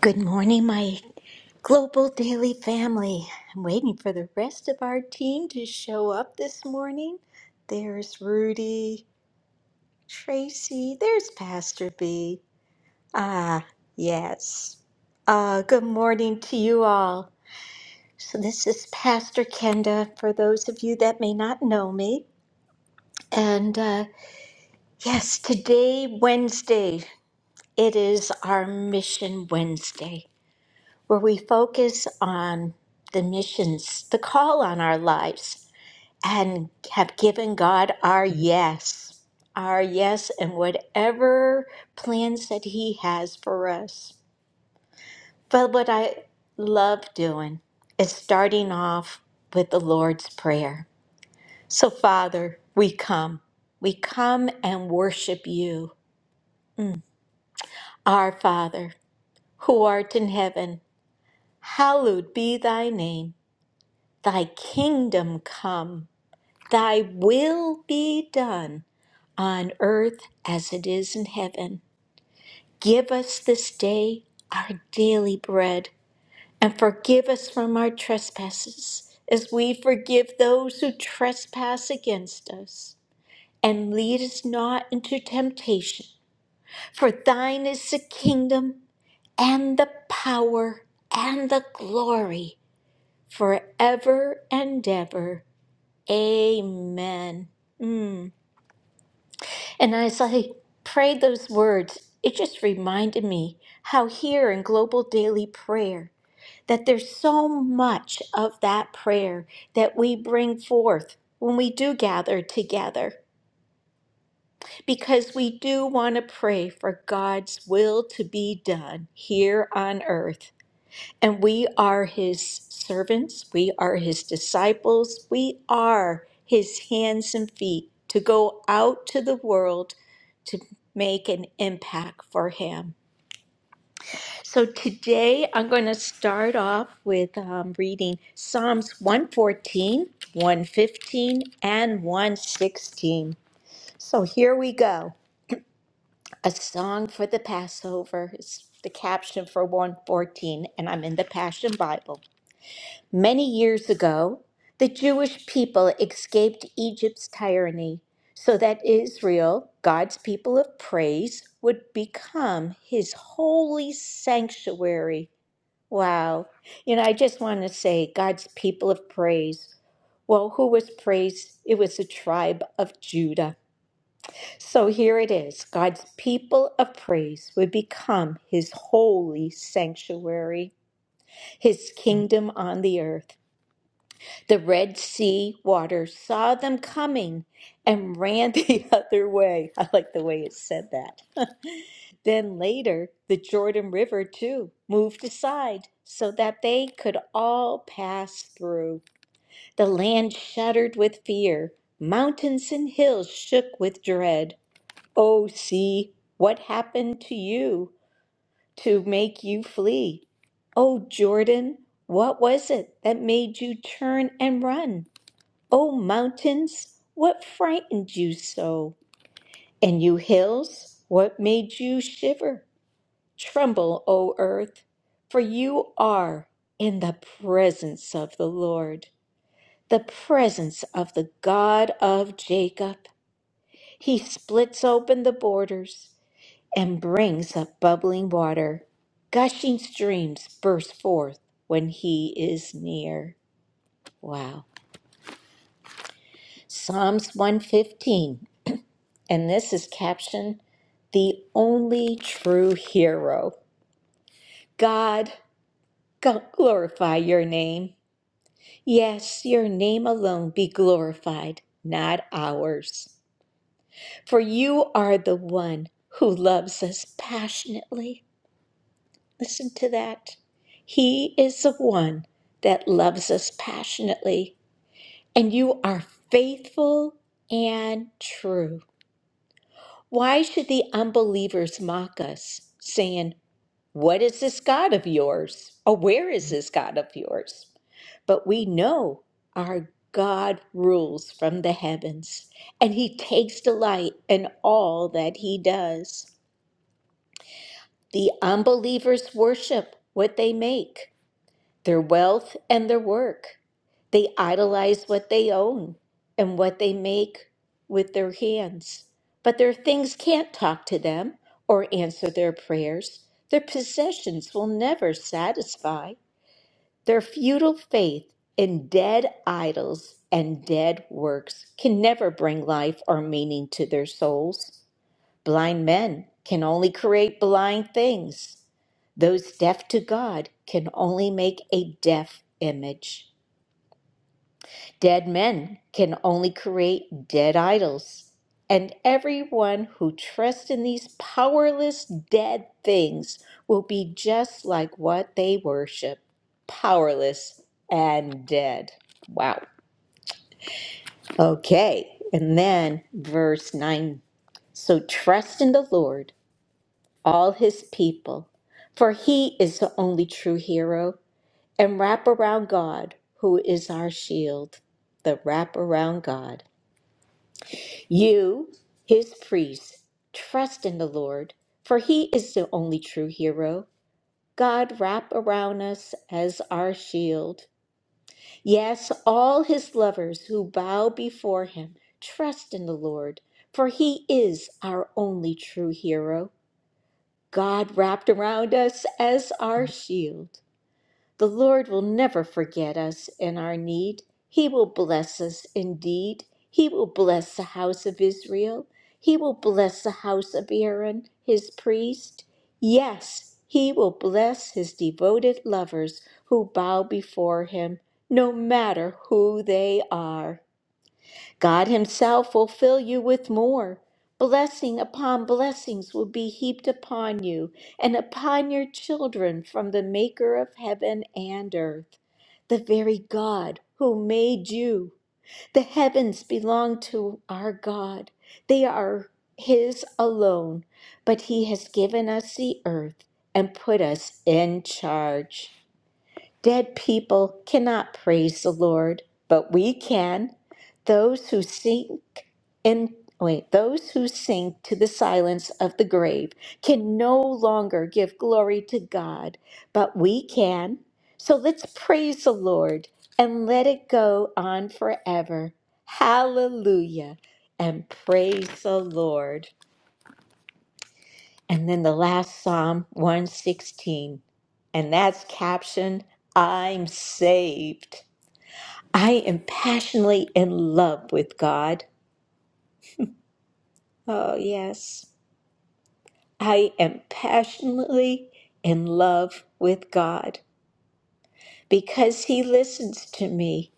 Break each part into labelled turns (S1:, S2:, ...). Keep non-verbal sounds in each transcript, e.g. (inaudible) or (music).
S1: Good morning, my global daily family. I'm waiting for the rest of our team to show up this morning. There's Rudy, Tracy, there's Pastor B. Ah, yes. Uh, good morning to you all. So, this is Pastor Kenda for those of you that may not know me. And uh, yes, today, Wednesday, it is our Mission Wednesday. where we focus on the missions, the call on our lives, and have given God our yes, our yes, and whatever plans that He has for us. But what I love doing is starting off with the Lord's Prayer. So, Father, we come. We come and worship you. Mm. Our Father, who art in heaven, hallowed be thy name. Thy kingdom come, thy will be done on earth as it is in heaven. Give us this day our daily bread, and forgive us from our trespasses, as we forgive those who trespass against us. And lead us not into temptation, for thine is the kingdom and the power and the glory forever and ever. Amen. Mm. And as I prayed those words, it just reminded me how here in Global Daily Prayer, that there's so much of that prayer that we bring forth when we do gather together, because we do want to pray for God's will to be done here on earth. And we are his servants, we are his disciples, we are his hands and feet to go out to the world to make an impact for him. So today I'm going to start off with um, reading Psalms 114, 115, and 116. So here we go. A song for the Passover is the caption for 114, and I'm in the Passion Bible. Many years ago, the Jewish people escaped Egypt's tyranny so that Israel, God's people of praise, would become his holy sanctuary. Wow. You know, I just want to say God's people of praise. Well, who was praised? It was the tribe of Judah. So here it is God's people of praise would become his holy sanctuary, his kingdom on the earth. The Red Sea water saw them coming and ran (laughs) the other way. I like the way it said that. (laughs) Then later, the Jordan River too moved aside so that they could all pass through. The land shuddered with fear, mountains and hills shook with dread. Oh, sea, what happened to you to make you flee? Oh, Jordan, what was it that made you turn and run? O mountains, what frightened you so? And you hills, what made you shiver? Tremble, O earth, for you are in the presence of the Lord, the presence of the God of Jacob. He splits open the borders and brings up bubbling water. Gushing streams burst forth when he is near. Wow. Psalms 115. And this is captioned The Only True Hero. God, go- glorify your name. Yes, your name alone be glorified, not ours. For you are the one who loves us passionately. Listen to that. He is the one that loves us passionately, and you are faithful and true. Why should the unbelievers mock us, saying, What is this God of yours? Or where is this God of yours? But we know our God rules from the heavens, and he takes delight in all that he does. The unbelievers worship what they make, their wealth and their work. They idolize what they own and what they make with their hands. But their things can't talk to them or answer their prayers. Their possessions will never satisfy. Their futile faith in dead idols and dead works can never bring life or meaning to their souls. Blind men can only create blind things. Those deaf to God can only make a deaf image. Dead men can only create dead idols. And everyone who trusts in these powerless dead things will be just like what they worship powerless and dead. Wow. Okay. And then verse 9. So trust in the Lord all his people, for he is the only true hero, and wrap around God, who is our shield. The wrap around God. You, his priests, trust in the Lord, for he is the only true hero. God wrap around us as our shield. Yes, all his lovers who bow before him trust in the Lord, for he is our only true hero. God wrapped around us as our shield. The Lord will never forget us in our need. He will bless us indeed. He will bless the house of Israel. He will bless the house of Aaron, his priest. Yes, he will bless his devoted lovers who bow before him, no matter who they are. God Himself will fill you with more. Blessing upon blessings will be heaped upon you and upon your children from the Maker of heaven and earth, the very God who made you. The heavens belong to our God, they are His alone, but He has given us the earth and put us in charge. Dead people cannot praise the Lord, but we can. Those who sink in wait, those who sink to the silence of the grave can no longer give glory to God, but we can. So let's praise the Lord and let it go on forever. Hallelujah and praise the Lord. And then the last Psalm 116, and that's captioned, I'm saved. I am passionately in love with God. Oh, yes. I am passionately in love with God because He listens to me.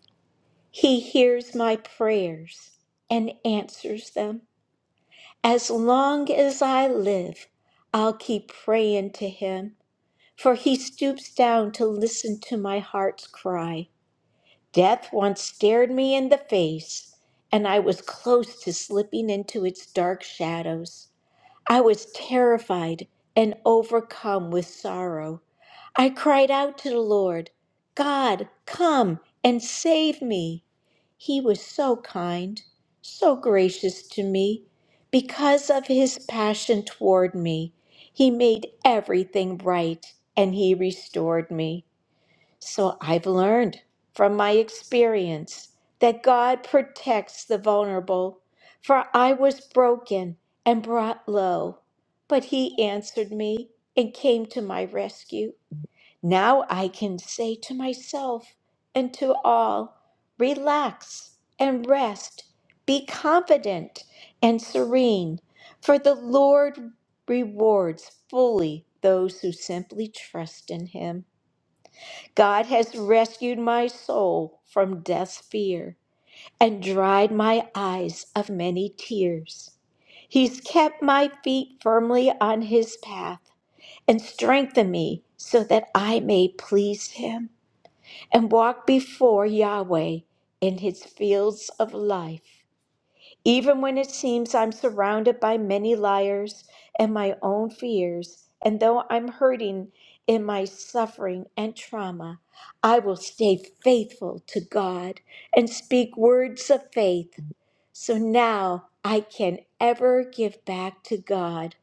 S1: He hears my prayers and answers them. As long as I live, I'll keep praying to Him for he stoops down to listen to my heart's cry. Death once stared me in the face, and I was close to slipping into its dark shadows. I was terrified and overcome with sorrow. I cried out to the Lord, God, come and save me. He was so kind, so gracious to me. Because of his passion toward me, he made everything right and he restored me. So I've learned from my experience that God protects the vulnerable. For I was broken and brought low, but He answered me and came to my rescue. Now I can say to myself and to all, relax and rest, be confident and serene, for the Lord rewards fully those who simply trust in Him. God has rescued my soul from death's fear and dried my eyes of many tears. He's kept my feet firmly on his path and strengthened me so that I may please him and walk before Yahweh in his fields of life. Even when it seems I'm surrounded by many liars and my own fears, and though I'm hurting in my suffering and trauma, I will stay faithful to God and speak words of faith. So now I can ever give back to God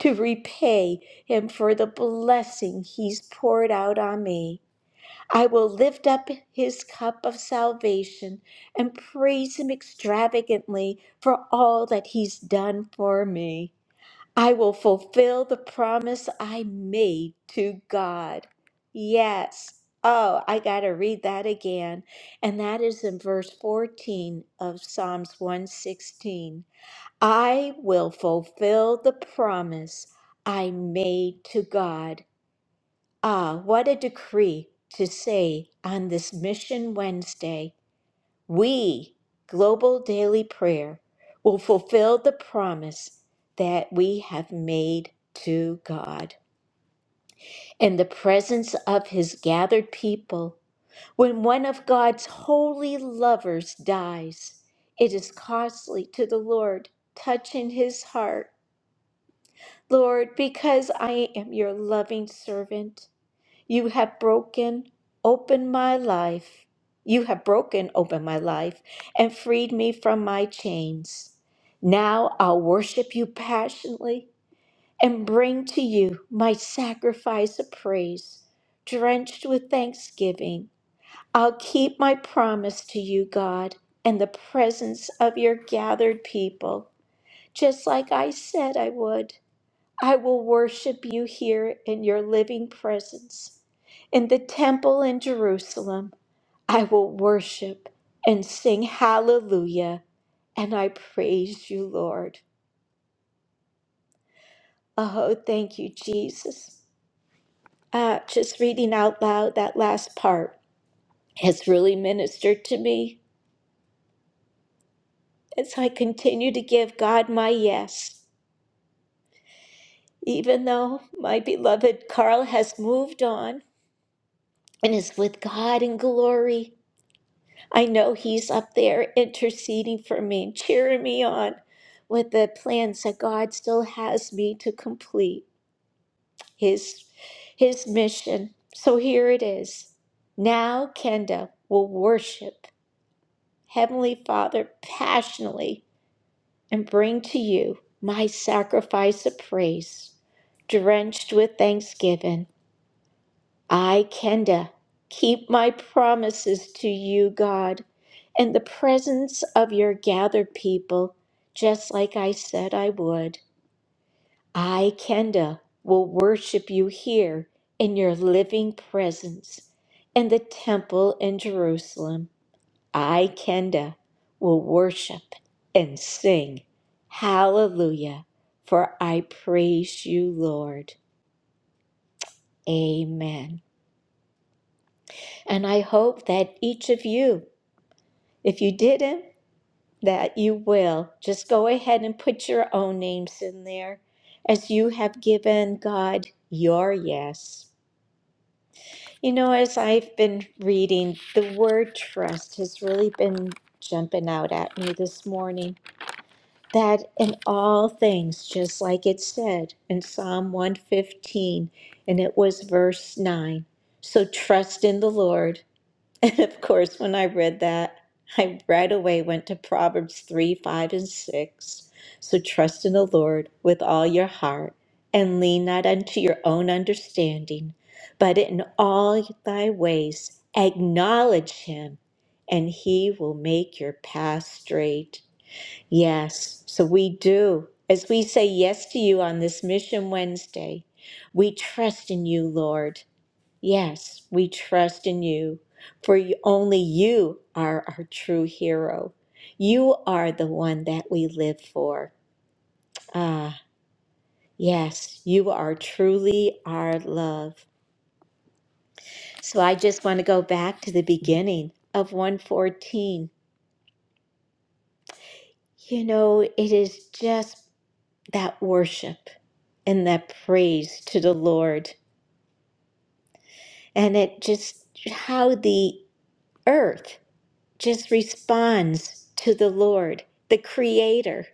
S1: to repay Him for the blessing He's poured out on me. I will lift up his cup of salvation and praise him extravagantly for all that he's done for me. I will fulfill the promise I made to God. Yes. Oh, I got to read that again. And that is in verse 14 of Psalms 116. I will fulfill the promise I made to God. Ah, what a decree to say on this Mission Wednesday, we, Global Daily Prayer, will fulfill the promise that we have made to God. In the presence of His gathered people, when one of God's holy lovers dies, it is costly to the Lord, touching His heart. Lord, because I am your loving servant. You have broken open my life. You have broken open my life and freed me from my chains. Now I'll worship you passionately and bring to you my sacrifice of praise, drenched with thanksgiving. I'll keep my promise to you, God, and the presence of your gathered people, just like I said I would. I will worship you here in your living presence. In the temple in Jerusalem, I will worship and sing hallelujah. And I praise you, Lord. Oh, thank you, Jesus. Uh, just reading out loud that last part has really ministered to me as I continue to give God my yes. Even though my beloved Carl has moved on and is with God in glory, I know He's up there interceding for me, cheering me on with the plans that God still has me to complete His, his mission. So here it is. Now Kenda will worship Heavenly Father passionately and bring to you my sacrifice of praise, drenched with thanksgiving. I, Kenda, keep my promises to you, God, in the presence of your gathered people, just like I said I would. I, Kenda, will worship you here in your living presence in the temple in Jerusalem. I, Kenda, will worship and sing. Hallelujah, for I praise you, Lord. Amen. And I hope that each of you If you didn't, that you will. Just go ahead and put your own names in there as you have given God your yes. You know, as I've been reading, the word trust has really been jumping out at me this morning. That in all things, just like it said in Psalm 115, and it was verse 9. So trust in the Lord (laughs) And of course, when I read that, I right away went to Proverbs 3 5 and 6. So trust in the Lord with all your heart and lean not unto your own understanding, but in all thy ways acknowledge him, and he will make your path straight. Yes, so we do. As we say yes to you on this Mission Wednesday, we trust in you, Lord. Yes, we trust in you, for you- only you are our true hero. You are the one that we live for. Ah, yes, you are truly our love. So I just want to go back to the beginning of 114. You know, it is just that worship and that praise to the Lord, and it just how the earth. just responds to the Lord, the Creator.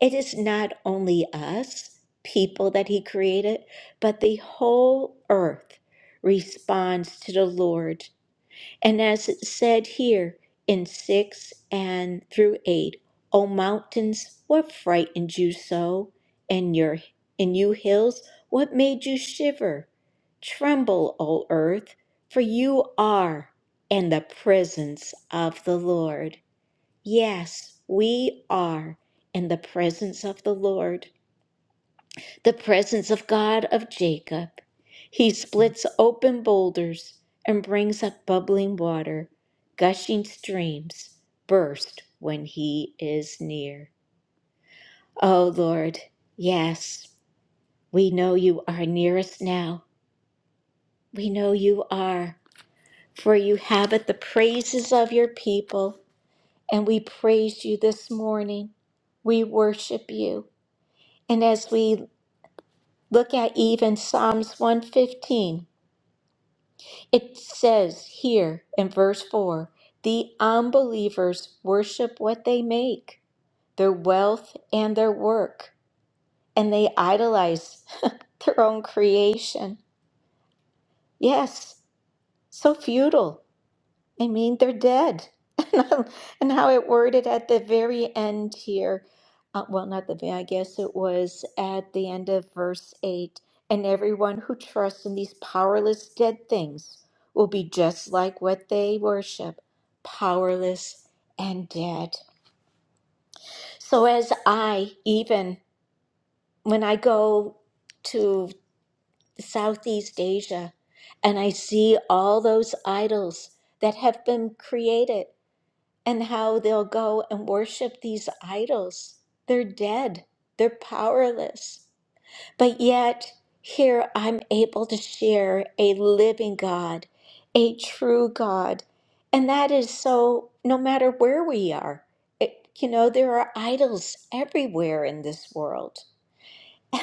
S1: It is not only us, people that He created, but the whole earth responds to the Lord and as it said here in 6 and through 8, O mountains, what frightened you so? And your and you hills, what made you shiver? Tremble, O earth, for you are in the presence of the Lord. Yes, we are in the presence of the Lord the presence of God of Jacob. He splits open boulders and brings up bubbling water. Gushing streams burst when he is near. Oh Lord, yes, we know you are nearest now. We know you are, for you habit the praises of your people, and we praise you this morning. We worship you. And as we look at even Psalms 115. It says here in verse 4 the unbelievers worship what they make, their wealth and their work, and they idolize (laughs) their own creation. Yes, so futile. I mean, they're dead. (laughs) And I- and how it worded at the very end here, uh, well, not the very, I guess it was at the end of verse 8, and everyone who trusts in these powerless dead things will be just like what they worship, powerless and dead. So as I, even when I go to Southeast Asia and I see all those idols that have been created, and how they'll go and worship these idols. They're dead, they're powerless. But yet, here I'm able to share a living God, a true God. And that is so no matter where we are. It, you know, there are idols everywhere in this world.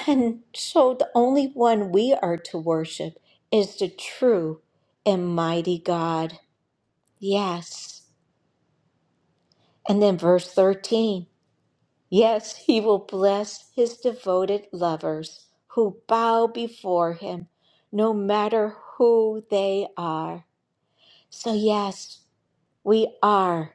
S1: And so the only one we are to worship is the true and mighty God. Yes. And then verse 13. Yes, he will bless his devoted lovers who bow before him, no matter who they are. So, yes, we are.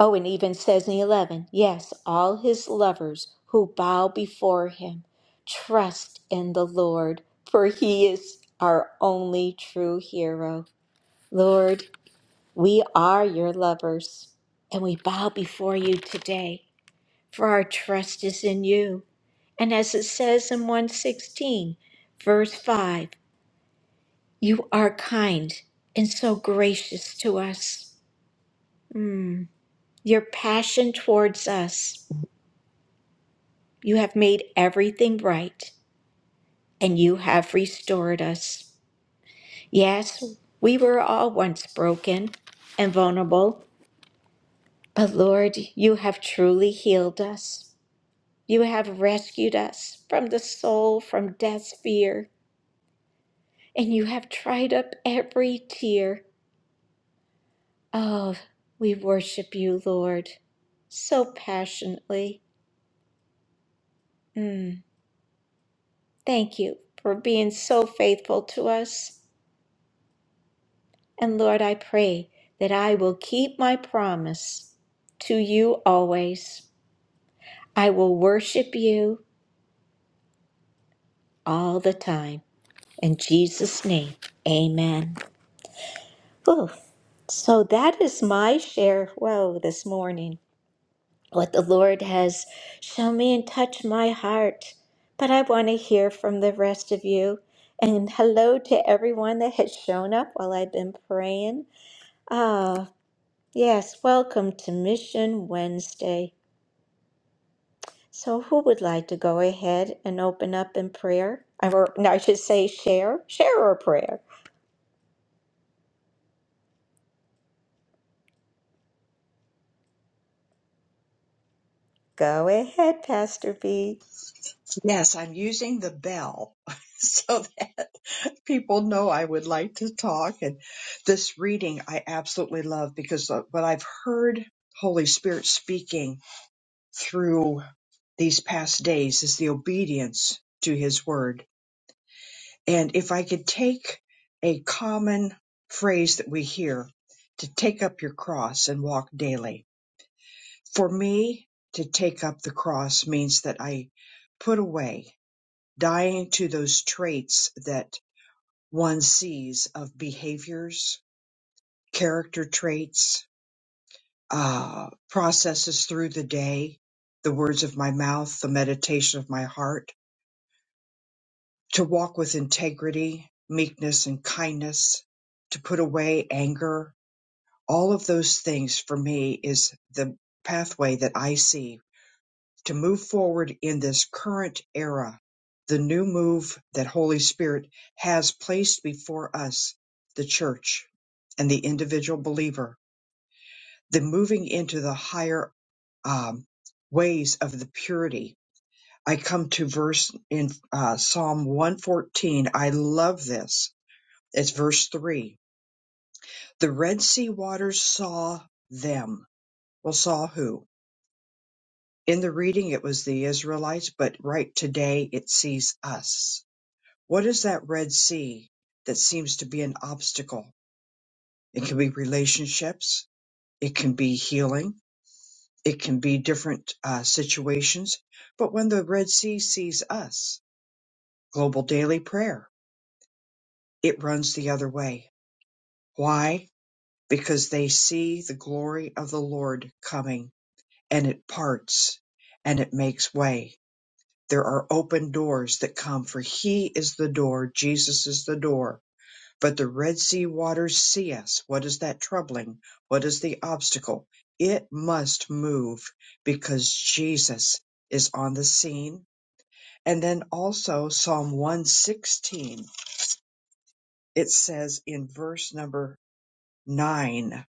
S1: Oh, and even says in 11, yes, all his lovers who bow before him trust in the Lord, for he is our only true hero. Lord, we are your lovers, and we bow before you today for our trust is in you. And as it says in 116, verse 5, you are kind and so gracious to us. Mm, your passion towards us. You have made everything right and you have restored us. Yes, we were all once broken and vulnerable, but Lord, you have truly healed us. You have rescued us from the soul, from death's fear. and you have dried up every tear. Oh, we worship you, Lord, so passionately. Mm, thank you for being so faithful to us. And Lord, I pray that I will keep my promise to you always. I will worship you all the time. In Jesus' name, amen. Oof. So that is my share. Whoa, this morning. what the Lord has shown me and touched my heart. But I want to hear from the rest of you. And hello to everyone that has shown up while I've been praying. Ah, yes, welcome to Mission Wednesday. So, who would like to go ahead and open up in prayer? Or, no, I should say, share, share our prayer. Go ahead, Pastor B.
S2: Yes, I'm using the bell (laughs) so that people know I would like to talk. And this reading I absolutely love because what I've heard Holy Spirit speaking through these past days is the obedience to His Word. And if I could take a common phrase that we hear to take up your cross and walk daily. For me, to take up the cross means that I put away dying to those traits that one sees of behaviors, character traits, uh, processes through the day, the words of my mouth, the meditation of my heart, to walk with integrity, meekness, and kindness, to put away anger. All of those things for me is the pathway that I see to move forward in this current era, the new move that Holy Spirit has placed before us, the church and the individual believer, the moving into the higher um, ways of the purity. I come to verse in uh, Psalm 114. I love this. It's verse 3. The Red Sea waters saw them. Well, saw who? In the reading, it was the Israelites, but right today it sees us What is that Red Sea that seems to be an obstacle? It can be relationships, it can be healing, it can be different uh, situations. But when the Red Sea sees us, global daily prayer, it runs the other way. Why? Because they see the glory of the Lord coming and it parts and it makes way. There are open doors that come, for He is the door, Jesus is the door But the Red Sea waters see us. What is that troubling? What is the obstacle? It must move because Jesus is on the scene. And then also Psalm 116, it says in verse number nine,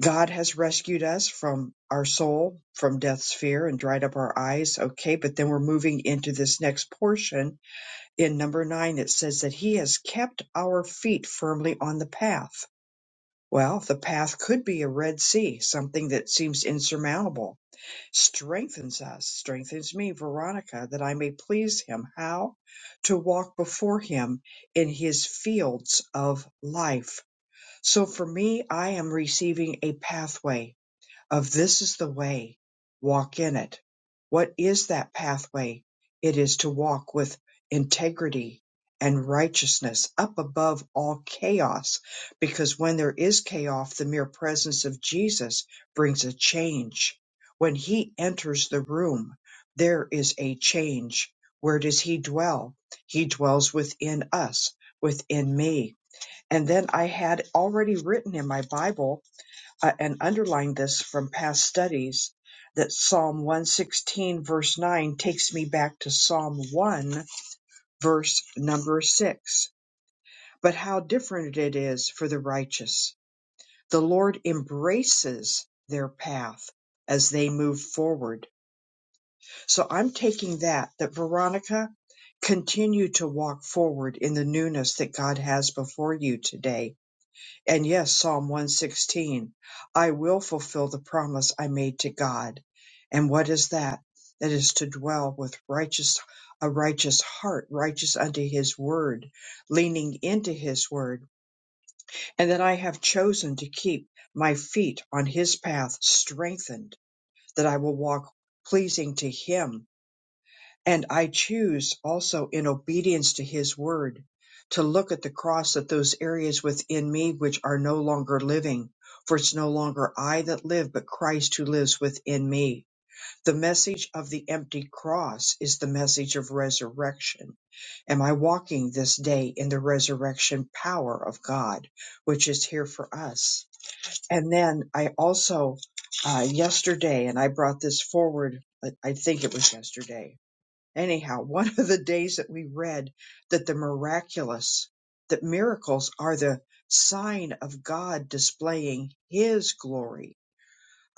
S2: God has rescued us from our soul, from death's fear, and dried up our eyes. Okay, but then we're moving into this next portion. In number nine, it says that He has kept our feet firmly on the path Well, the path could be a Red Sea, something that seems insurmountable. Strengthens us, strengthens me, Veronica, that I may please him. How? To walk before him in his fields of life. So for me, I am receiving a pathway of this is the way, walk in it. What is that pathway? It is to walk with integrity and righteousness up above all chaos, because when there is chaos, the mere presence of Jesus brings a change. When he enters the room, there is a change. Where does he dwell? He dwells within us, within me. And then I had already written in my Bible uh, and underlined this from past studies that Psalm 116, verse 9, takes me back to Psalm 1, verse number 6. But how different it is for the righteous! The Lord embraces their path as they move forward. So I'm taking that, that Veronica, continue to walk forward in the newness that God has before you today And yes, Psalm 116, I will fulfill the promise I made to God. And what is that? That is to dwell with righteous, a righteous heart, righteous unto his word, leaning into his word. And that I have chosen to keep my feet on his path strengthened, that I will walk pleasing to him and I choose also in obedience to his word to look at the cross at those areas within me which are no longer living. For it's no longer I that live, but Christ who lives within me. The message of the empty cross is the message of resurrection. Am I walking this day in the resurrection power of God, which is here for us? And then I also, uh, yesterday, and I brought this forward, I I think it was yesterday, Anyhow, (laughs) one of the days that we read that the miraculous, that miracles are the sign of God displaying His glory.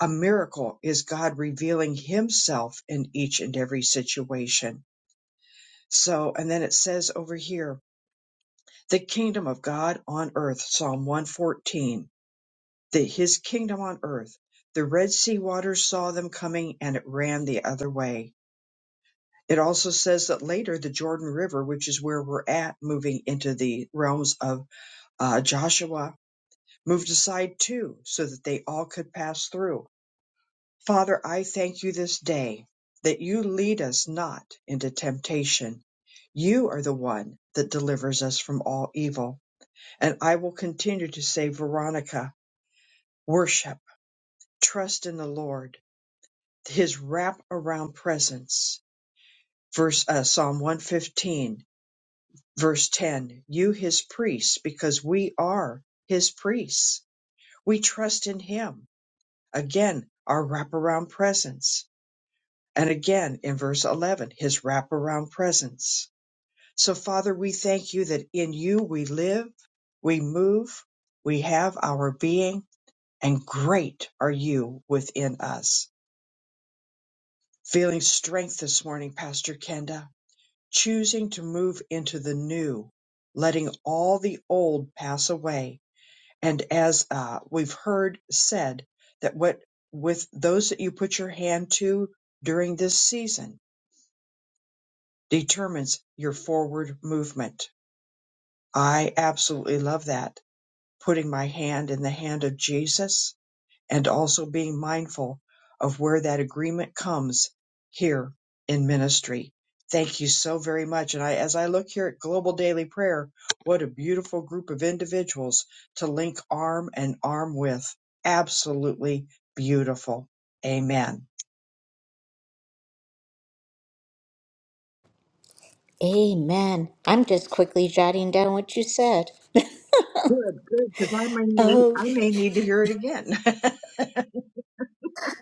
S2: A miracle is God revealing Himself in each and every situation. So, and then it says over here, the kingdom of God on earth, Psalm 114, that His kingdom on earth. The Red Sea waters saw them coming and it ran the other way It also says that later the Jordan River, which is where we're at, moving into the realms of uh, Joshua, moved aside too, so that they all could pass through. Father, I thank you this day that you lead us not into temptation. You are the one that delivers us from all evil. And I will continue to say, Veronica, worship, trust in the Lord, his wrap around presence. Verse uh, Psalm 115 Verse 10 You, his priests, because we are his priests. We trust in him. Again, our wraparound presence. And again in verse 11, his wraparound presence. So, Father, we thank you that in you we live, we move, we have our being, and great are you within us. Feeling strength this morning, Pastor Kenda, choosing to move into the new, letting all the old pass away And as uh, we've heard said, that what with those that you put your hand to during this season determines your forward movement. I absolutely love that. Putting my hand in the hand of Jesus and also being mindful of where that agreement comes here in ministry. Thank you so very much. And I, as I look here at Global Daily Prayer, what a beautiful group of individuals to link arm and arm with. Absolutely beautiful. Amen.
S1: Amen. I'm just quickly jotting down what you said. (laughs)
S2: Good, good, because I may need,
S1: Oh.
S2: I may need to hear it again. (laughs)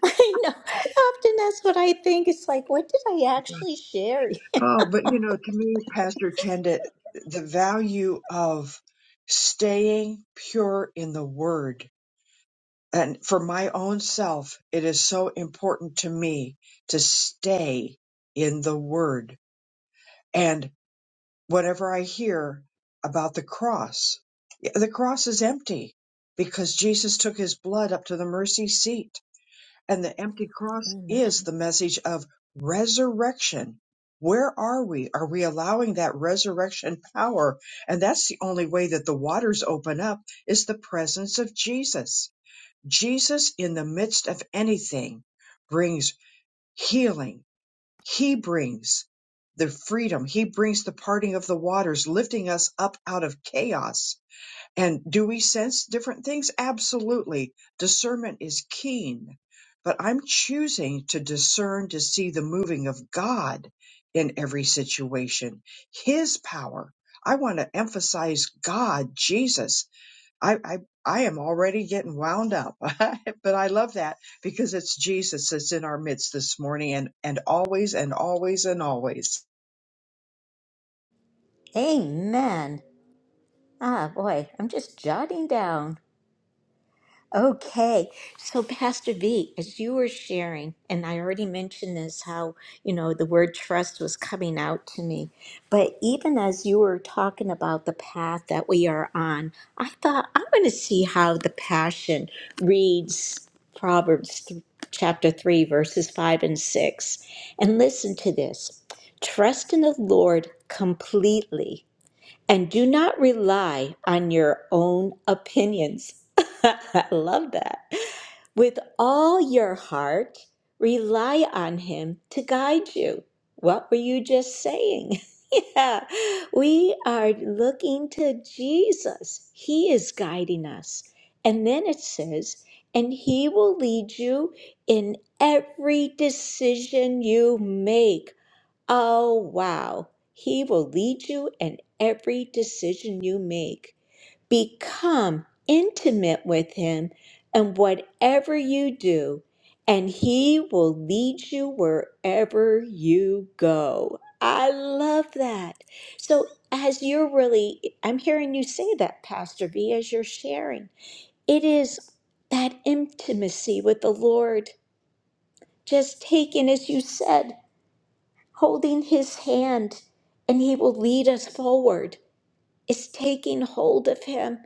S1: (laughs) I know. Often that's what I think. It's like, what did I actually share?
S2: oh, but you know, to me, Pastor Kenda, the value of staying pure in the Word And for my own self, it is so important to me to stay in the word. And whatever I hear about the cross, yeah, the cross is empty because Jesus took his blood up to the mercy seat. And the empty
S1: (laughs)
S2: cross is
S1: Amen.
S2: the message of resurrection. Where are we? Are we allowing that resurrection power? And that's the only way that the waters open up is the presence of Jesus Jesus, in the midst of anything, brings healing. He brings the freedom. He brings the parting of the waters, lifting us up out of chaos. And do we sense different things? Absolutely. Discernment is keen. But I'm choosing to discern to see the moving of God in every situation, His power. I want to emphasize God, Jesus, I, I, I am already getting wound up, (laughs) but I love that because it's Jesus that's in our midst this morning and, and always and always and always.
S1: Amen. Ah, boy, I'm just jotting down. Okay, so Pastor V, as you were sharing, and I already mentioned this, how, you know, the word trust was coming out to me. But even as you were talking about the path that we are on, I thought, I'm going to see how the Passion reads Proverbs th- chapter 3, verses 5 and 6. And listen to this Trust in the Lord completely and do not rely on your own opinions. (laughs) I love that. With all your heart, rely on Him to guide you. What were you just saying? (laughs) yeah, we are looking to Jesus. He is guiding us. And then it says, and He will lead you in every decision you make. Oh, wow. He will lead you in every decision you make. Become intimate with Him in whatever you do, and He will lead you wherever you go. I love that. So, as you're really, I'm hearing you say that, Pastor V, as you're sharing, it is that intimacy with the Lord, just taken, as you said holding his hand, and he will lead us forward. It's taking hold of him.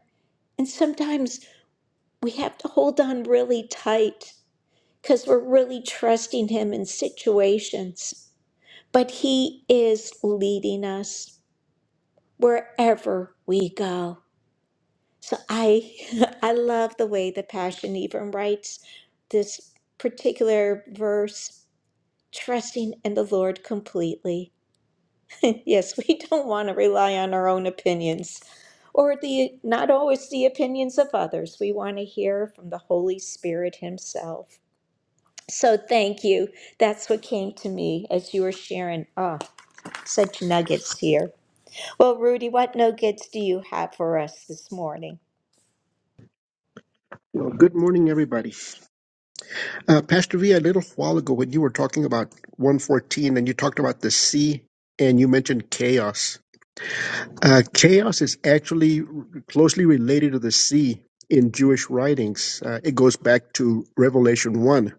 S1: And sometimes we have to hold on really tight because we're really trusting him in situations. But he is leading us wherever we go. So I (laughs) I love the way the Passion even writes this particular verse, trusting in the Lord completely. (laughs) Yes, we don't want to rely on our own opinions or the not always the opinions of others. We want to hear from the Holy Spirit himself. So thank you. That's what came to me as you were sharing. Ah, such nuggets here. Well, Rudy, what nuggets do you have for us this morning?
S3: Well, good morning, everybody. Uh, Pastor V, a little while ago when you were talking about 114 and you talked about the sea and you mentioned chaos. Uh, chaos is actually closely related to the sea in Jewish writings. Uh, it goes back to Revelation 1.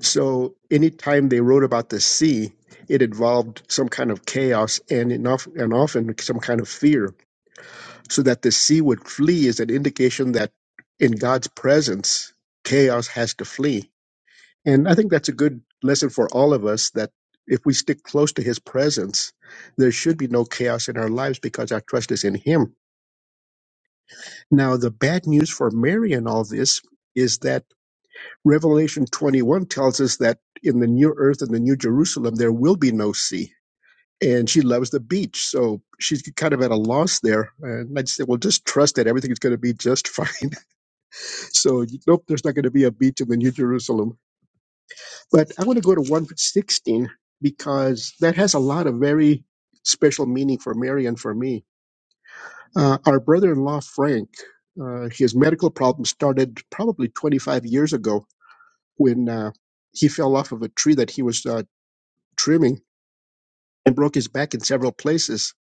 S3: So anytime they wrote about the sea, it involved some kind of chaos and, enough, and often some kind of fear. So that the sea would flee is an indication that in God's presence, chaos has to flee And I think that's a good lesson for all of us that if we stick close to his presence, there should be no chaos in our lives because our trust is in him. Now, the bad news for Mary in all this is that Revelation 21 tells us that in the new earth and the new Jerusalem, there will be no sea. And she loves the beach. So she's kind of at a loss there. And I just said, well, just trust that everything is going to be just fine. (laughs) So, nope, there's not going to be a beach in the New Jerusalem But I want to go to 116 because that has a lot of very special meaning for Mary and for me. Uh, our brother in law, Frank, uh, his medical problem started probably 25 years ago when uh, he fell off of a tree that he was uh, trimming and broke his back in several places.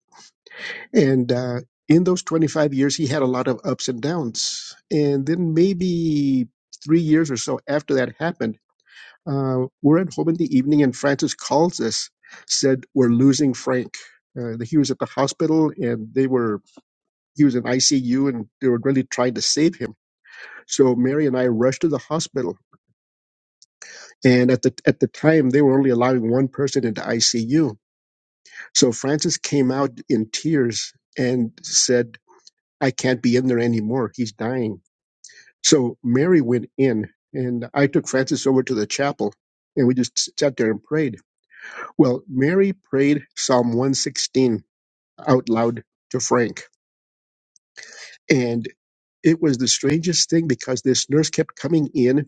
S3: And uh, in those 25 years, he had a lot of ups and downs. And then maybe three years or so after that happened, Uh, we're at home in the evening, and Francis calls us, said, We're losing Frank. Uh, he was at the hospital and they were, he was in ICU and they were really trying to save him. So Mary and I rushed to the hospital. And at the, at the time, they were only allowing one person into ICU. So Francis came out in tears and said, I can't be in there anymore. He's dying. So Mary went in and I took Francis over to the chapel and we just sat there and prayed Well, Mary prayed Psalm 116 out loud to Frank. And it was the strangest thing because this nurse kept coming in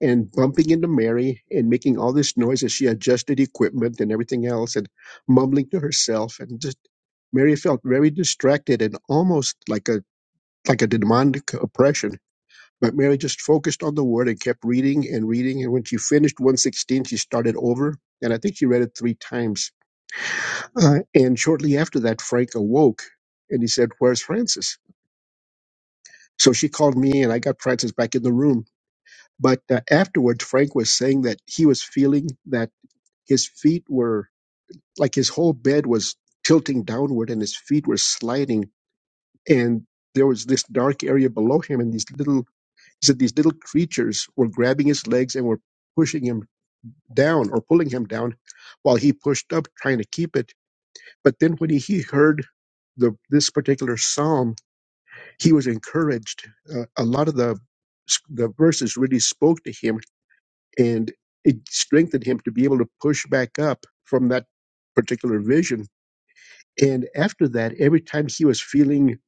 S3: and bumping into Mary and making all this noise as she adjusted equipment and everything else and mumbling to herself. And just, Mary felt very distracted and almost like a like a demonic oppression. But Mary just focused on the word and kept reading and reading. And when she finished 116, she started over. And I think she read it three times Uh, and shortly after that, Frank awoke and he said, Where's Francis? So she called me and I got Francis back in the room. But uh, afterwards, Frank was saying that he was feeling that his feet were like his whole bed was tilting downward and his feet were sliding. And there was this dark area below him. And these little, he said, these little creatures were grabbing his legs and were pushing him down or pulling him down while he pushed up trying to keep it. But then when he, he heard the, this particular psalm, he was encouraged. Uh, a lot of the the verses really spoke to him, and it strengthened him to be able to push back up from that particular vision. And after that, every time he was feeling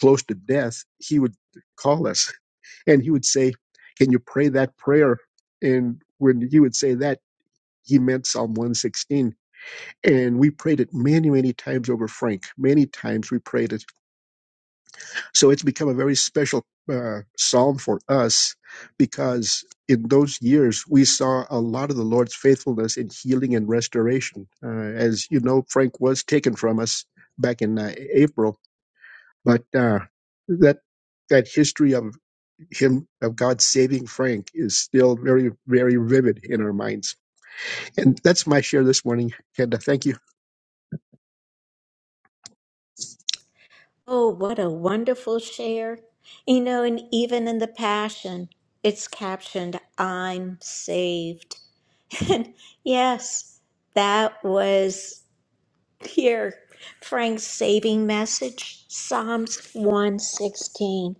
S3: close to death, he would call us (laughs) and he would say, "Can you pray that prayer?" And when he would say that, he meant Psalm 116. And we prayed it many, many times over Frank. Many times we prayed it So it's become a very special uh, psalm for us because in those years we saw a lot of the Lord's faithfulness in healing and restoration. Uh, as you know, Frank was taken from us back in uh, April, but uh, that that history of him of God saving Frank is still very very vivid in our minds. And that's my share this morning, Kenda. Thank you.
S1: Oh, what a wonderful share. You know, and even in the Passion, it's captioned, I'm saved. (laughs) And yes, that was. Here, Frank's saving message, Psalms 116.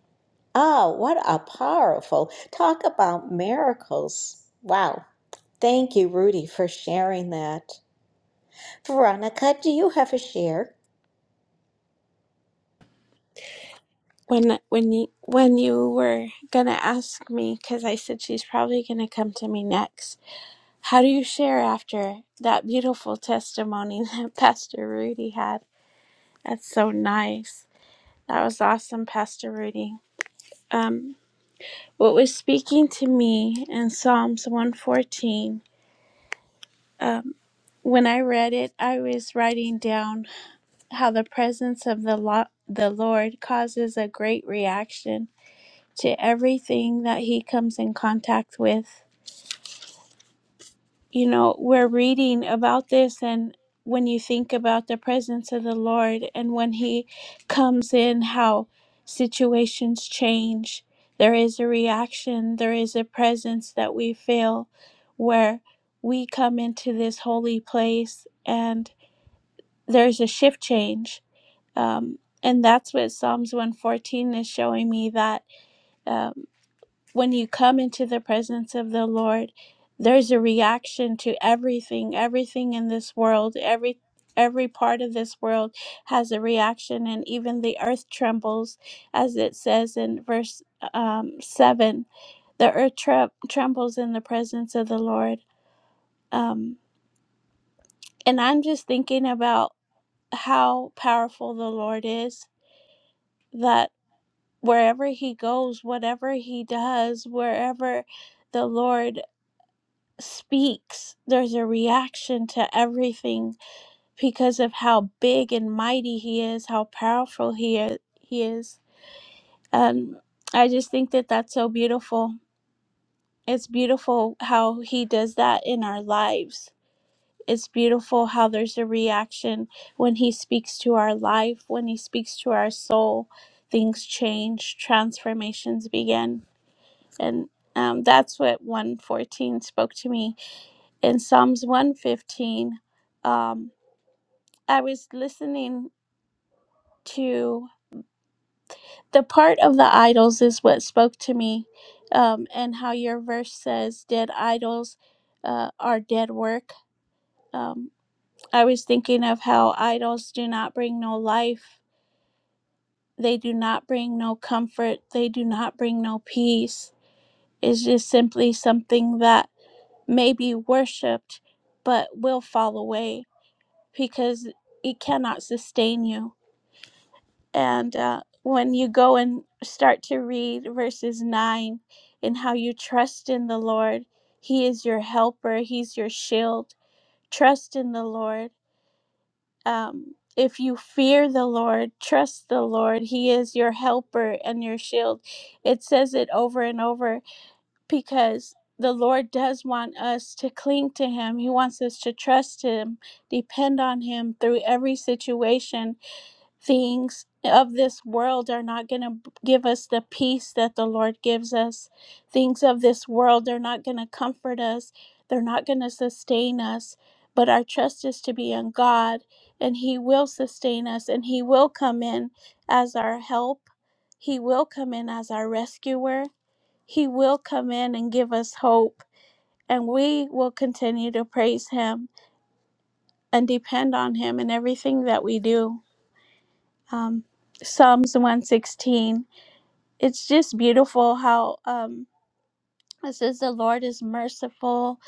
S1: Oh, what a powerful talk about miracles. Wow. Thank you, Rudy, for sharing that. Veronica, do you have a share?
S4: when when you when you were gonna ask me because i said she's probably gonna come to me next how do you share after that beautiful testimony (laughs) that pastor rudy had that's so nice that was awesome pastor rudy um what was speaking to me in psalms 114 um when i read it i was writing down how the presence of the lo- the lord causes a great reaction to everything that he comes in contact with. You know, we're reading about this, and when you think about the presence of the Lord and when he comes in, how situations change. There is a reaction, there is a presence that we feel where we come into this holy place and there's a shift change. Um, and that's what Psalms 114 is showing me that um, when you come into the presence of the Lord, there's a reaction to everything, everything in this world, every every part of this world has a reaction and even the earth trembles as it says in verse um, 7 the earth tre- trembles in the presence of the lord um, and i'm just thinking about how powerful the lord is that wherever he goes whatever he does wherever the lord speaks, there's a reaction to everything because of how big and mighty he is, how powerful he is. He is. And I just think that that's so beautiful. It's beautiful how he does that in our lives. It's beautiful how there's a reaction when he speaks to our life, when he speaks to our soul, things change, transformations begin. And um, that's what 114 spoke to me in Psalms 115, um, I was listening to the part of the idols, is what spoke to me, um, and how your verse says, Dead idols uh, are dead work. Um, I was thinking of how idols do not bring no life, they do not bring no comfort, they do not bring no peace. It's just simply something that may be worshiped but will fall away because it cannot sustain you And uh, when you go and start to read verses 9 and how you trust in the Lord, He is your helper, He's your shield. Trust in the Lord. Um, if you fear the Lord, trust the Lord. He is your helper and your shield. It says it over and over because the Lord does want us to cling to Him. He wants us to trust Him, depend on Him through every situation things of this world are not going to give us the peace that the Lord gives us. Things of this world are not going to comfort us, they're not going to sustain us. But our trust is to be in God, and He will sustain us, and He will come in as our help. He will come in as our rescuer. He will come in and give us hope. And we will continue to praise Him and depend on Him in everything that we do um, Psalms 116. It's just beautiful how um, it says the Lord is merciful,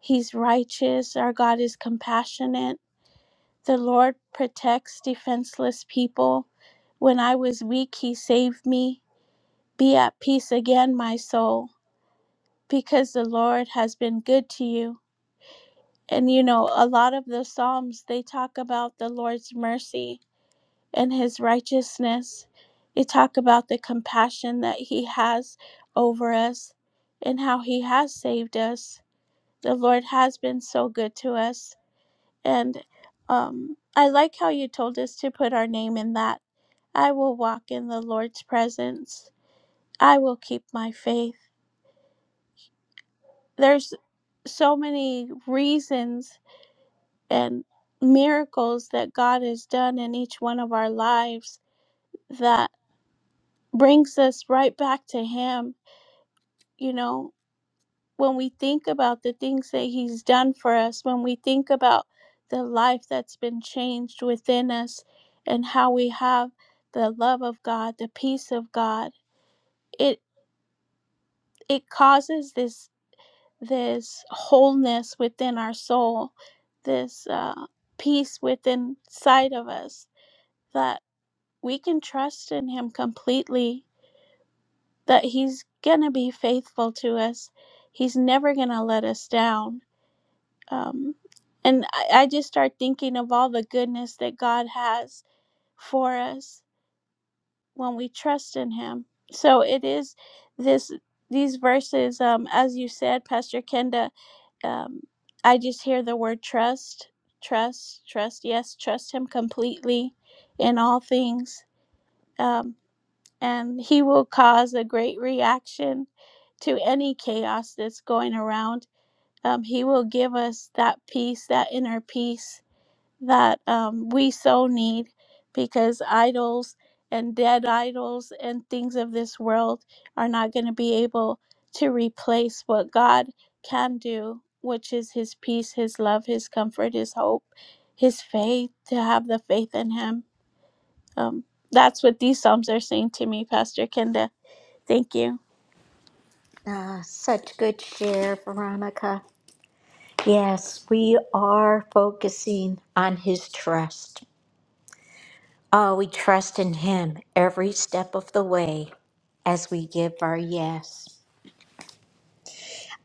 S4: He's righteous, our God is compassionate. The Lord protects defenseless people. When I was weak, He saved me. Be at peace again, my soul, because the Lord has been good to you. And you know, a lot of the Psalms, they talk about the Lord's mercy and his righteousness. You talk about the compassion that he has over us and how he has saved us. The Lord has been so good to us. And um, I like how you told us to put our name in that. I will walk in the Lord's presence, I will keep my faith. There's so many reasons and miracles that God has done in each one of our lives that brings us right back to Him you know, when we think about the things that He's done for us, when we think about the life that's been changed within us and how we have the love of God, the peace of God, it it causes this this wholeness within our soul, this uh, peace within sight of us that we can trust in Him completely, that He's gonna be faithful to us. He's never gonna let us down um, and I, I just start thinking of all the goodness that God has for us when we trust in Him. So it is this these verses, um, as you said, Pastor Kenda. Um, I just hear the word trust, trust, trust. Yes, trust Him completely in all things, um, and He will cause a great reaction to any chaos that's going around. Um, he will give us that peace, that inner peace that um, we so need because idols and dead idols and things of this world are not going to be able to replace what God can do, which is His peace, His love, His comfort, His hope, His faith, to have the faith in Him. Um, that's what these Psalms are saying to me, Pastor Kenda. Thank you.
S1: Ah, such good share, Veronica. Yes, we are focusing on his trust. Oh, we trust in him every step of the way as we give our yes.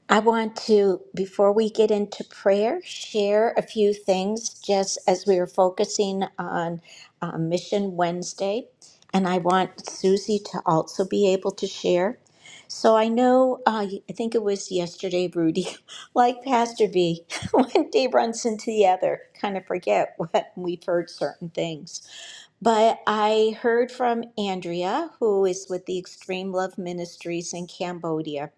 S1: I want to, before we get into prayer, share a few things just as we were focusing on uh, Mission Wednesday. And I want Susie to also be able to share. So I know, uh, I think it was yesterday, Rudy, (laughs) like Pastor B, (laughs) one day runs into the other, kind of forget (laughs) what we've heard certain things. But I heard from Andrea, who is with the Extreme Love Ministries in Cambodia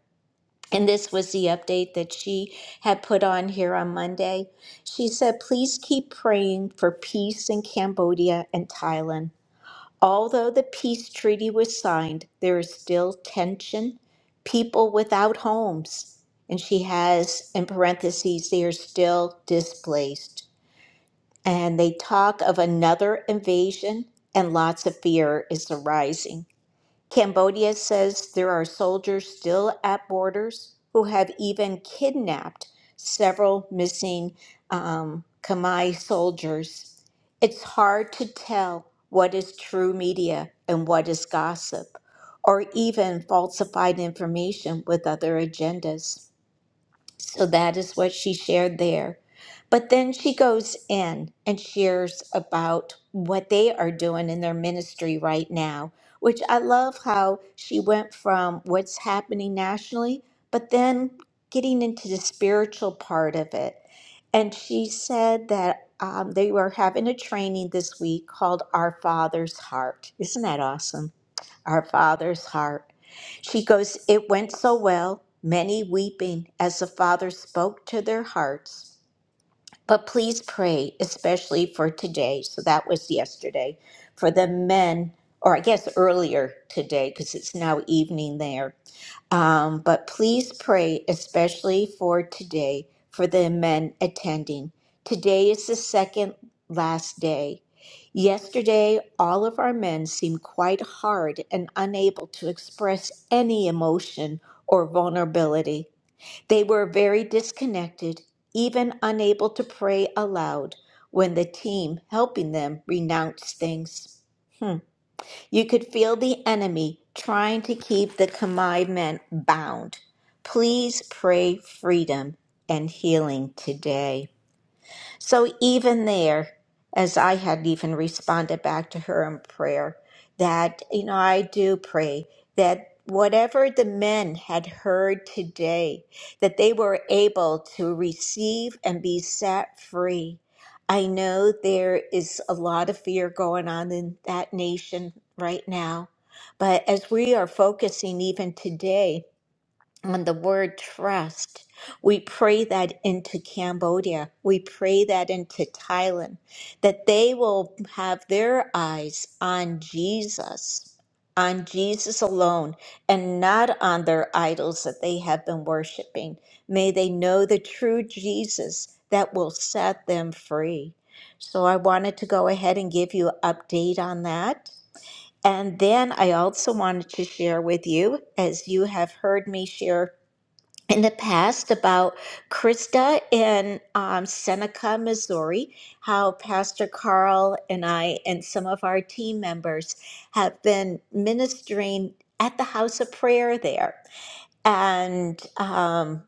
S1: and this was the update that she had put on here on Monday. She said, please keep praying for peace in Cambodia and Thailand. Although the peace treaty was signed, there is still tension, people without homes. And she has, in parentheses, they are still displaced. And they talk of another invasion, and lots of fear is arising. Cambodia says there are soldiers still at borders who have even kidnapped several missing um, Khmer soldiers. It's hard to tell what is true media and what is gossip, or even falsified information with other agendas. So that is what she shared there. But then she goes in and shares about what they are doing in their ministry right now, which I love how she went from what's happening nationally, but then getting into the spiritual part of it. And she said that um, they were having a training this week called Our Father's Heart. Isn't that awesome? our father's heart. She goes, It went so well, many weeping as the father spoke to their hearts. But please pray, especially for today. So that was yesterday. For the men, or I guess earlier today, because it's now evening there um, but please pray especially for today for the men attending. Today is the second last day. Yesterday, all of our men seemed quite hard and unable to express any emotion or vulnerability. They were very disconnected, even unable to pray aloud when the team helping them renounced things. Hmm. You could feel the enemy trying to keep the Kamai men bound. Please pray freedom and healing today. So even there, as I had even responded back to her in prayer, that, you know, I do pray that whatever the men had heard today, that they were able to receive and be set free. I know there is a lot of fear going on in that nation right now, but as we are focusing even today on the word trust. We pray that into Cambodia. We pray that into Thailand, that they will have their eyes on Jesus, on Jesus alone, and not on their idols that they have been worshiping. May they know the true Jesus that will set them free. So I wanted to go ahead and give you an update on that. And then I also wanted to share with you, as you have heard me share in the past about Krista in um, Seneca, Missouri, how Pastor Carl and I and some of our team members have been ministering at the house of prayer there. And um,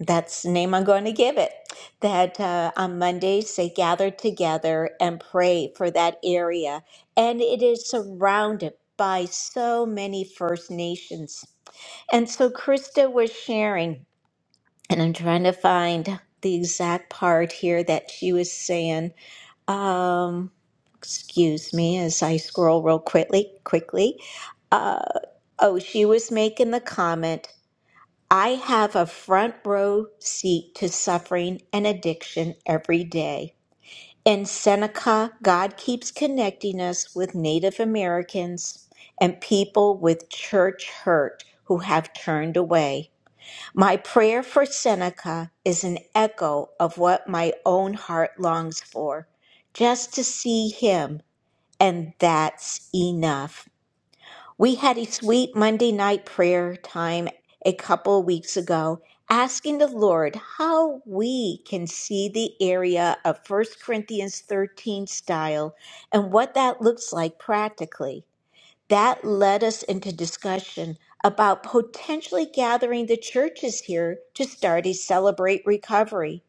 S1: that's the name I'm going to give it. That uh, on Mondays they gather together and pray for that area. And it is surrounded by so many First Nations. And so Krista was sharing and I'm trying to find the exact part here that she was saying. Um, excuse me as I scroll real quickly. Quickly. Uh, oh, she was making the comment. I have a front row seat to suffering and addiction every day. In Seneca, God keeps connecting us with Native Americans and people with church hurt who have turned away. My prayer for Seneca is an echo of what my own heart longs for, just to see him, and that's enough. We had a sweet Monday night prayer time a couple weeks ago, asking the Lord how we can see the area of First Corinthians 13 style and what that looks like practically that led us into discussion about potentially gathering the churches here to start a celebrate recovery.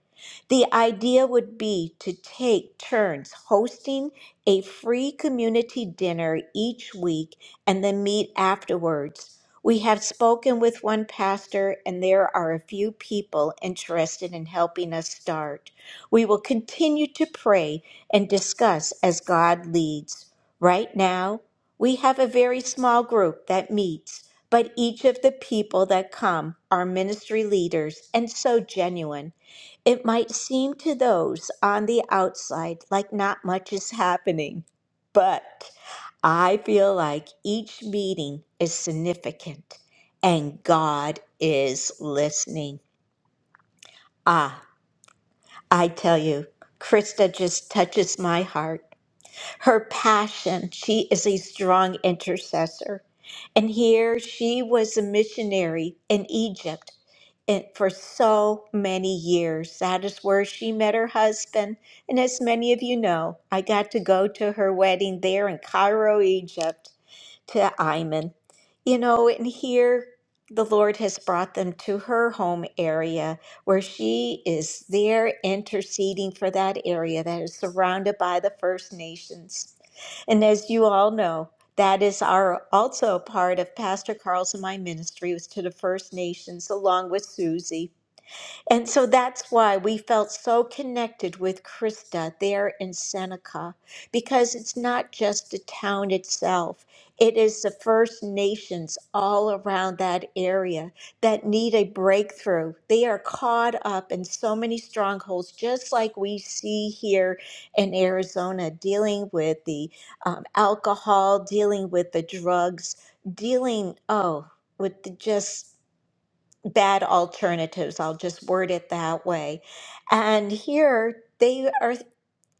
S1: The idea would be to take turns hosting a free community dinner each week and then meet afterwards. We have spoken with one pastor, and there are a few people interested in helping us start. We will continue to pray and discuss as God leads. Right now, we have a very small group that meets, but each of the people that come are ministry leaders and so genuine. It might seem to those on the outside like not much is happening, but I feel like each meeting is significant and God is listening. Ah, I tell you, Krista just touches my heart her passion. She is a strong intercessor. And here she was a missionary in Egypt and for so many years. That is where she met her husband. And as many of you know, I got to go to her wedding there in Cairo, Egypt to Iman. You know, and here the Lord has brought them to her home area where she is there interceding for that area that is surrounded by the First Nations. And as you all know, that is our also a part of Pastor Carl's and my ministry was to the First Nations along with Susie. And so that's why we felt so connected with Krista there in Seneca, because it's not just the town itself, it is the First Nations all around that area that need a breakthrough. They are caught up in so many strongholds, just like we see here in Arizona, dealing with the um, alcohol, dealing with the drugs, dealing, oh, with the just bad alternatives. I'll just word it that way. And here they are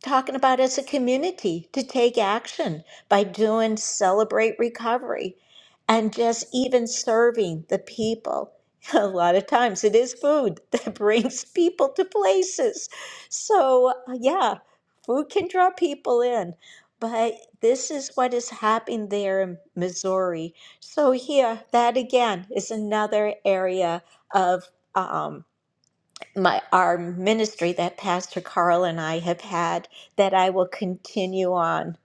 S1: talking about as a community to take action by doing celebrate recovery and just even serving the people. (laughs) A lot of times it is food that (laughs) brings people to places. So, uh, yeah, food can draw people in. But this is what is happening there in Missouri. So, here, that again is another area of um my our ministry that Pastor Carl and I have had that I will continue on.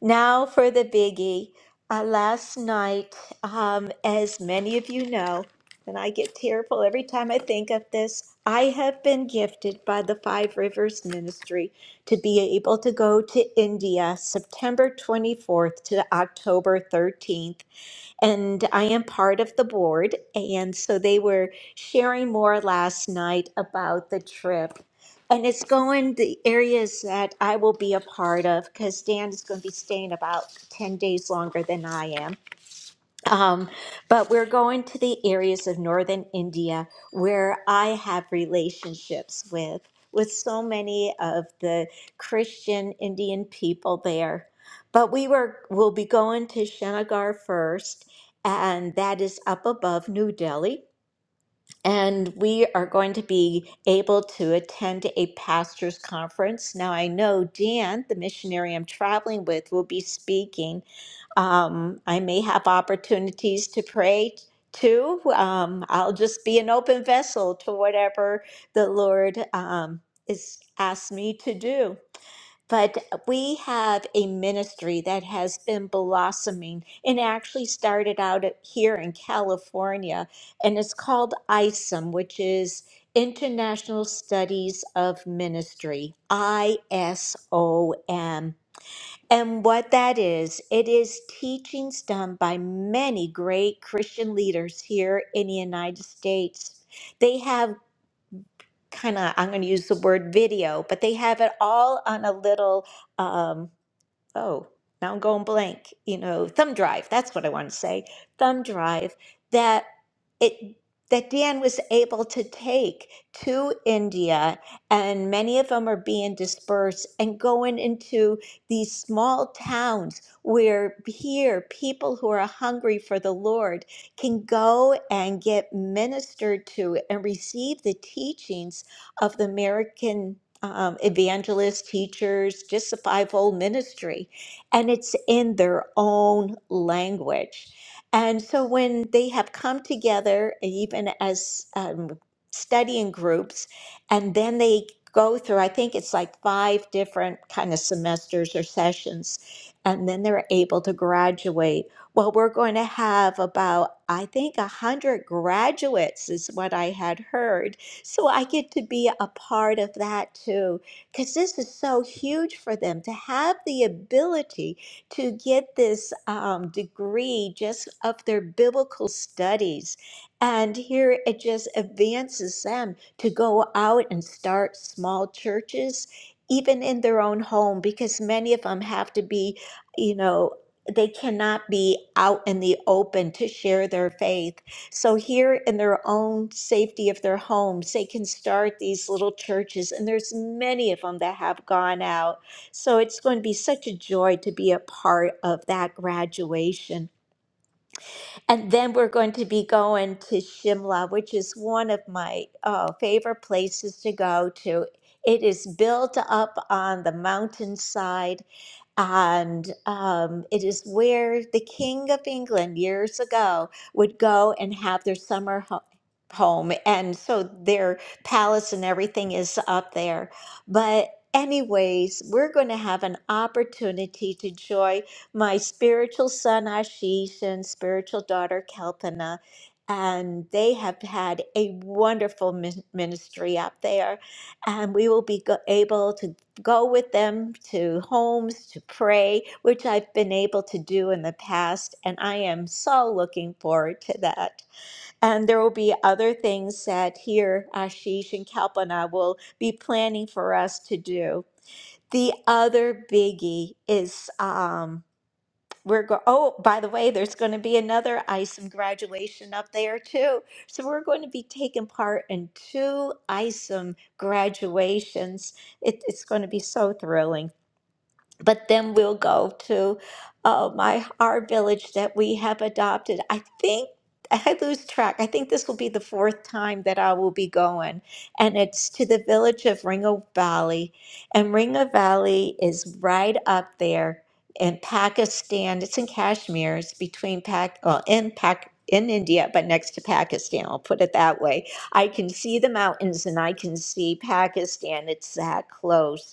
S1: Now for the biggie. Uh, last night, um, as many of you know, and I get tearful every time I think of this, I have been gifted by the Five Rivers Ministry to be able to go to India September 24th to October 13th and I am part of the board. And so they were sharing more last night about the trip. And it's going the areas that I will be a part of because Dan is going to be staying about 10 days longer than I am. Um, but we're going to the areas of northern India where I have relationships with with so many of the Christian Indian people there. But we were will be going to Shenagar first, and that is up above New Delhi and we are going to be able to attend a pastor's conference. Now, I know Dan, the missionary I'm traveling with, will be speaking. Um, I may have opportunities to pray too. Um, I'll just be an open vessel to whatever the Lord um, is asked me to do. But we have a ministry that has been blossoming and actually started out at- here in California, and it's called ISOM, which is International Studies of Ministry, I S O M. And what that is, it is teachings done by many great Christian leaders here in the United States. They have kind of, I'm going to use the word video, but they have it all on a little. Um, oh, now I'm going blank, you know, thumb drive. That's what I want to say. Thumb drive that it that Dan was able to take to India, and many of them are being dispersed and going into these small towns where here people who are hungry for the Lord can go and get ministered to and receive the teachings of the American um, evangelists, teachers, just the fivefold ministry, and it's in their own language. And so when they have come together, even as um, studying groups, and then they go through, I think it's like five different kind of semesters or sessions, and then they're able to graduate. Well, we're going to have about, I think, 100 graduates, is what I had heard so I get to be a part of that too, because this is so huge for them to have the ability to get this um, degree just of their biblical studies. And here it just advances them to go out and start small churches, even in their own home, because many of them have to be, you know, they cannot be out in the open to share their faith. So, here in their own safety of their homes, they can start these little churches, and there's many of them that have gone out. So, it's going to be such a joy to be a part of that graduation. And then we're going to be going to Shimla, which is one of my uh, favorite places to go to. It is built up on the mountainside and um, it is where the King of England years ago would go and have their summer ho- home. And so their palace and everything is up there. But, anyways, we're going to have an opportunity to join my spiritual son Ashish and spiritual daughter Kalpana. And they have had a wonderful min- ministry up there. And we will be go- able to go with them to homes to pray, which I've been able to do in the past. And I am so looking forward to that. And there will be other things that here Ashish and Kalpana will be planning for us to do. The other biggie is um, we're go- oh by the way there's going to be another ISOM graduation up there too. So we're going to be taking part in two ISOM graduations. It, it's going to be so thrilling but then we'll go to uh, my our village that we have adopted. I think (laughs) I lose track. I think this will be the fourth time that I will be going, and it's to the village of Ringo Valley, and Ringo Valley is right up there in Pakistan. It's in Kashmir. It's between Pak, well, in Pak. In India, but next to Pakistan, I'll put it that way. I can see the mountains and I can see Pakistan. It's that close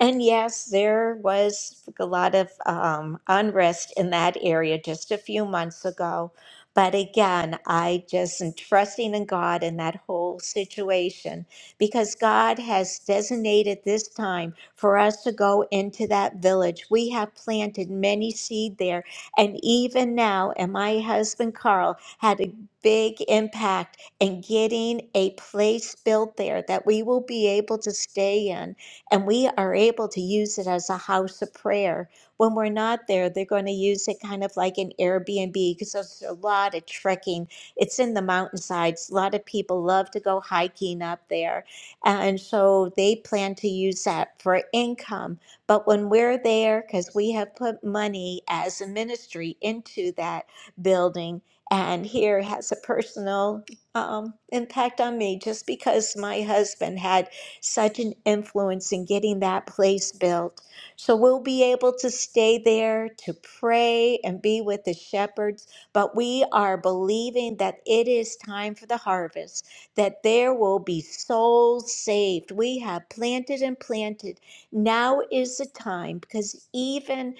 S1: and yes, there was a lot of um, unrest in that area just a few months ago. But again, I just am trusting in God in that whole situation because God has designated this time for us to go into that village. We have planted many seed there. And even now, and my husband Carl had a big impact in getting a place built there that we will be able to stay in and we are able to use it as a house of prayer. When we're not there, they're going to use it kind of like an Airbnb because there's a lot of trekking. It's in the mountainsides. A lot of people love to go hiking up there. And so they plan to use that for income. But when we're there, because we have put money as a ministry into that building, and here has a personal um, impact on me just because my husband had such an influence in getting that place built. So we'll be able to stay there to pray and be with the shepherds. But we are believing that it is time for the harvest, that there will be souls saved. We have planted and planted. Now is the time because even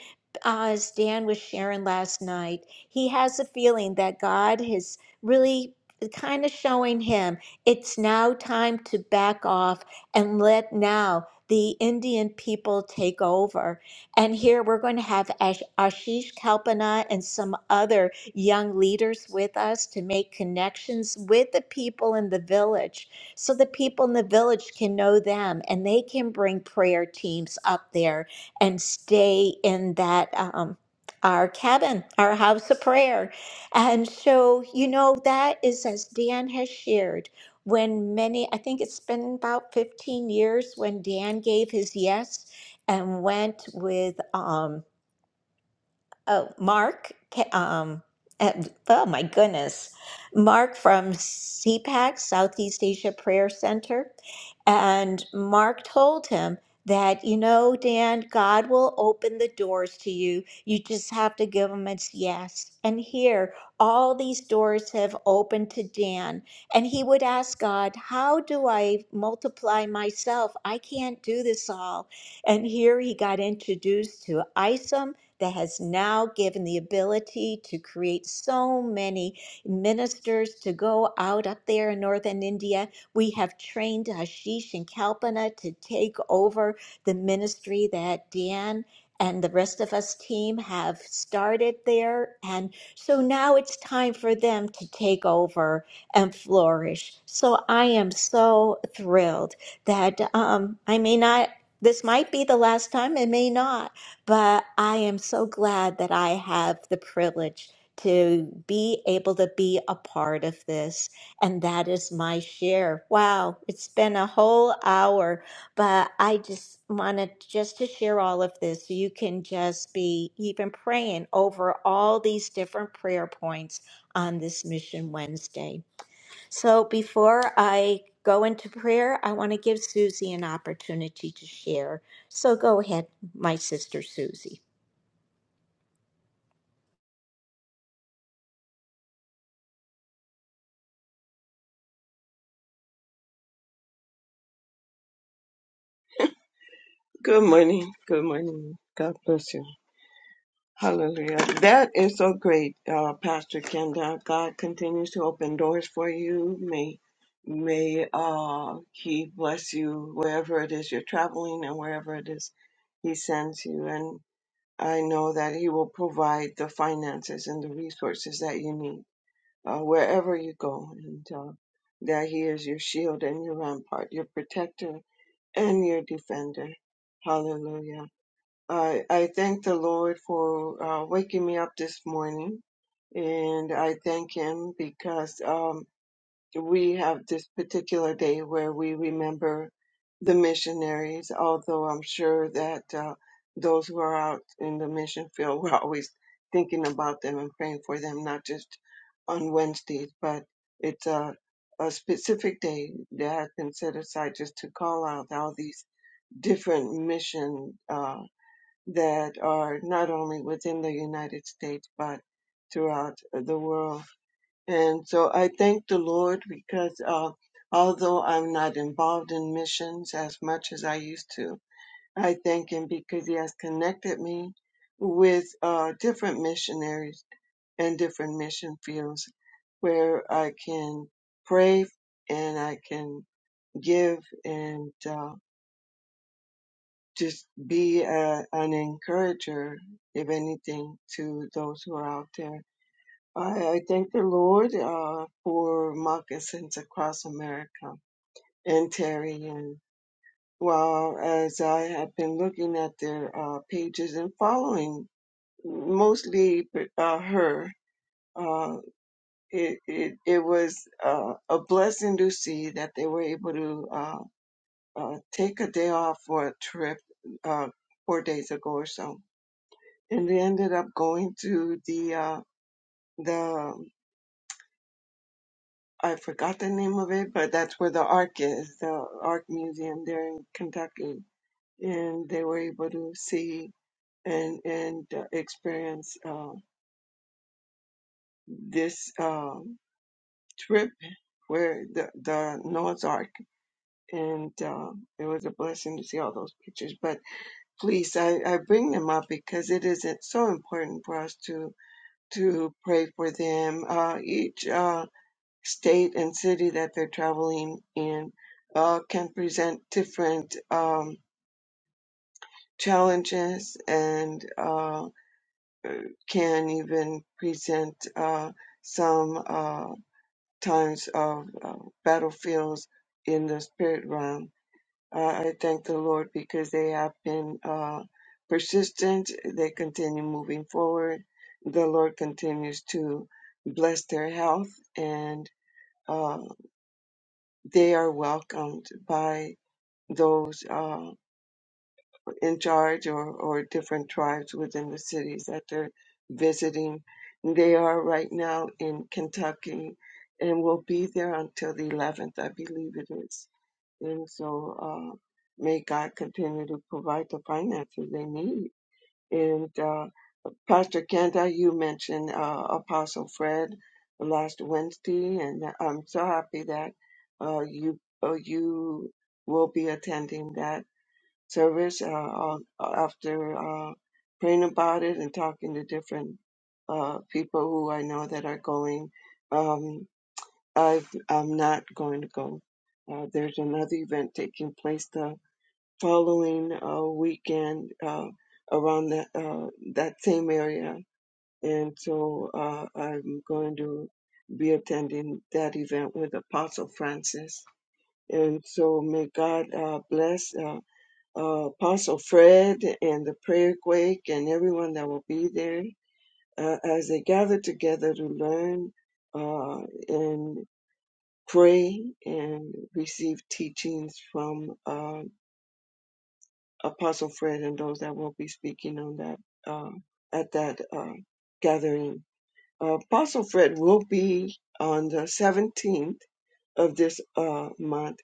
S1: uh, as Dan was sharing last night, he has a feeling that God has really kind of showing him it's now time to back off and let now the Indian people take over. And here we're going to have Ash- Ashish Kalpana and some other young leaders with us to make connections with the people in the village so the people in the village can know them and they can bring prayer teams up there and stay in that. Um, our cabin, our house of prayer. And so, you know, that is as Dan has shared when many, I think it's been about 15 years when Dan gave his yes and went with, um, Oh, Mark, ca- um, and- oh my goodness. Mark from CPAC, Southeast Asia Prayer Center. And Mark told him that, you know, Dan, God will open the doors to you. You just have to give him its yes. And here, all these doors have opened to Dan. And he would ask God, How do I multiply myself? I can't do this all. And here he got introduced to ISOM that has now given the ability to create so many ministers to go out up there in northern India. We have trained Ashish and Kalpana to take over the ministry that Dan and the rest of us team have started there. And so now it's time for them to take over and flourish. So I am so thrilled that um, I may not, this might be the last time, it may not. But I am so glad that I have the privilege to be able to be a part of this. And that is my share. Wow, it's been a whole hour, but I just wanted just to share all of this. So you can just be even praying over all these different prayer points on this Mission Wednesday. So before I go into prayer, I want to give Susie an opportunity to share. So go ahead, my sister Susie.
S5: Good morning. Good morning. God bless you. Hallelujah. That is so great, uh, Pastor Kenda. God continues to open doors for you. May may uh, He bless you wherever it is you're traveling and wherever it is He sends you. And I know that He will provide the finances and the resources that you need uh, wherever you go, and uh, that He is your shield and your rampart, your protector and your defender. Hallelujah. I, I thank the Lord for uh, waking me up this morning, and I thank Him because um, we have this particular day where we remember the missionaries. Although I'm sure that uh, those who are out in the mission field, (laughs) we're always thinking about them and praying for them, not just on Wednesdays, but it's a, a specific day that has been set aside just to call out all these different mission. uh, that are not only within the United States but throughout the world. And so I thank the Lord because uh, although I'm not involved in missions as much as I used to, I thank Him because He has connected me with uh, different missionaries and different mission fields where I can pray and I can give. And uh, just be a, an encourager, if anything, to those who are out there. I, I thank the Lord uh, for moccasins across America and Terry. And while as I have been looking at their uh, pages and following mostly uh, her, uh, it, it it was uh, a blessing to see that they were able to uh, uh, take a day off for a trip uh, four days ago or so and we ended up going to the uh the I forgot the name of it, but that's where the Ark is, the Ark Museum there in Kentucky, and they were able to see and and uh, experience uh, this uh, trip where the the Noah's Ark, and uh, it was a blessing to see all those pictures. But please, I I bring them up because it is it's so important for us to to pray for them. Uh, each. Uh, state and city that they're traveling in uh, can present different um, challenges and uh, can even present uh, some uh, times of uh, battlefields in the spirit realm. Uh, I thank the Lord because they have been uh, persistent. They continue moving forward. The Lord continues to bless their health and uh, they are welcomed by those uh, in charge or, or different tribes within the cities that they're visiting. They are right now in Kentucky and will be there until the 11th, I believe it is. And so uh, may God continue to provide the finances they need. And uh, Pastor Kenda, you mentioned uh, Apostle Fred last Wednesday, and I'm so happy that uh, you uh, you will be attending that service uh, on- after uh, praying about it and talking to different uh, people who I know that are going. Um, I've, I'm not going to go. Uh, there's another event taking place the following uh, weekend uh, around that uh, that same area, and so uh, I'm going to be attending that event with Apostle Francis. And so may God uh, bless. Uh, uh, Apostle Fred and the prayer quake and everyone that will be there uh, as they gather together to learn uh, and pray and receive teachings from uh, Apostle Fred and those that will be speaking on that uh, at that uh, gathering. Uh, Apostle Fred will be on the 17th of this uh, month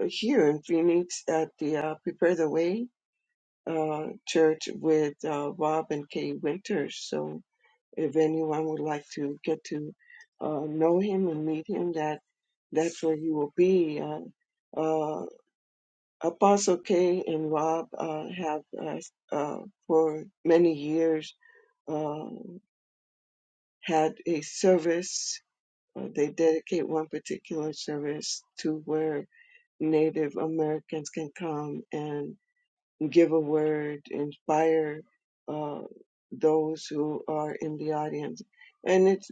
S5: uh, here in Phoenix at the uh, Prepare the Way uh, church with uh, Bob and Kay Winters. So if anyone would like to get to uh, know him and meet him, that that's where you will be. Uh, uh, Apostle Kay and Rob uh, have uh, uh, for many years uh, had a service. Uh, they dedicate one particular service to where Native Americans can come and. give a word, inspire uh, those who are in the audience. And it's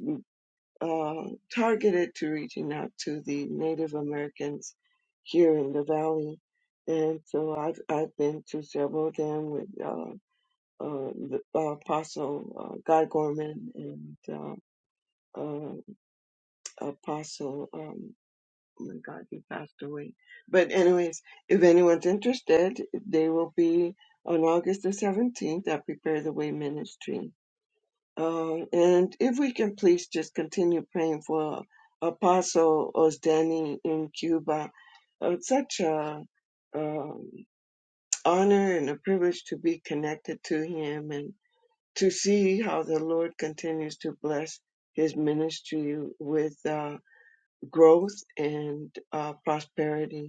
S5: uh, targeted to reaching out to the Native Americans here in the Valley. And so I've, I've been to several of them with uh, uh, the Apostle uh, Guy Gorman and uh, uh, Apostle. um, oh my god he passed away but anyways if anyone's interested they will be on august the 17th at prepare the way ministry uh, and if we can please just continue praying for apostle osdani in cuba Uh, it's such a um, honor and a privilege to be connected to him and to see how the lord continues to bless his ministry with uh, growth and uh, prosperity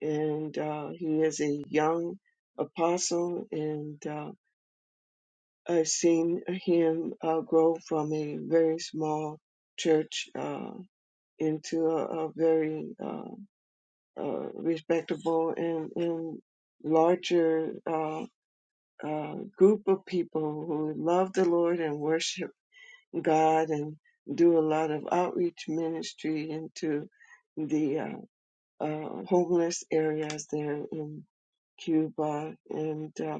S5: and uh, he is a young apostle, and uh, I've seen him uh, grow from a very small church uh, into a, a very uh, uh, respectable and, and larger uh, uh, group of people who love the Lord and worship God and do a lot of outreach ministry into uh, homeless areas there in Cuba. And uh,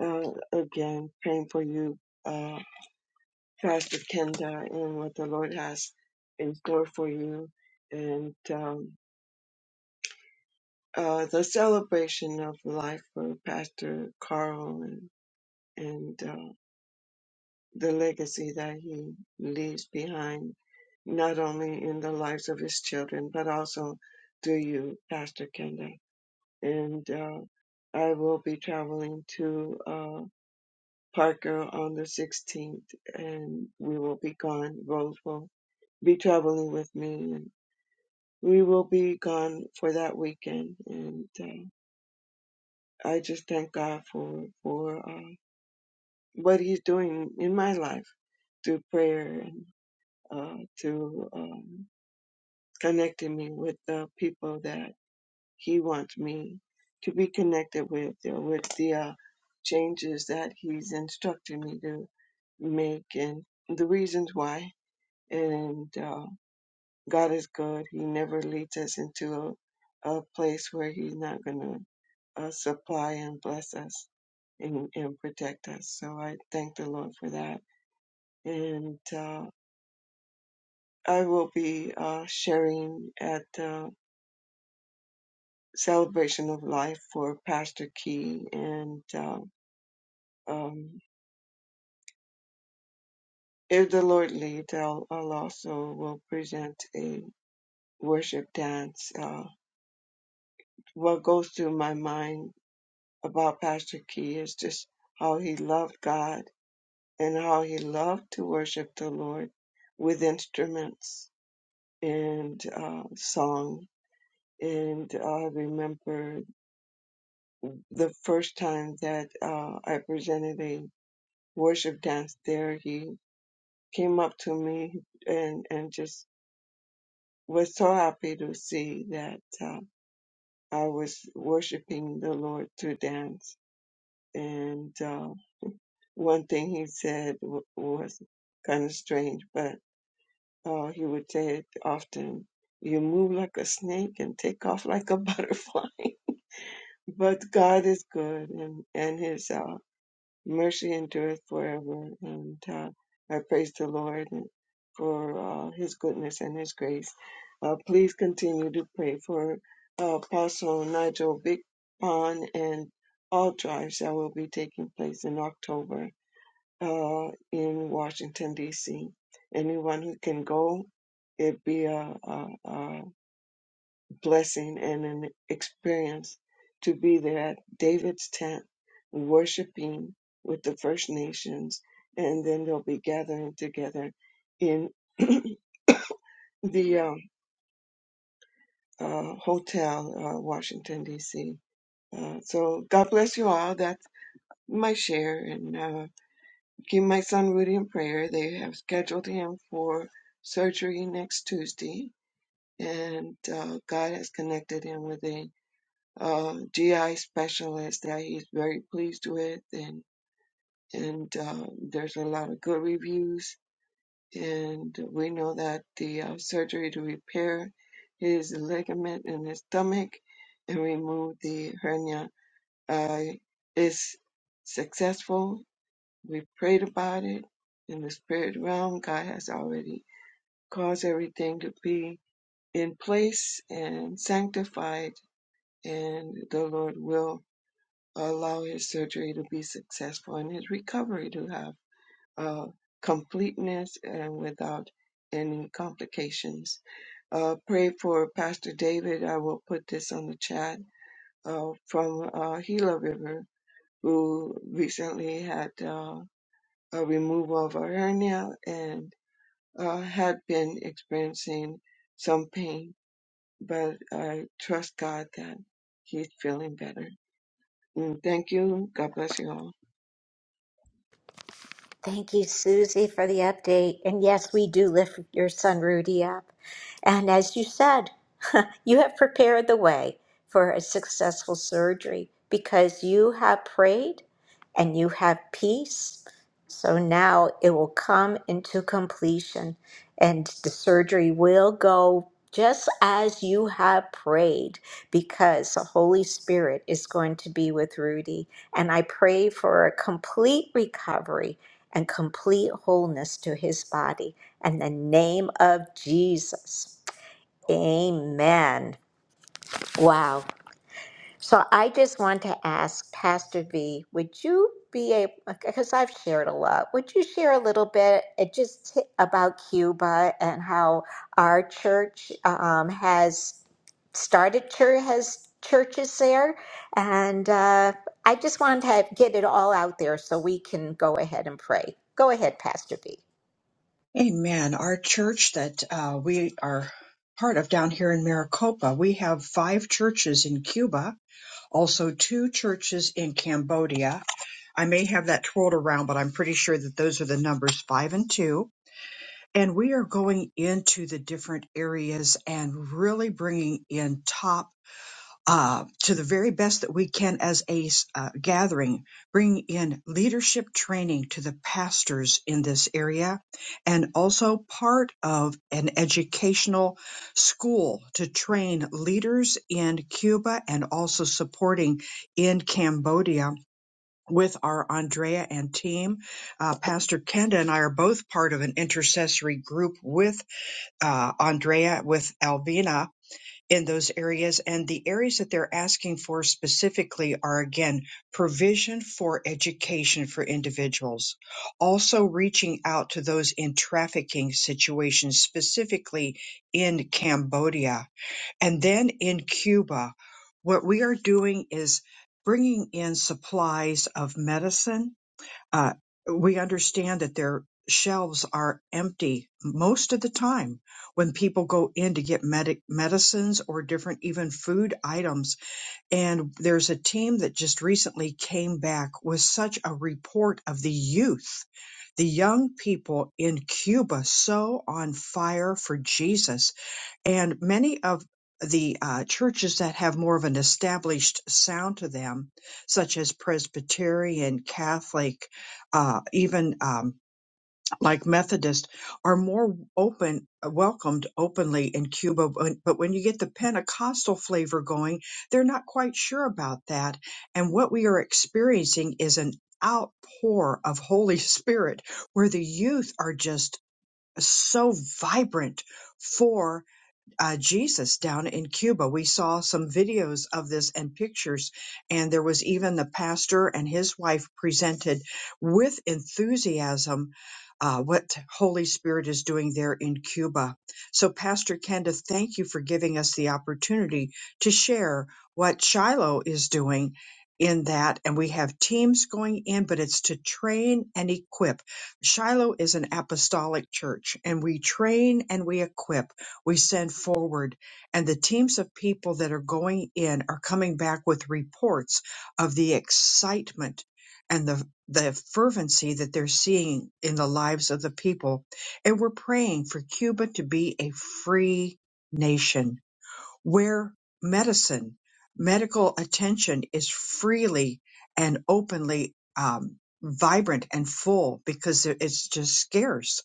S5: uh, again, praying for you, uh, Pastor Kenda, and what the Lord has in store for you. And um, uh, the celebration of life for Pastor Carl and, and uh, the legacy that he leaves behind, not only in the lives of his children, but also to you, Pastor Kenda. and uh, I will be traveling to uh, Parker on the 16th, and we will be gone. Rose will be traveling with me, and we will be gone for that weekend. And uh, I just thank God for for uh, what He's doing in my life through prayer and uh, to um, connecting me with the people that. He wants me to be connected with uh, with the uh, changes that He's instructed me to make and the reasons why. And uh, God is good. He never leads us into a, a place where He's not going to uh, supply and bless us and, and protect us. So I thank the Lord for that. And uh, I will be uh, sharing at uh, Celebration of Life for Pastor Key. And uh, Um, if the Lord leads, I'll, I'll also will present a worship dance. Uh, what goes through my mind about Pastor Key is just how he loved God and how he loved to worship the Lord with instruments and uh, song. And I remember the first time that uh, I presented a worship dance there, he came up to me and and just was so happy to see that uh, I was worshiping the Lord to dance. And uh, one thing he said w- was kind of strange, but uh, he would say it often you move like a snake and take off like a (laughs) butterfly. but God is good, and, and his uh, mercy endureth forever. And uh, I praise the Lord for uh, His goodness and His grace. Uh, please continue to pray for uh, Apostle Nigel Big Pond and all drives that will be taking place in October uh, in Washington, D.C. Anyone who can go, it'd be a, a, a blessing and an experience to be there at David's tent, worshiping with the First Nations, and then they'll be gathering together in (clears throat) the um, uh, hotel, uh, Washington, D.C. Uh, so God bless you all. That's my share. And uh, keep my son Rudy in prayer. They have scheduled him for surgery next Tuesday, and uh, God has connected him with a uh, GI specialist that he's very pleased with, and and uh, there's a lot of good reviews. And we know that the uh, surgery to repair his ligament in his stomach and remove the hernia uh, is successful. We prayed about it in the spirit realm. God has already caused everything to be in place and sanctified, and the Lord will allow his surgery to be successful and his recovery to have uh, completeness and without any complications. Uh, pray for Pastor David. I will put this on the chat uh, from uh, Gila River, who recently had uh, a removal of a hernia and uh, had been experiencing some pain. But I trust God that he's feeling better. And thank you. God bless you all.
S1: Thank you, Susie, for the update. And yes, we do lift your son Rudy up. And as you said, (laughs) you have prepared the way for a successful surgery because you have prayed and you have peace. So now it will come into completion and the surgery will go just as you have prayed because the Holy Spirit is going to be with Rudy. And I pray for a complete recovery and complete wholeness to his body. In the name of Jesus. Amen. Wow. So I just want to ask Pastor V, would you be able, because I've shared a lot, would you share a little bit uh, just t- about Cuba and how our church um, has started, church, has churches there? And uh, I just wanted to get it all out there so we can go ahead and pray. Go ahead, Pastor V.
S2: Amen. Our church that uh, we are part of down here in Maricopa, we have five churches in Cuba, also two churches in Cambodia. I may have that twirled around, but I'm pretty sure that those are the numbers five and two. And we are going into the different areas and really bringing in top uh, to the very best that we can as a s- uh, gathering, bring in leadership training to the pastors in this area and also part of an educational school to train leaders in Cuba and also supporting in Cambodia. With our Andrea and team, uh, Pastor Kenda and I are both part of an intercessory group with uh, Andrea, with Alvina, in those areas. And the areas that they're asking for specifically are again, provision for education for individuals. Also reaching out to those in trafficking situations, specifically in Cambodia and then in Cuba. What we are doing is bringing in supplies of medicine uh, we understand that their shelves are empty most of the time when people go in to get medic medicines or different even food items. And there's a team that just recently came back with such a report of the youth. The young people in Cuba so on fire for Jesus and many of the uh, churches that have more of an established sound to them, such as Presbyterian, Catholic, uh, even um, like Methodist, are more open, welcomed openly in Cuba. But but when you get the Pentecostal flavor going, they're not quite sure about that. And what we are experiencing is an outpour of Holy (laughs) Spirit where the youth are just so vibrant for uh, Jesus down in Cuba. We saw some videos of this and pictures, and there was even the pastor and his wife presented with enthusiasm uh, what Holy Spirit is doing there in Cuba. So, Pastor Kenda, thank you for giving us the opportunity to share what Shiloh is doing. In that, and we have teams going in, but it's to train and equip. Shiloh is an apostolic church, and we train and we equip we send forward and the teams of people that are going in are coming back with reports of the excitement and the the fervency that they're seeing in the lives of the people and we're praying for Cuba to be a free nation where medicine medical attention is freely and openly um, vibrant and full because it's just scarce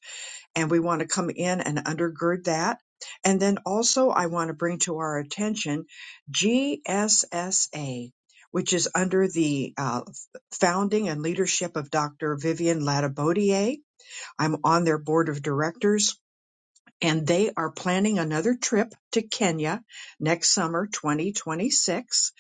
S2: and we want to come in and undergird that. And then also, I want to bring to our attention GSSA, which is under the uh, founding and leadership of Dr. Vivian Latabodier. I'm on their board of directors and they are planning another trip to Kenya next summer, 2026,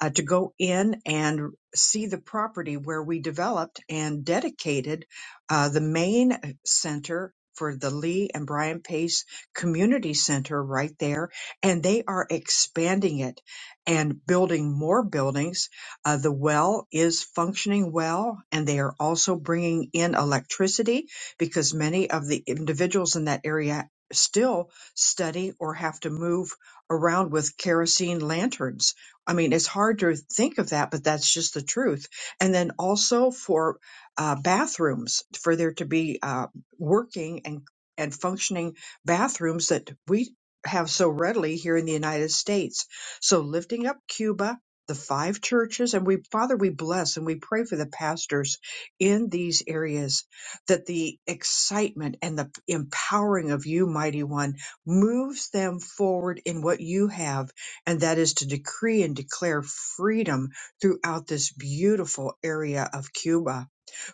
S2: uh, to go in and see the property where we developed and dedicated uh, the main center for the Lee and Brian Pace Community Center right there. And they are expanding it and building more buildings. Uh, the well is functioning well, and they are also bringing in electricity because many of the individuals in that area still study or have to move around with kerosene lanterns. I mean, it's hard to think of that, but that's just the truth. And then also for uh, bathrooms, for there to be uh, working and and functioning bathrooms that we have so readily here in the United States. So lifting up Cuba, the five churches, and we Father, we bless and we pray for the pastors in these areas that the excitement and the empowering of you, mighty one, moves them forward in what you have, and that is to decree and declare freedom throughout this beautiful area of Cuba.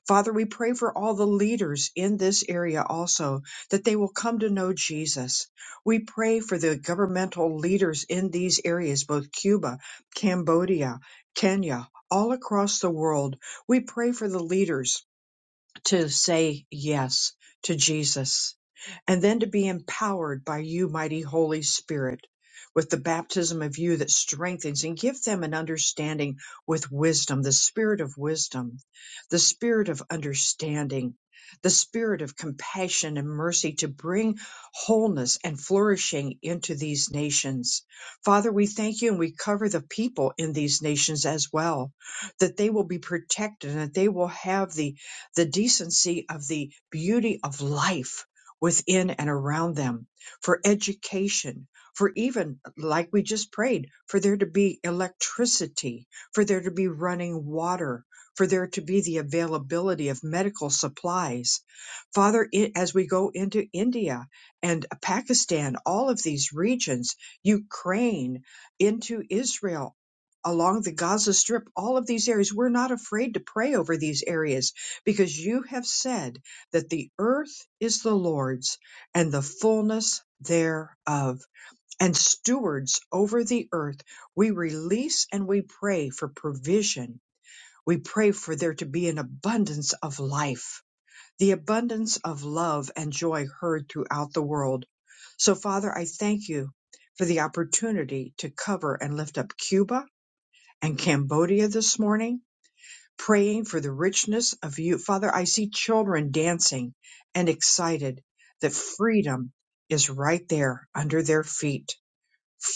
S2: Father, we pray for all the leaders in this area also that they will come to know Jesus. We pray for the governmental leaders in these areas, both Cuba, Cambodia, Kenya, all across the world. We pray for the leaders to say yes to Jesus and then to be empowered by you, mighty Holy Spirit, with the baptism of you that strengthens and give them an understanding with wisdom, the spirit of wisdom, the spirit of understanding, the spirit of compassion and mercy to bring wholeness and flourishing into these nations. Father, we thank you and we cover the people in these nations as well, that they will be protected and that they will have the, the decency of the beauty of life within and around them, for education, for even, like we just prayed, for there to be electricity, for there to be running water, for there to be the availability of medical supplies. Father, i- as we go into India and Pakistan, all of these regions, Ukraine, into Israel, along the Gaza Strip, all of these areas, we're not afraid to pray over these areas because you have said that the earth is the Lord's and the fullness thereof, and stewards over the earth. We release and we pray for provision. We pray for there to be an abundance of life, the abundance of love and joy heard throughout the world. So, Father, I thank you for the opportunity to cover and lift up Cuba and Cambodia this morning praying for the richness of you. Father, I see children dancing and excited that freedom is right there under their feet.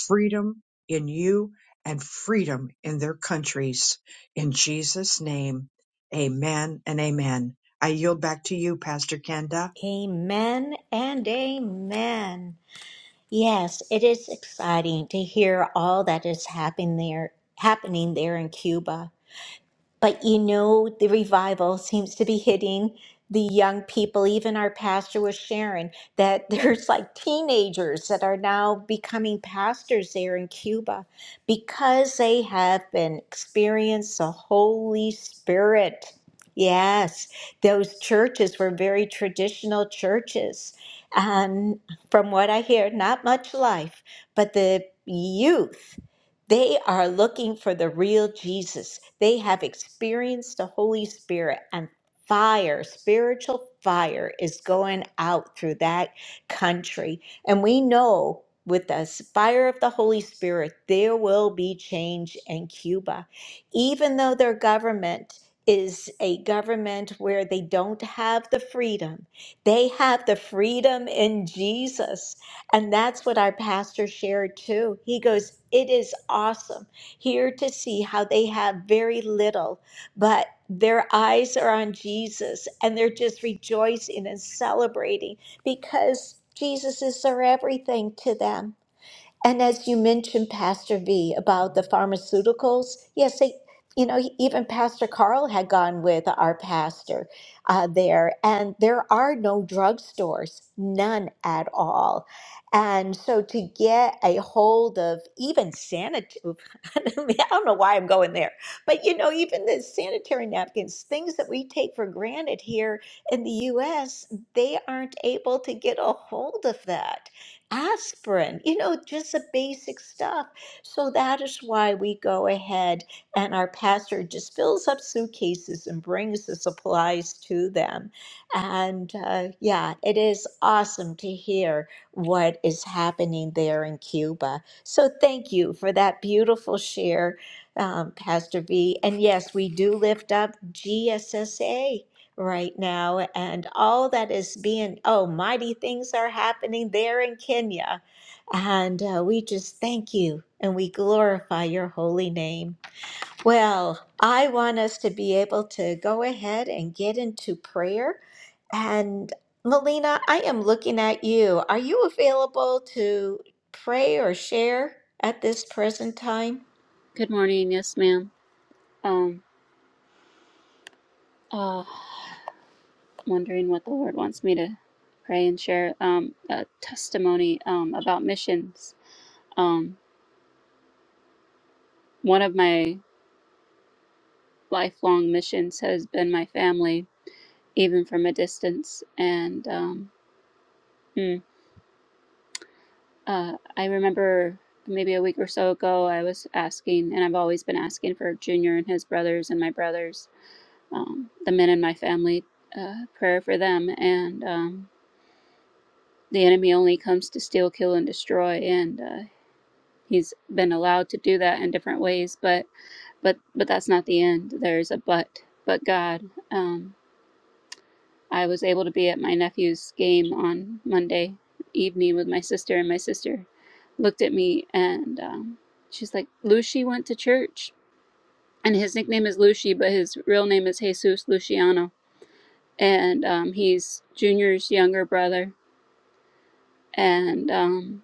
S2: Freedom in you and freedom in their countries. In Jesus' name, amen and amen. I yield back to you, Pastor Kenda.
S1: Amen and amen. Yes, it is exciting to hear all that is happening there, happening there in Cuba. But you know, the revival seems to be hitting the young people. Even our pastor was sharing that (laughs) there's like teenagers that are now becoming pastors there in Cuba because they have been experienced the Holy Spirit. Yes, those churches were very traditional churches. And from what I hear, not much life, but the youth. They are looking for the real Jesus. They have experienced the Holy Spirit and fire, spiritual fire is going out through that country. And we know with the fire of the Holy Spirit, there will be change in Cuba. Even though their government is a government where they don't have the freedom, they have the freedom in Jesus. And that's what our pastor shared too. He goes, It is awesome here to see how they have very little, but their eyes are on Jesus and they're just rejoicing and celebrating because Jesus is their everything to them. And as you mentioned, Pastor V, about the pharmaceuticals, yes, they, you know, even Pastor Carl had gone with our pastor uh, there, and there are no drugstores, none at all. And so to get a hold of even sanitary, (laughs) I don't know why I'm going there, but you know, even the sanitary napkins, things that we take for granted here in the US, they aren't able to get a hold of that aspirin, you know, just the basic stuff. So that is why we go ahead and our pastor just fills up suitcases and brings the supplies to them. And uh, yeah, it is awesome to hear what is happening there in Cuba. So thank you for that beautiful share, um, Pastor V. And yes, we do lift up GSSA right now and all that is being oh mighty things are happening there in kenya and uh, we just thank you and we glorify your holy name well i want us to be able to go ahead and get into prayer and melina i am looking at you are you available to pray or share at this present time
S6: Good morning. Yes, ma'am. Um, uh, wondering what the Lord wants me to pray and share. Um, a testimony um, about missions. Um, one of my lifelong missions has been my family, even from a distance. And um, mm, uh, I remember maybe a week or so ago, I was asking, and I've always been asking for Junior and his brothers and my brothers, um, the men in my family, uh, prayer for them. And um, the enemy only comes to steal kill and destroy and uh, he's been allowed to do that in different ways but but but that's not the end there's a but but god um, i was able to be at my nephew's game on monday evening with my sister and my sister looked at me and um, she's like lucy went to church and his nickname is lucy but his real name is jesus luciano and um, he's junior's younger brother and Um,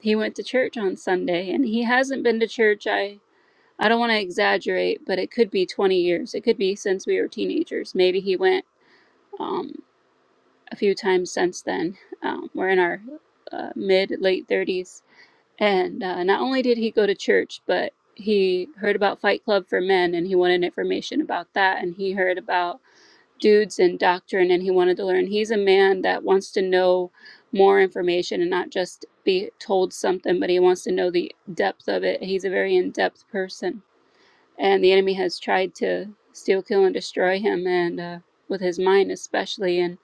S6: He went to church on Sunday and he hasn't been to church. I I don't want to exaggerate, but it could be 20 years. It could be since we were teenagers. Maybe he went um, a few times since then. Um, we're in our uh, mid late 30s. And uh, not only did he go to church, but he heard about Fight Club for Men and he wanted information about that. And he heard about dudes in doctrine and he wanted to learn. He's a man that wants to know more information and not just be told something, but he wants to know the depth of it. He's a very in depth person. And the enemy has tried to steal, kill, and destroy him, and uh, with his mind especially. And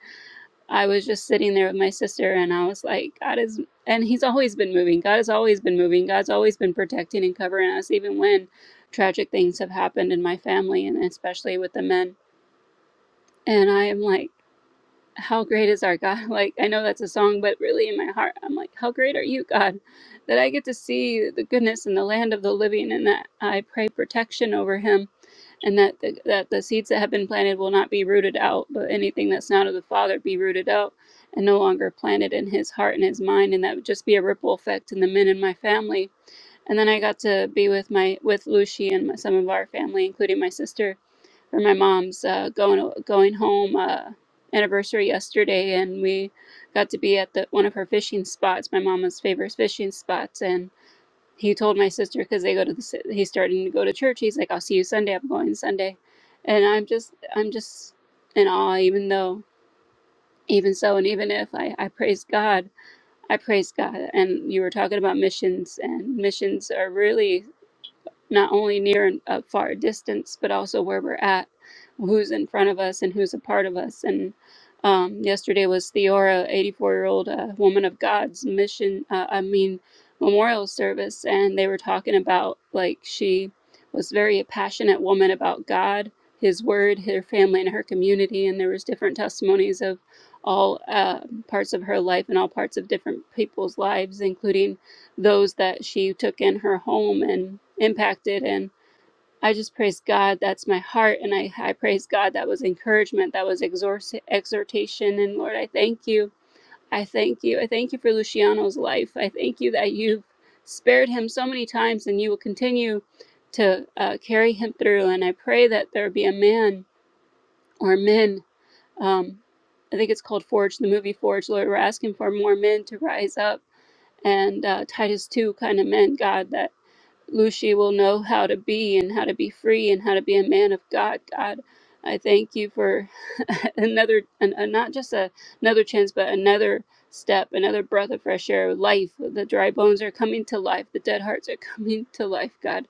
S6: I was just sitting there with my sister, and I was like, God is, and he's always been moving. God has always been moving. God's always been protecting and covering us, even when tragic things have happened in my family, and especially with the men. And I am like, how great is our God? (laughs) Like, I know that's a song, but really in my heart, I'm like, how great are you, God? That I get to see the goodness in the land of the living and that I pray protection over him and that the, that the seeds that have been planted will not be rooted out, but anything that's not of the Father be rooted out and no longer planted in his heart and his mind. And that would just be a ripple effect in the men in my family. And then I got to be with my with Lucy and my, some of our family, including my sister for my mom's uh, going going home uh, anniversary yesterday, and we got to be at the one of her fishing spots, my mama's favorite fishing spots, and he told my sister because they go to the si- he's starting to go to church. He's like, "I'll see you Sunday. I'm going Sunday," and I'm just I'm just in awe, even though even so, and even if I I praise God, I praise God, and you were talking about missions, and missions are really not only near and uh, far distance, but also where we're at, who's in front of us, and who's a part of us. And um, yesterday was Theora, 84 year old uh, woman of God's mission, uh, I mean, memorial service. And they were talking about like she was very a passionate woman about God, His Word, her family, and her community. And there was different testimonies of all uh, parts of her life and all parts of different people's lives, including those that she took in her home and impacted. And I just praise God. That's my heart. And I, I praise God. That was encouragement. That was exhort- exhortation. And Lord, I thank you. I thank you. I thank you for Luciano's life. I thank you that you've spared him so many times and you will continue to uh, carry him through. And I pray that there be a man or men. Um, I think it's called Forge, the movie Forge. Lord, we're asking for more men to rise up and uh, Titus 2 kind of meant, God, that Lucy will know how to be and how to be free and how to be a man of God. God, I thank you for (laughs) another, an, a, not just a, another chance, but another step, another breath of fresh air, life. The dry bones are coming to life. The dead hearts are (laughs) coming to life, God.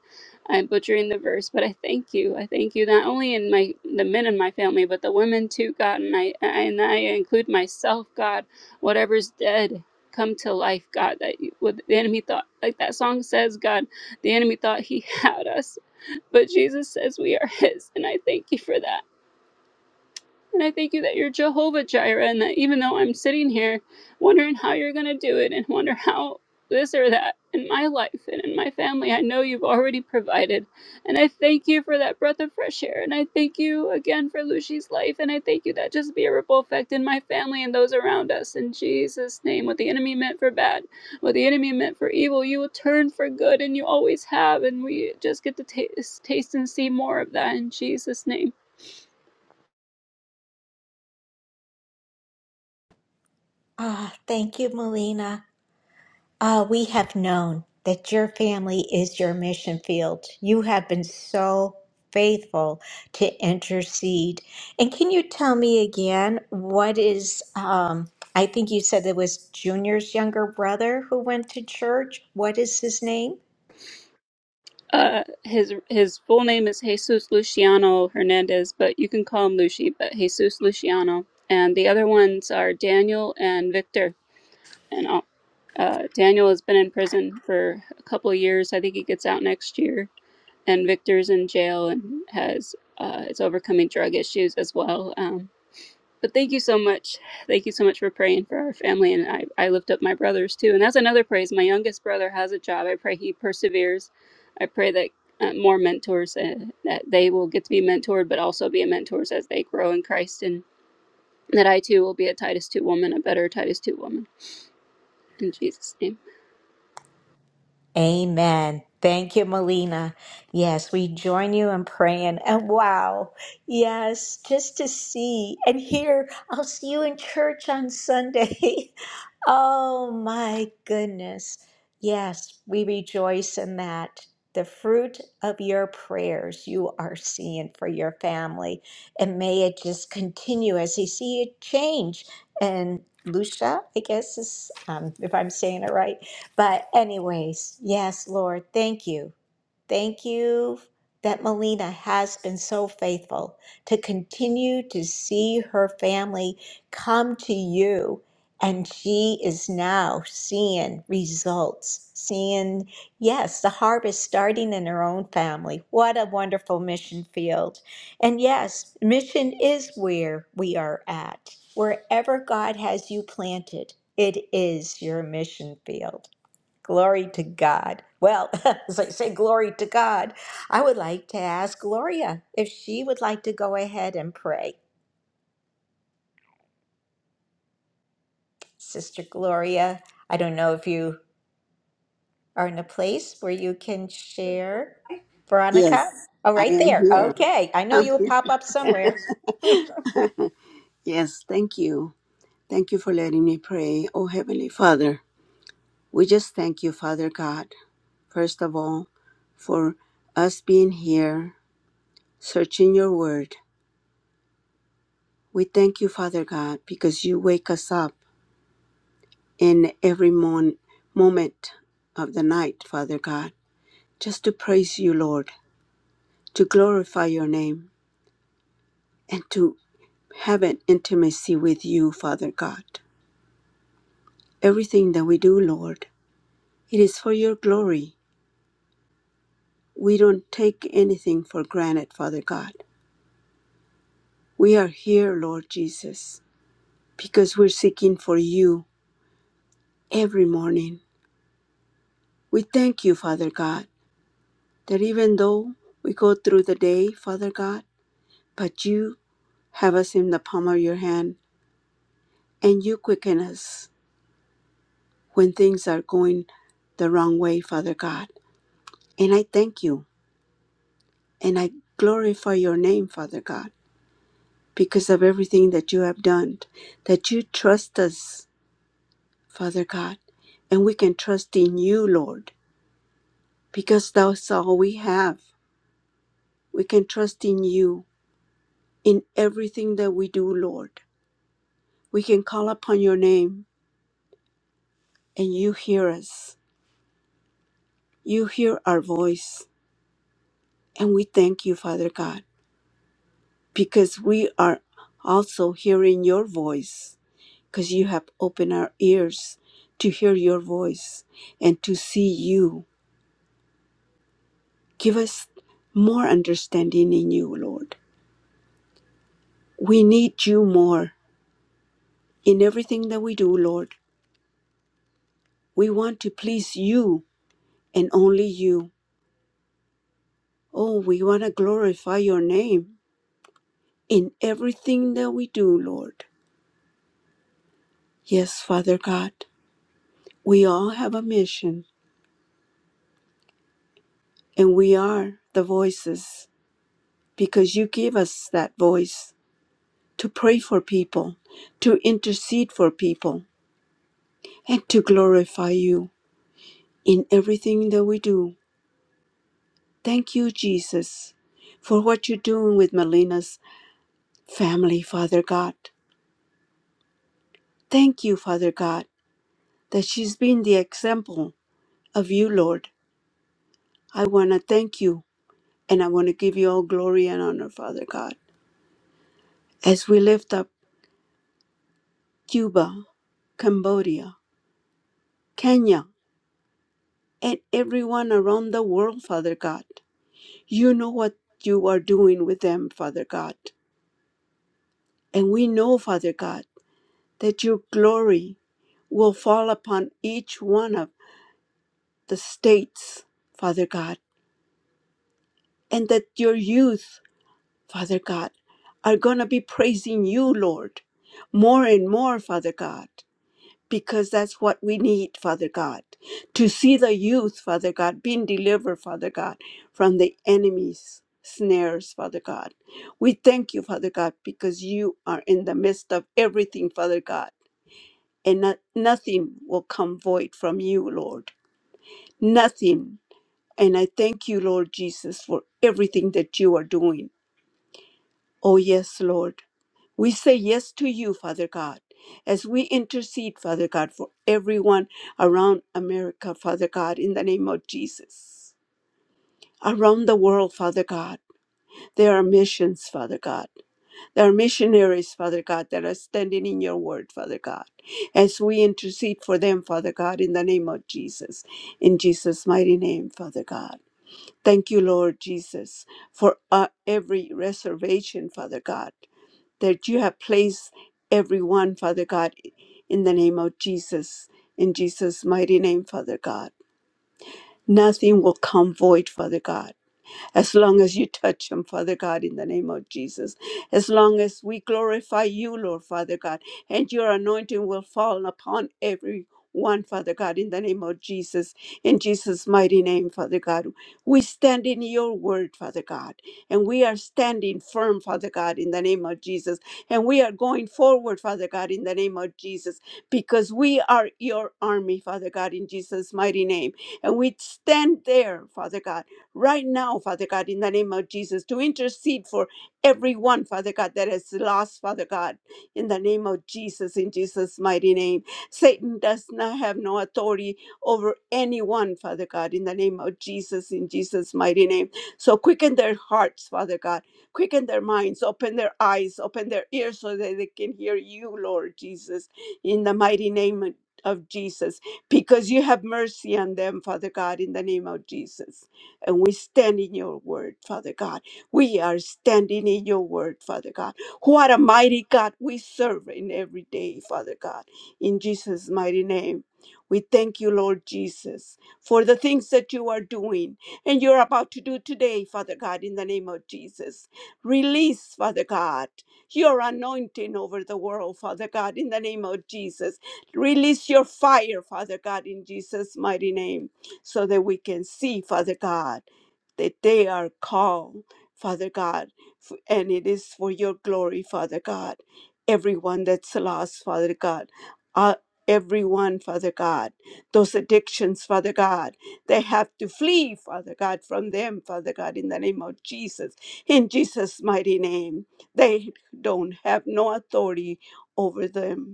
S6: I'm butchering the verse, but I thank you. I thank you not only in my the men in my family, but the women too, God. And I and I include myself, God. Whatever's dead, come to life, God. That you, what the enemy thought, like that song says, God. The enemy thought he (laughs) had us, but Jesus says we are his, and I thank you for that. And I thank you that you're Jehovah Jireh, and that even though I'm sitting here wondering how you're going to do it and wonder how this or that in my life and in my family, I know you've already provided. And I thank you for that breath of fresh air. And I thank you again for Lucy's life. And I thank you that just be a ripple effect in my family and those around us. In Jesus' name, what the enemy meant for bad, what the enemy meant for evil, you will turn for good, and you always have. And we just get to taste, taste and see more of that in Jesus' name.
S1: ah thank you melina Ah, we have known that your family is your mission field. You have been so faithful to intercede. And can you tell me again what is, um, I think you said it was Junior's younger brother who went to church. What is his name?
S6: Uh, his his full name is Jesus Luciano Hernandez, but you can call him Lucy. But Jesus Luciano, and the other ones are Daniel and Victor. And all- uh, Daniel has been in prison for a couple of years. I think he gets out next year. And Victor's in jail and has uh, is overcoming drug issues as well. Um, but thank you so much. Thank you so much for praying for our family. And I, I lift up my brothers too. And that's another praise. My youngest brother has a job. I pray he perseveres. I pray that uh, more mentors, uh, that they will get to be mentored, but also be mentors as they grow in Christ. And that I too will be a Titus 2 woman, a better Titus 2 woman. In Jesus' name.
S1: Amen. Thank you, Melina. Yes, we join you in praying. And wow, yes, just to see and hear, I'll see you in church on Sunday. (laughs) oh my goodness. Yes, we rejoice in that. The fruit of your prayers you are seeing for your family. And may it just continue as you see it change. And Lucia, I guess is, um, if I'm saying it right but, anyways, yes, Lord, thank you. Thank you that Melina has been so faithful to continue to see her family come to you. And she is now seeing results, seeing, yes, the harvest starting in her own family. What a wonderful mission field. And yes, mission is where we are at. Wherever God has you planted, it is your mission field. Glory to God. Well, (laughs) as I say, glory to God, I would like to ask Gloria if she would like to go ahead and pray. Sister Gloria, I don't know if you are in a place where you can share.
S4: Yes,
S1: Veronica? Oh,
S4: I
S1: right
S4: am
S1: there.
S4: here. (laughs)
S1: Okay. I know
S4: I'm
S1: you will
S4: here.
S1: pop up somewhere.
S4: Yes, thank you. Thank you for letting me pray. Oh, Heavenly Father. We just thank you, Father God, first of all, for us being here, searching your word. We thank you, Father God, because you wake us up in every mon- moment of the night, Father God, just to praise you, Lord, to glorify your name, and to have an intimacy with you, Father God. Everything that we do, Lord, it is for your glory. We don't take anything for granted, Father God. We are here, Lord Jesus because we're seeking for you every morning. We thank you, Father God, that even though we go through the day, Father God, but you have us in the palm of your hand and you quicken us when things are going the wrong way, Father God. And I thank you and I glorify your name, Father God, because of everything that you have done, that you trust us, Father God, and we can trust in you, Lord, because that's all we have We can trust in you in everything that we do, Lord. We can call upon your name and you hear us. You hear our voice. And we thank you, Father God, because we are also hearing your voice, because you have opened our ears to hear your voice and to see you. Give us more understanding in you, Lord. We need you more in everything that we do, Lord. We want to please you and only you. Oh, we want to glorify your name in everything that we do, Lord. Yes, Father God, we all have a mission and we are the voices because you give us that voice to pray for people, to intercede for people, and to glorify you in everything that we do. Thank you, Jesus, for what you're doing with Melina's family, Father God. Thank you, Father God, that she's been the example of you, Lord, I want to thank you and I want to give you all glory and honor, Father God, as we lift up Cuba, Cambodia, Kenya, and everyone around the world, Father God. You know what you are doing with them, Father God. And we know, Father God, that your glory will fall upon each one of the states, Father God, and that your youth, Father God, are going to be praising you, Lord, more and more, Father God. because that's what we need, Father God, to see the youth, Father God, being delivered, Father God, from the enemy's snares, Father God. We thank you, Father God, because you are in the midst of everything, Father God, and not, nothing will come void from you, Lord. Nothing. And I thank you, Lord Jesus, for everything that you are doing. Oh, yes, Lord. We say yes to you, Father God, as we intercede, Father God, for everyone around America, Father God, in the name of Jesus. Around the world, Father God, there are missions, Father God. There are missionaries, Father God, that are standing in your word, Father God. As we intercede for them, Father God, in the name of Jesus, in Jesus' mighty name, Father God. Thank you, Lord Jesus, for uh, every reservation, Father God that you have placed everyone, Father God, in the name of Jesus, in Jesus' mighty name, Father God. Nothing will come void, Father God as long as you touch them, Father God, in the name of Jesus. As long as we glorify you, Lord Father God, and your anointing will fall upon every one, Father God, in the name of Jesus, in Jesus' mighty name, Father God. We stand in your word, Father God, and we are standing firm, Father God, in the name of Jesus, and we are going forward, Father God, in the name of Jesus, because we are your army, Father God, in Jesus' mighty name, and we stand there, Father God right now, Father God, in the name of Jesus, to intercede for everyone, Father God, that is lost, Father God, in the name of Jesus, in Jesus' mighty name. Satan does not have no authority over anyone, Father God, in the name of Jesus, in Jesus' mighty name. So quicken their hearts, Father God, quicken their minds, open their eyes, open their ears so that they can hear you, Lord Jesus, in the mighty name of of Jesus, because you have mercy on them, Father God, in the name of Jesus and we stand in your word, Father God. We are standing in your word, Father God. What a mighty God we serve in every day, Father God. In Jesus' mighty name, we thank you, Lord Jesus, for the things that you are doing and you're about to do today, Father God, in the name of Jesus. Release, Father God, your anointing over the world, Father God, in the name of Jesus. Release your fire, Father God, in Jesus' mighty name so that we can see, Father God, that they are called, Father God, f- and it is for your glory, Father God. Everyone that's lost, Father God, uh, everyone, Father God, those addictions, Father God, they have to flee, Father God, from them, Father God, in the name of Jesus, in Jesus' mighty name. They don't have no authority over them.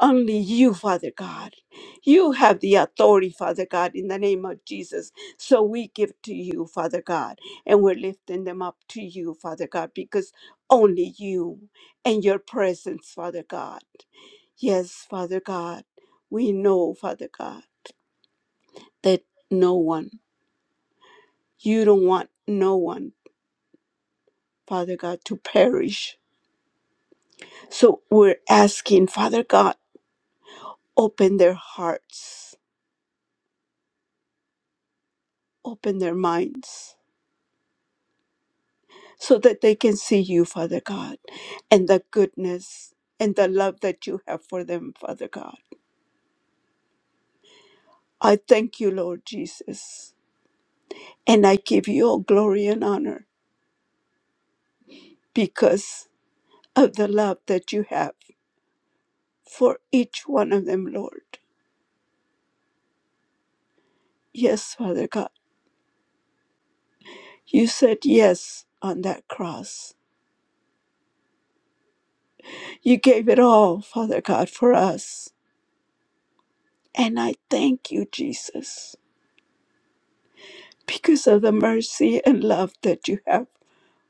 S4: Only you, Father God. You have the authority, Father God, in the name of Jesus. So we give to you, Father God, and we're lifting them up to you, Father God, because only you and your presence, Father God. Yes, Father God, we know, Father God, that no one, you don't want no one, Father God, to perish. So we're asking, Father God, open their hearts, open their minds so that they can see you, Father God, and the goodness and the love that you have for them, Father God. I thank you, Lord Jesus, and I give you all glory and honor because of the love that you have for each one of them, Lord. Yes, Father God, you said yes on that cross. You gave it all, Father God, for us. And I thank you, Jesus, because of the mercy and love that you have.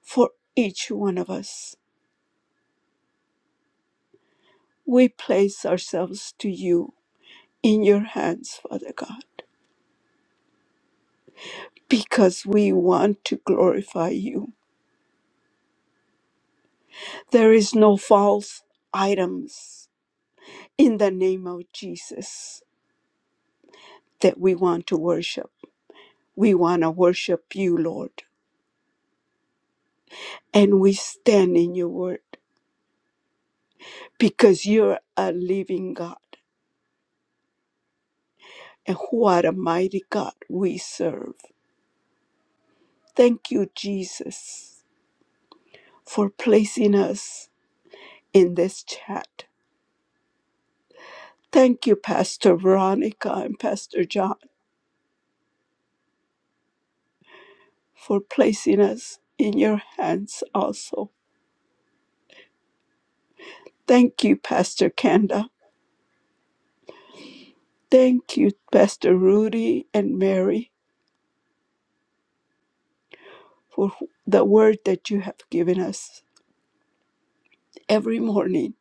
S4: for each one of us. We place ourselves to you in your hands, Father God, because we want to glorify you. There is no false items in the name of Jesus that we want to worship. We want to worship you, Lord, and we stand in your word because you're a living God. And what a mighty God we serve. Thank you, Jesus, for placing us in this chat. Thank you, Pastor Veronica and Pastor John, for placing us in your hands also. Thank you, Pastor Kenda. Thank you, Pastor Rudy and Mary, for the word that you have given us every morning.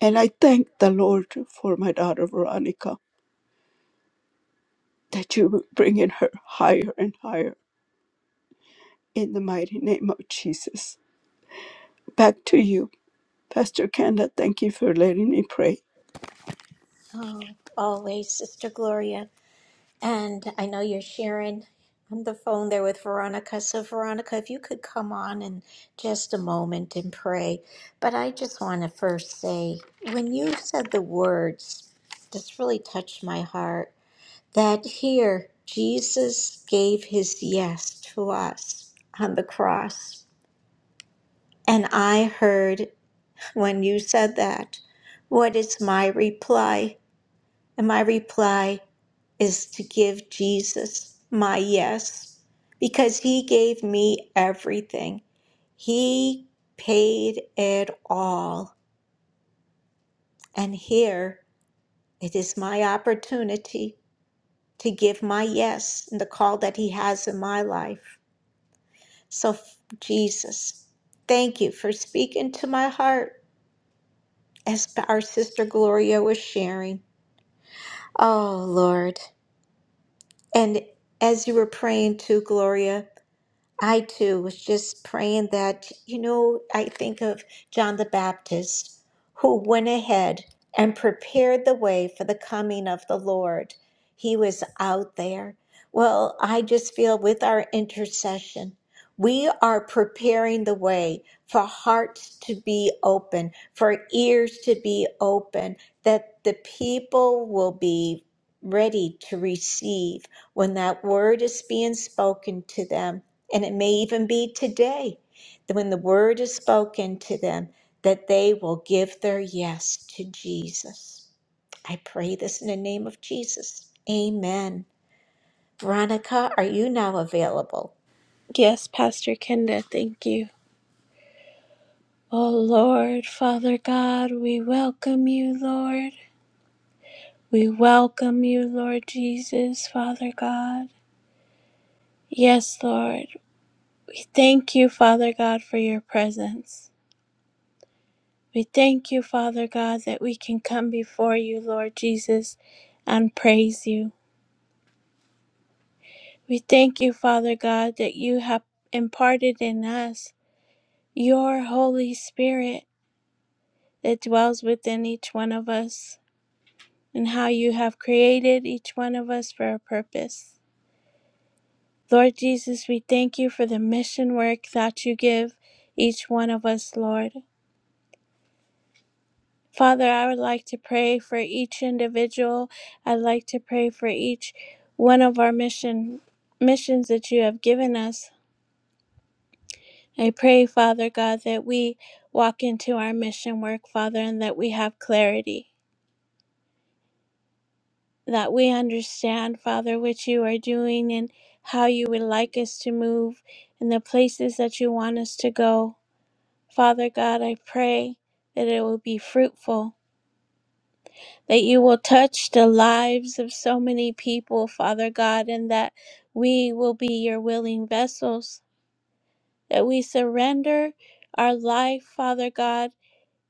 S4: And I thank the Lord for my daughter Veronica, that you bring in her higher and higher in the mighty name of Jesus. Back to you, Pastor Kenda. Thank you for letting me pray.
S1: Oh, always, Sister Gloria. And I know you're sharing on the phone there with Veronica. So, Veronica, if you could come on in just a moment and pray. But I just want to first say, when you said the words, this really touched my heart that here Jesus gave his yes to us on the cross. And I heard when you said that, what is my reply? And my reply? is to give Jesus my yes because he gave me everything. He paid it all. And here it is my opportunity to give my yes and the call that he has in my life. So, f- Jesus, thank you for speaking to my heart as our sister Gloria was sharing. Oh, Lord. And as you were praying too, Gloria. I too was just praying that, you know, I think of John the Baptist who went ahead and prepared the way for the coming of the Lord. He was out there. Well, I just feel with our intercession, we are preparing the way for hearts to be open, for ears to be open, that the people will be ready to receive when that word is being spoken to them. And it may even be today that when the word is spoken to them, that they will give their yes to Jesus. I pray this in the name of Jesus. Amen. Veronica, are you now available?
S4: Yes, Pastor Kenda, thank you. Oh Lord, Father God, we welcome you, Lord. We welcome you, Lord Jesus, Father God. Yes, Lord, we thank you, Father God, for your presence. We thank you, Father God, that we can come before you, Lord Jesus, and praise you. We thank you, Father God, that you have imparted in us your Holy Spirit that dwells within each one of us. and how you have created each one of us for a purpose. Lord Jesus, we thank you for the mission work that you give each one of us, Lord. Father, I would like to pray for each individual. I'd like to pray for each one of our mission missions that you have given us. I pray, Father God, that we walk into our mission work, Father, and that we have clarity. that we understand, Father, what you are doing and how you would like us to move and the places that you want us to go. Father God, I pray that it will be fruitful, that you will touch the lives of so many people, Father God, and that we will be your willing vessels, that we surrender our life, Father God,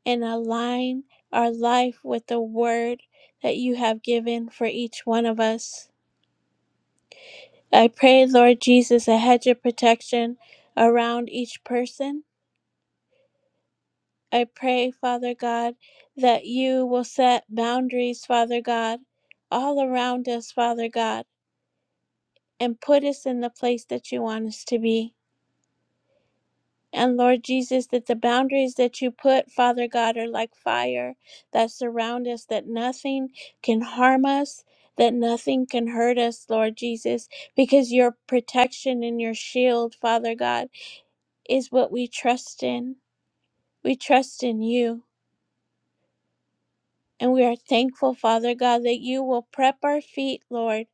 S4: and align our life with the word that you have given for each one of us. I pray, Lord Jesus, a hedge of protection around each person. I pray, Father God, that you will set boundaries, Father God, all around us, Father God, and put us in the place that you want us to be. And Lord Jesus, that the boundaries that you put, Father God, are like fire that surround us, that nothing can harm us, that nothing can hurt us, Lord Jesus, because your protection and your shield, Father God. is what we trust in. We trust in you. And we are thankful, Father God, that you will prep our feet, Lord,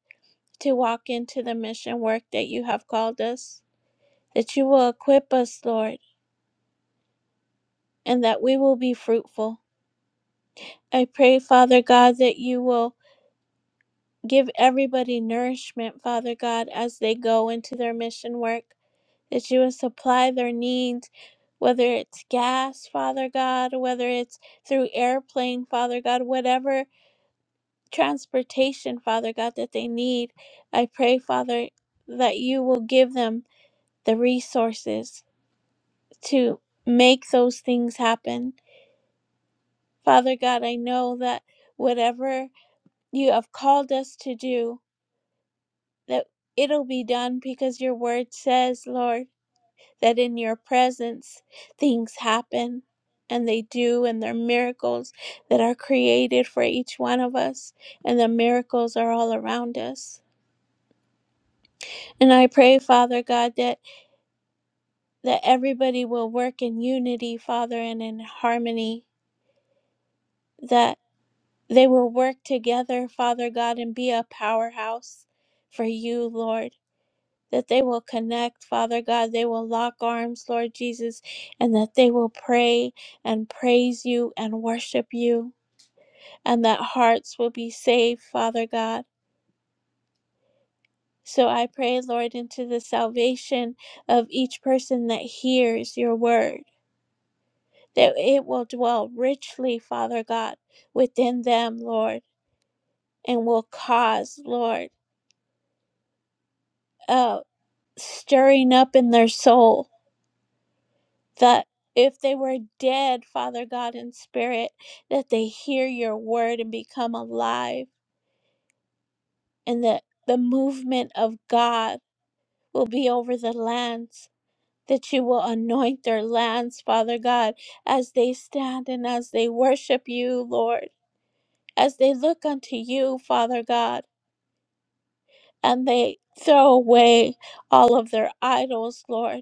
S4: to walk into the mission work that you have called us, that you will equip us, Lord, and that we will be fruitful. I pray, Father God, that you will give everybody nourishment, Father God, as they go into their mission work, that you will supply their needs, whether it's gas, Father God, whether it's through airplane, Father God, whatever transportation, Father God, that they need. I pray, Father, that you will give them the resources to make those things happen. Father God, I know that whatever you have called us to do, that it'll be done because your word says, Lord, that in your presence things happen and they do, and they're miracles that are created for each one of us, and the miracles are all around us. And I pray, Father God, that, that everybody will work in unity, Father, and in harmony, that they will work together, Father God, and be a powerhouse for you, Lord. That they will connect, Father God. They will lock arms, Lord Jesus, and that they will pray and praise you and worship you, and that hearts will be saved, Father God. So I pray, Lord, into the salvation of each person that hears your word that it will dwell richly, Father God, within them, Lord, and will cause, Lord, uh, stirring up in their soul that if they were dead, Father God, in spirit, that they hear your word and become alive, and that the movement of God will be over the lands. That you will anoint their lands, Father God, as they stand and as they worship you, Lord, as they look unto you, Father God and they throw away all of their idols, Lord.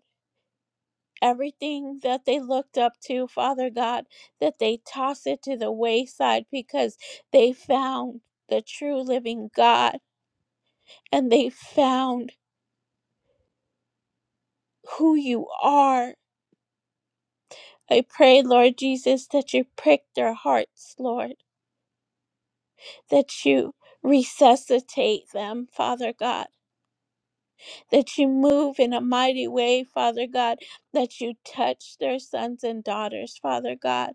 S4: Everything that they looked up to, Father God, that they toss it to the wayside because they found the true living God and they found who you are. I pray, Lord Jesus, that you prick their hearts, Lord, that you resuscitate them, Father God, that you move in a mighty way, Father God, that you touch their sons and daughters, Father God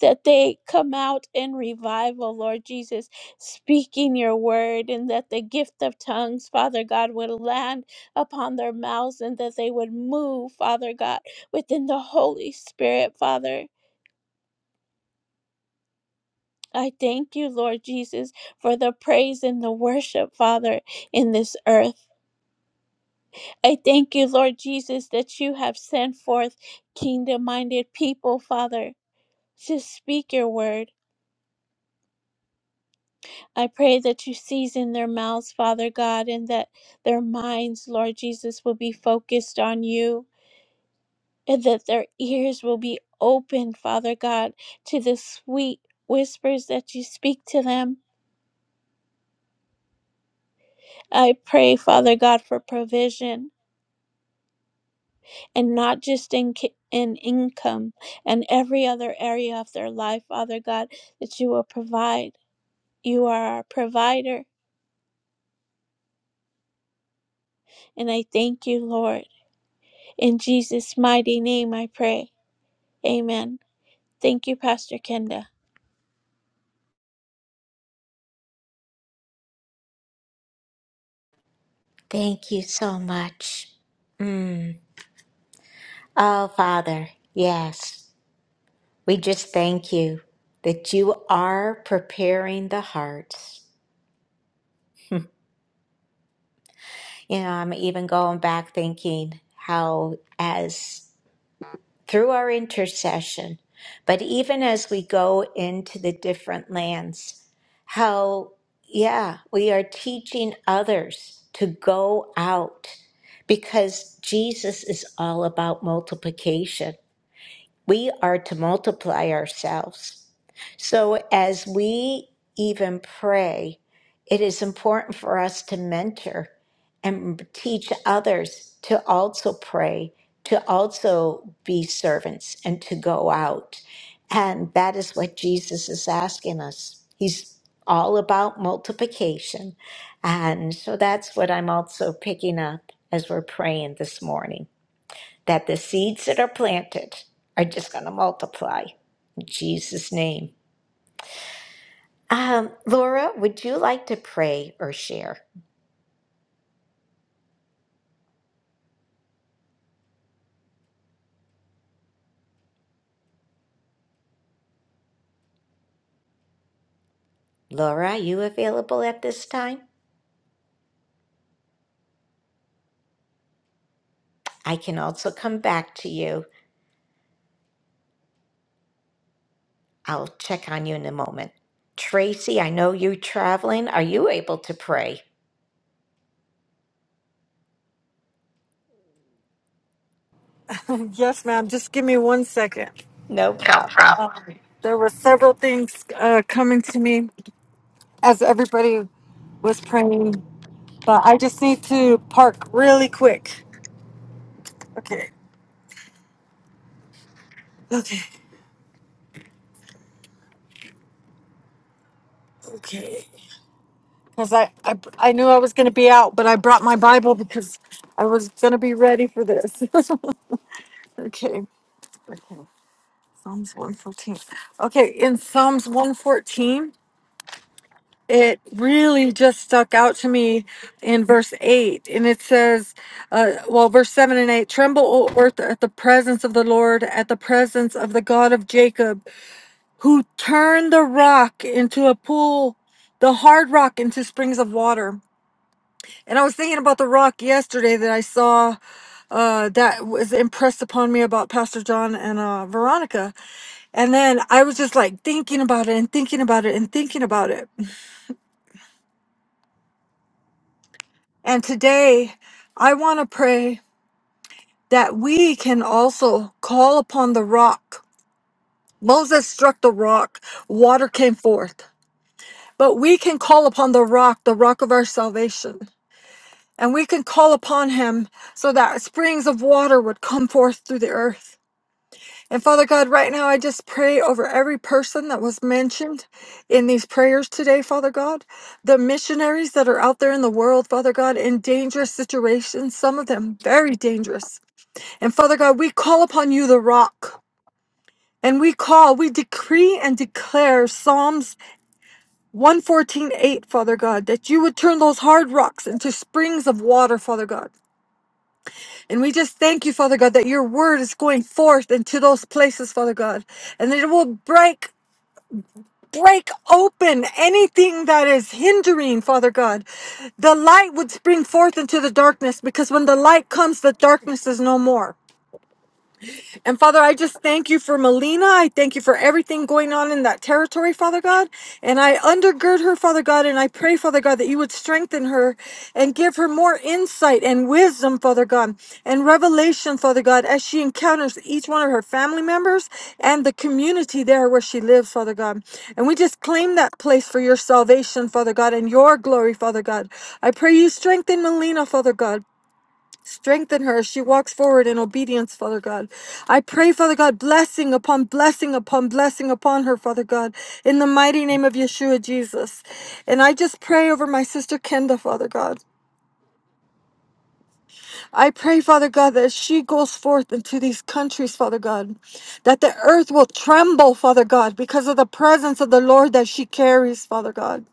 S4: that they come out in revival, Lord Jesus, speaking your word, and that the gift of tongues, Father God, would land upon their mouths and that they would move, Father God, within the Holy Spirit, Father. I thank you, Lord Jesus, for the praise and the worship, Father, in this earth. I thank you, Lord Jesus, that you have sent forth kingdom minded people, Father, to speak your word I pray that you season their mouths, Father God, and that their minds, Lord Jesus, will be focused on you, and that their ears will be open, Father God, to the sweet whispers that you speak to them. I pray, Father God, for provision and not just in ki- in income and every other area of their life, Father God, that you will provide. You are our provider, and I thank you, Lord. In Jesus' mighty name I pray. Amen. Thank you, Pastor Kenda.
S1: Thank you so much. Mm. Oh, Father, yes, we just thank you that you are preparing the hearts. You know, I'm even going back thinking how, as through our intercession, but even as we go into the different lands, how, yeah, we are teaching others to go out because Jesus is all about multiplication. We are to multiply ourselves. So as we even pray, it is important for us to mentor and teach others to also pray, to also be servants, and to go out. And that is what Jesus is asking us. He's all about multiplication. And so that's what I'm also picking up as we're praying this morning that the seeds that are planted are just going to multiply. In Jesus' name. Um, Laura, would you like to pray or share? Laura, are you available at this time? I can also come back to you. I'll check on you in a moment. Tracy, I know you're traveling. Are you able to pray?
S7: Yes, ma'am. Just give me one second.
S1: No problem.
S7: There were several things uh, coming to me as everybody was praying, but I just need to park really quick. Okay. Okay. Okay. Because I, I, I knew I was going to be out, but I brought my Bible because I was going to be ready for this. (laughs) okay. Okay. Psalms 114. Okay. In Psalms 114. it really just stuck out to me in verse 8 and it says uh, well verse 7 and 8 tremble o earth at the presence of the lord at the presence of the god of jacob who turned the rock into a pool the hard rock into springs of water and i was thinking about the rock yesterday that i saw uh, that was impressed upon me about Pastor John and uh, Veronica. And then I was just like thinking about it and thinking about it and thinking about it. And today, I want to pray that we can also call upon the rock. Moses struck the rock, water came forth. But we can call upon the rock, the rock of our salvation. And we can call upon him so that springs of water would come forth through the earth. And Father God, right now I just pray over every person that was mentioned in these prayers today, Father God. The missionaries that are out there in the world, Father God, in dangerous situations, some of them very dangerous. And Father God, we call upon you, the rock, and we call, we decree and declare Psalms 114.8, Father God, that you would turn those hard rocks into springs of water, Father God. And we just thank you, Father God, that your word is going forth into those places, Father God, and that it will break break open anything that is hindering, Father God. The light would spring forth into the darkness because when the light comes, the darkness is no more. And Father, I just thank you for Melina. I thank you for everything going on in that territory, Father God. And I undergird her, Father God, and I pray, Father God, that you would strengthen her and give her more insight and wisdom, Father God, and revelation, Father God, as she encounters each one of her family members and the community there where she lives, Father God. And we just claim that place for your salvation, Father God, and your glory, Father God. I pray you strengthen Melina, Father God. Strengthen her as she walks forward in obedience, Father God. I pray, Father God, blessing upon blessing upon blessing upon her, Father God, in the mighty name of Yeshua Jesus. And I just pray over my sister Kenda, Father God. I pray, Father God, that as she goes forth into these countries, Father God, that the earth will tremble, Father God, because of the presence of the Lord that she carries, Father God.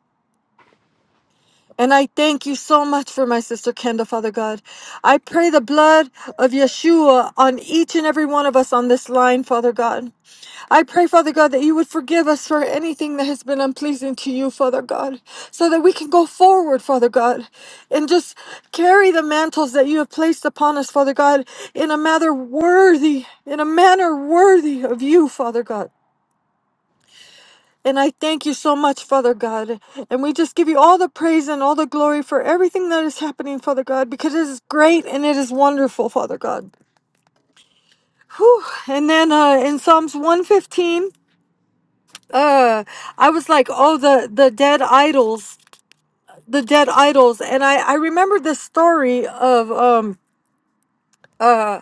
S7: And I thank you so much for my sister Kenda, Father God. I pray the blood of Yeshua on each and every one of us on this line, Father God. I pray, Father God, that you would forgive us for anything that has been unpleasing to you, Father God, so that we can go forward, Father God, and just carry the mantles that you have placed upon us, Father God, in a manner worthy, in a manner worthy of you, Father God. And I thank you so much, Father God. And we just give you all the praise and all the glory for everything that is happening, Father God, because it is great and it is wonderful, Father God. Whew. And then uh, in Psalms 115, uh, I was like, oh, the, the dead idols, the dead idols. And I, I remembered this story of. Um, Uh,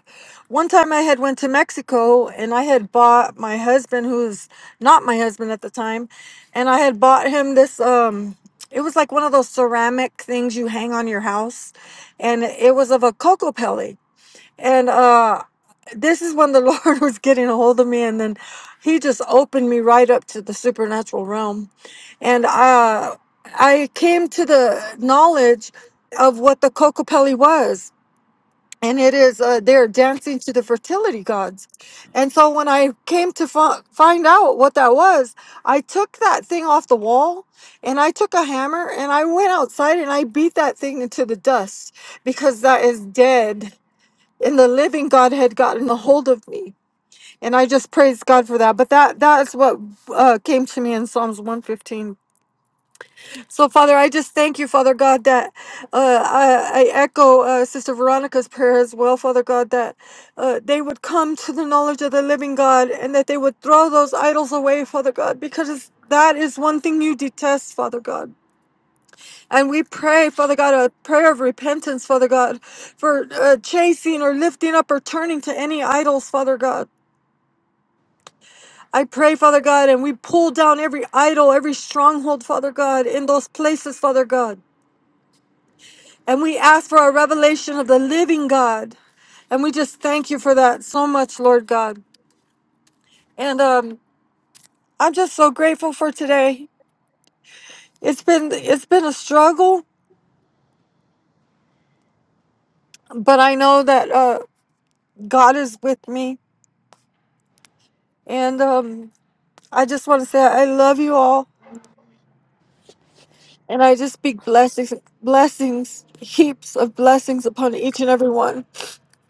S7: one time I had went to Mexico and I had bought my husband, who's not my husband at the time, and I had bought him this um it was like one of those ceramic things you hang on your house and it was of a coco pellet. And uh this is when the (laughs) Lord was getting a hold of me and then he just opened me right up to the supernatural realm. And uh I came to the knowledge of what the cocopelli was and it is uh, they're dancing to the fertility gods and so when i came to fi- find out what that was i took that thing off the wall and i took a hammer and i went outside and i beat that thing into the dust because that is dead and the living god had gotten a hold of me and i just praised god for that but that that's what uh, came to me in psalms 115 so, Father, I just thank you, Father God, that uh, I, I echo uh, Sister Veronica's prayer as well, Father God, that uh, they would come to the knowledge of the living God and that they would throw those idols away, Father God, because that is one thing you detest, Father God. And we pray, Father God, a prayer of repentance, Father God, for uh, chasing or lifting up or turning to any idols, Father God. I pray, Father God, and we pull down every idol, every stronghold, Father God, in those places, Father God. And we ask for a revelation of the living God. And we just thank you for that so much, Lord God. And um, I'm just so grateful for today. It's been it's been a struggle, but I know that uh, God is with me. And um, I just want to say I love you all, and I just speak blessings, blessings, heaps of blessings upon each and every one.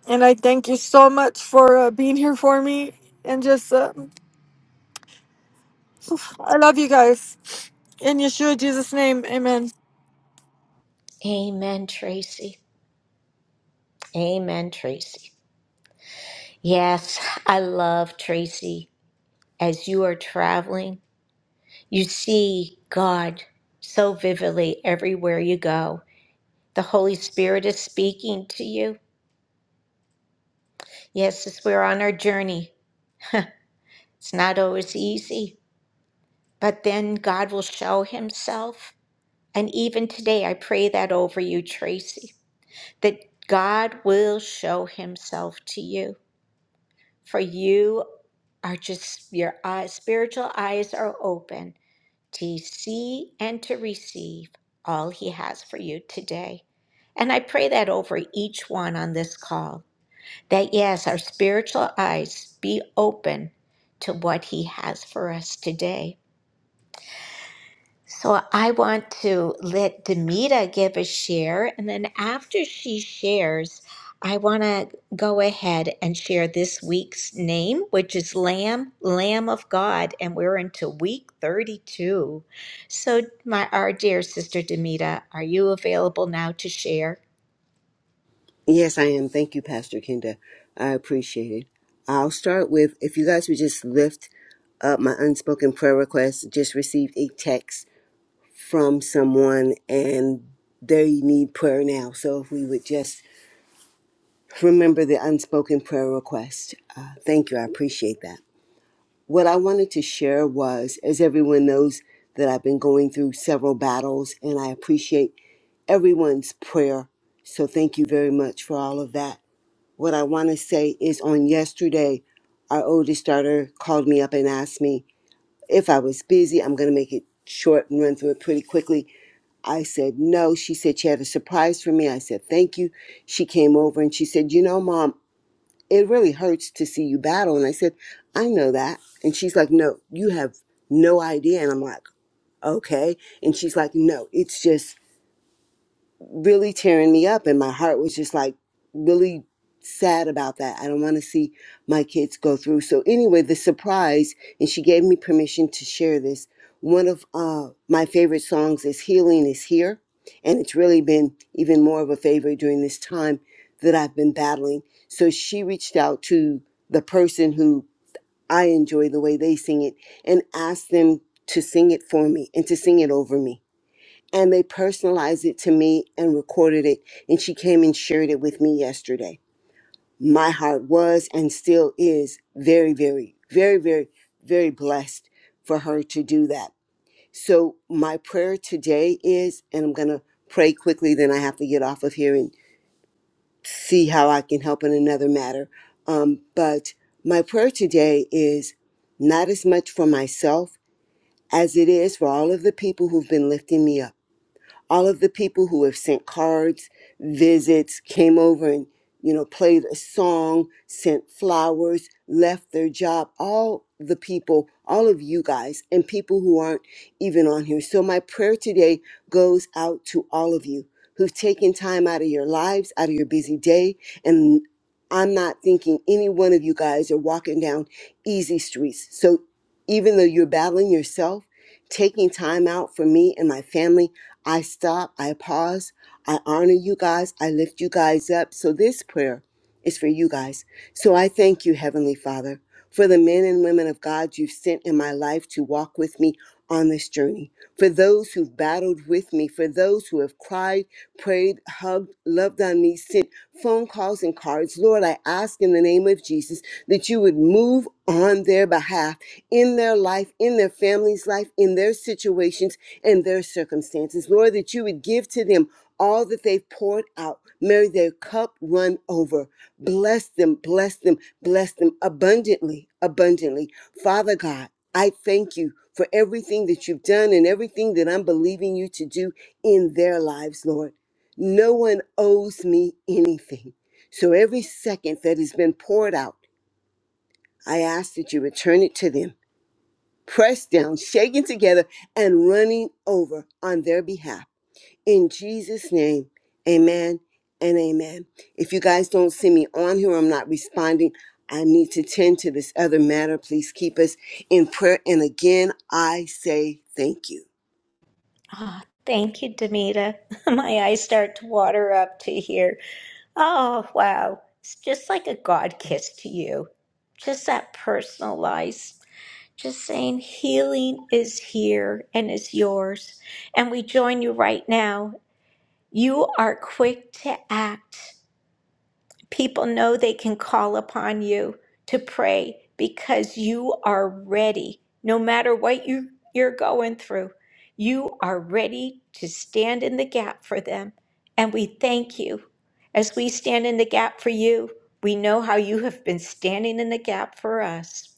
S7: And I thank you so much for uh, being here for me. And just uh, I love you guys in Yeshua Jesus' name, Amen.
S1: Amen, Tracy. Amen, Tracy. Yes, I love Tracy. As you are traveling, You see God so vividly everywhere you go. The Holy Spirit is speaking to you. Yes, as we're on our journey, it's not always easy, but then God will show Himself. And even today, I pray that over you, Tracy, that God will show Himself to you. For you are just, your eyes, spiritual eyes are open to see and to receive all He has for you today. And I pray that over each one on this call, that yes, our spiritual eyes be open to what He has for us today. So I want to let Demita give a share, and then after she shares, I want to go ahead and share this week's name, which is Lamb, Lamb of God, and we're into week 32. So, my our dear sister Demita, are you available now to share?
S8: Yes, I am. Thank you, Pastor kind I appreciate it. I'll start with if you guys would just lift up my unspoken prayer request. Just received a text from someone and they need prayer now. So if we would just remember the unspoken prayer request. Uh, thank you. I appreciate that. What I wanted to share was, as everyone knows, that I've been going through several battles and I appreciate everyone's prayer. So thank you very much for all of that. What I want to say is on yesterday, our oldest daughter called me up and asked me if I was busy. I'm going to make it short and run through it pretty quickly. I said no. She said she had a surprise for me. I said thank you. She came over and she said, You know, mom, it really hurts to see you battle. And I said, I know that. And she's like, No, you have no idea. And I'm like, Okay. And she's like, No, it's just really tearing me up and my heart was just like really sad about that. I don't want to see my kids go through. So anyway, the surprise and she gave me permission to share this. One of uh my favorite songs is Healing is Here and it's really been even more of a favorite during this time that I've been battling. So she reached out to the person who I enjoy the way they sing it and asked them to sing it for me and to sing it over me and they personalized it to me and recorded it and she came and shared it with me yesterday my heart was and still is very very very very very blessed for her to do that so my prayer today is and i'm going to pray quickly then i have to get off of here and see how i can help in another matter um, but my prayer today is not as much for myself as it is for all of the people who've been lifting me up all of the people who have sent cards, visits, came over and, you know, played a song, sent flowers, left their job, all the people, all of you guys, and people who aren't even on here. So my prayer today goes out to all of you who've taken time out of your lives, out of your busy day. And I'm not thinking any one of you guys are walking down easy streets. So even though you're battling yourself, taking time out for me and my family I stop, I pause, I honor you guys, I lift you guys up. So this prayer is for you guys. So I thank you, Heavenly Father, for the men and women of God you've sent in my life to walk with me on this journey, for those who've battled with me, for those who have cried, prayed, hugged, loved on me, sent phone calls and cards. Lord, I ask in the name of Jesus that you would move on their behalf in their life, in their family's life, in their situations and their circumstances. Lord, that you would give to them all that they've poured out. May their cup run over. Bless them, bless them, bless them abundantly, abundantly. Father God, I thank you for everything that you've done and everything that I'm believing you to do in their lives, Lord. No one owes me anything. So every second that has been poured out, I ask that you return it to them, pressed down, shaken together, and running over on their behalf. In Jesus' name, amen and amen. If you guys don't see me on here, I'm not responding. I need to tend to this other matter. Please keep us in prayer. And again, I say thank you.
S1: Ah, thank you, Demita. (laughs) my eyes start to water up to here. Oh, wow! It's just like a God kiss to you just that personalized. Just saying, healing is here and is yours. And we join you right now. You are quick to act. People know they can call upon you to pray because you are ready. No matter what you, you're going through, you are ready to stand in the gap for them. And we thank you. As we stand in the gap for you, we know how you have been standing in the gap for us.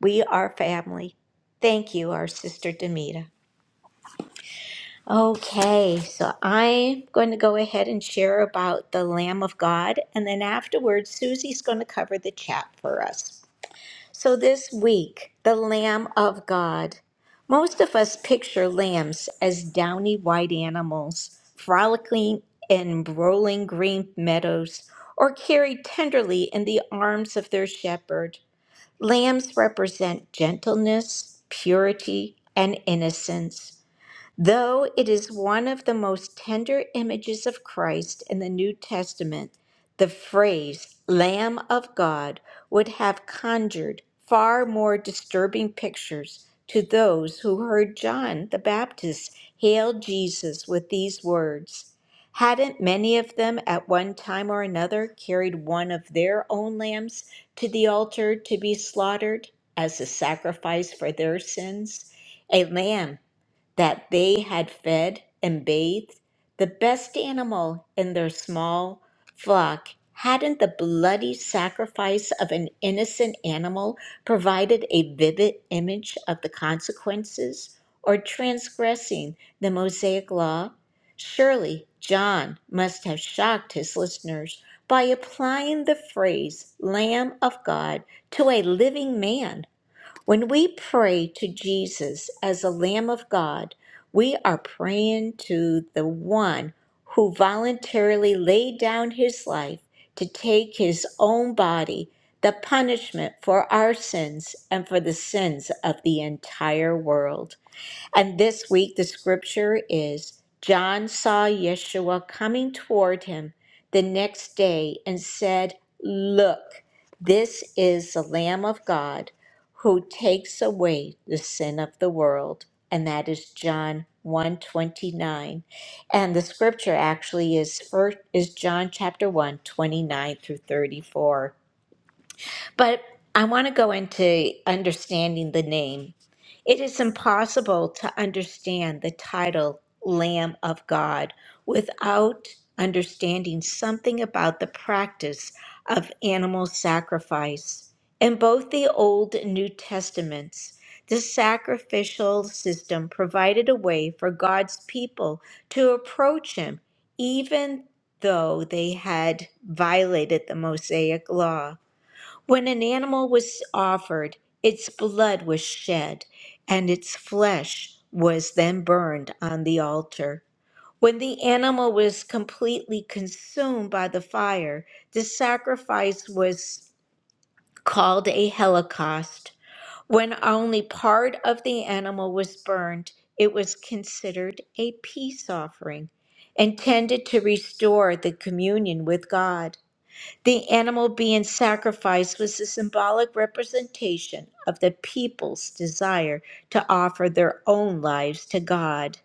S1: We are family. Thank you, our sister Demita. Okay, so I'm going to go ahead and share about the Lamb of God, and then afterwards, Susie's going to cover the chat for us. So, this week, the Lamb of God. Most of us picture lambs as downy white animals, frolicking in rolling green meadows, or carried tenderly in the arms of their shepherd. Lambs represent gentleness, purity, and innocence. Though it is one of the most tender images of Christ in the New Testament, the phrase Lamb of God would have conjured far more disturbing pictures to those who heard John the Baptist hail Jesus with these words. Hadn't many of them at one time or another carried one of their own lambs to the altar to be slaughtered as a sacrifice for their sins? A lamb that they had fed and bathed the best animal in their small flock, hadn't the bloody sacrifice of an innocent animal provided a vivid image of the consequences or transgressing the Mosaic law? Surely John must have shocked his listeners by applying the phrase Lamb of God to a living man when we pray to Jesus as the Lamb of God, we are praying to the one who voluntarily laid down his life to take his own body, the punishment for our sins and for the sins of the entire world. And this week, the scripture is John saw Yeshua coming toward him the next day and said, Look, this is the Lamb of God who takes away the sin of the world. And that is John 129. And the scripture actually is first is John chapter one 29 through 34. But I want to go into understanding the name. It is impossible to understand the title Lamb of God without understanding something about the practice of animal sacrifice. In both the Old and New Testaments, the sacrificial system provided a way for God's people to approach Him, even though they had violated the Mosaic law. When an animal was offered, its blood was shed, and its flesh was then burned on the altar. When the animal was completely consumed by the fire, the sacrifice was called a holocaust. When only part of the animal was burned, it was considered a peace offering, intended to restore the communion with God. The animal being sacrificed was a symbolic representation of the people's desire to offer their own lives to God.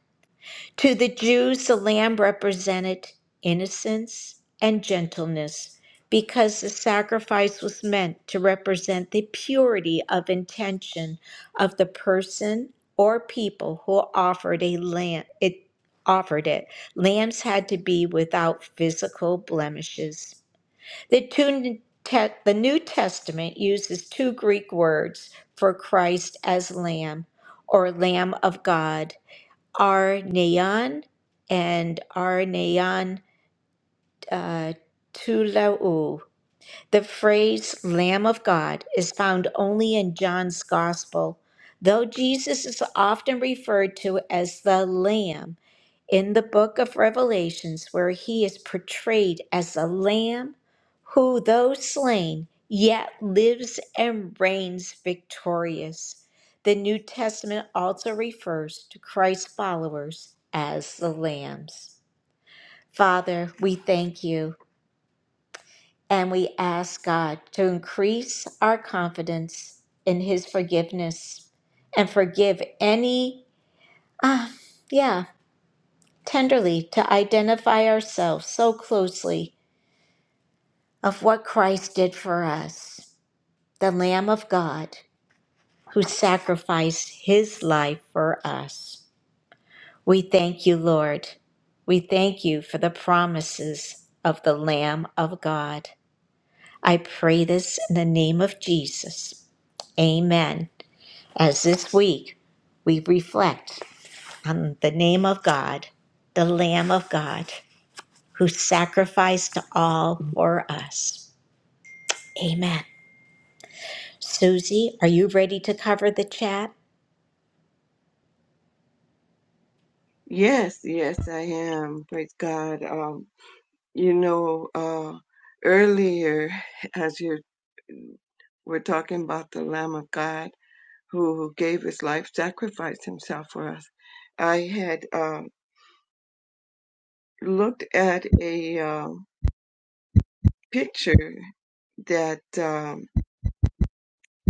S1: To the Jews, the lamb represented innocence and gentleness because the sacrifice was meant to represent the purity of intention of the person or people who offered a lamb it offered it. Lambs had to be without physical blemishes. The, two, te- the New Testament uses two Greek words for Christ as Lamb or Lamb of God, Arneon and Arneon uh, Tulou. The phrase Lamb of God is found only in John's Gospel, though Jesus is often referred to as the Lamb in the book of Revelations, where he is portrayed as a lamb who, though slain, yet lives and reigns victorious. The New Testament also refers to Christ's followers as the lambs. Father, we thank you and we ask God to increase our confidence in his forgiveness and forgive any, ah, yeah, tenderly to identify ourselves so closely of what Christ did for us, the Lamb of God who sacrificed his life for us. We thank you, Lord. We thank you for the promises of the Lamb of God. I pray this in the name of Jesus. Amen. As this week we reflect on the name of God, the Lamb of God. who sacrificed all for us. Amen. Susie, are you ready to cover the chat?
S5: Yes, yes, I am. Praise God. Um, you know, uh, earlier (laughs) as you were talking about the Lamb of God who gave his life, sacrificed himself for us, I had um, looked at a um, picture that um,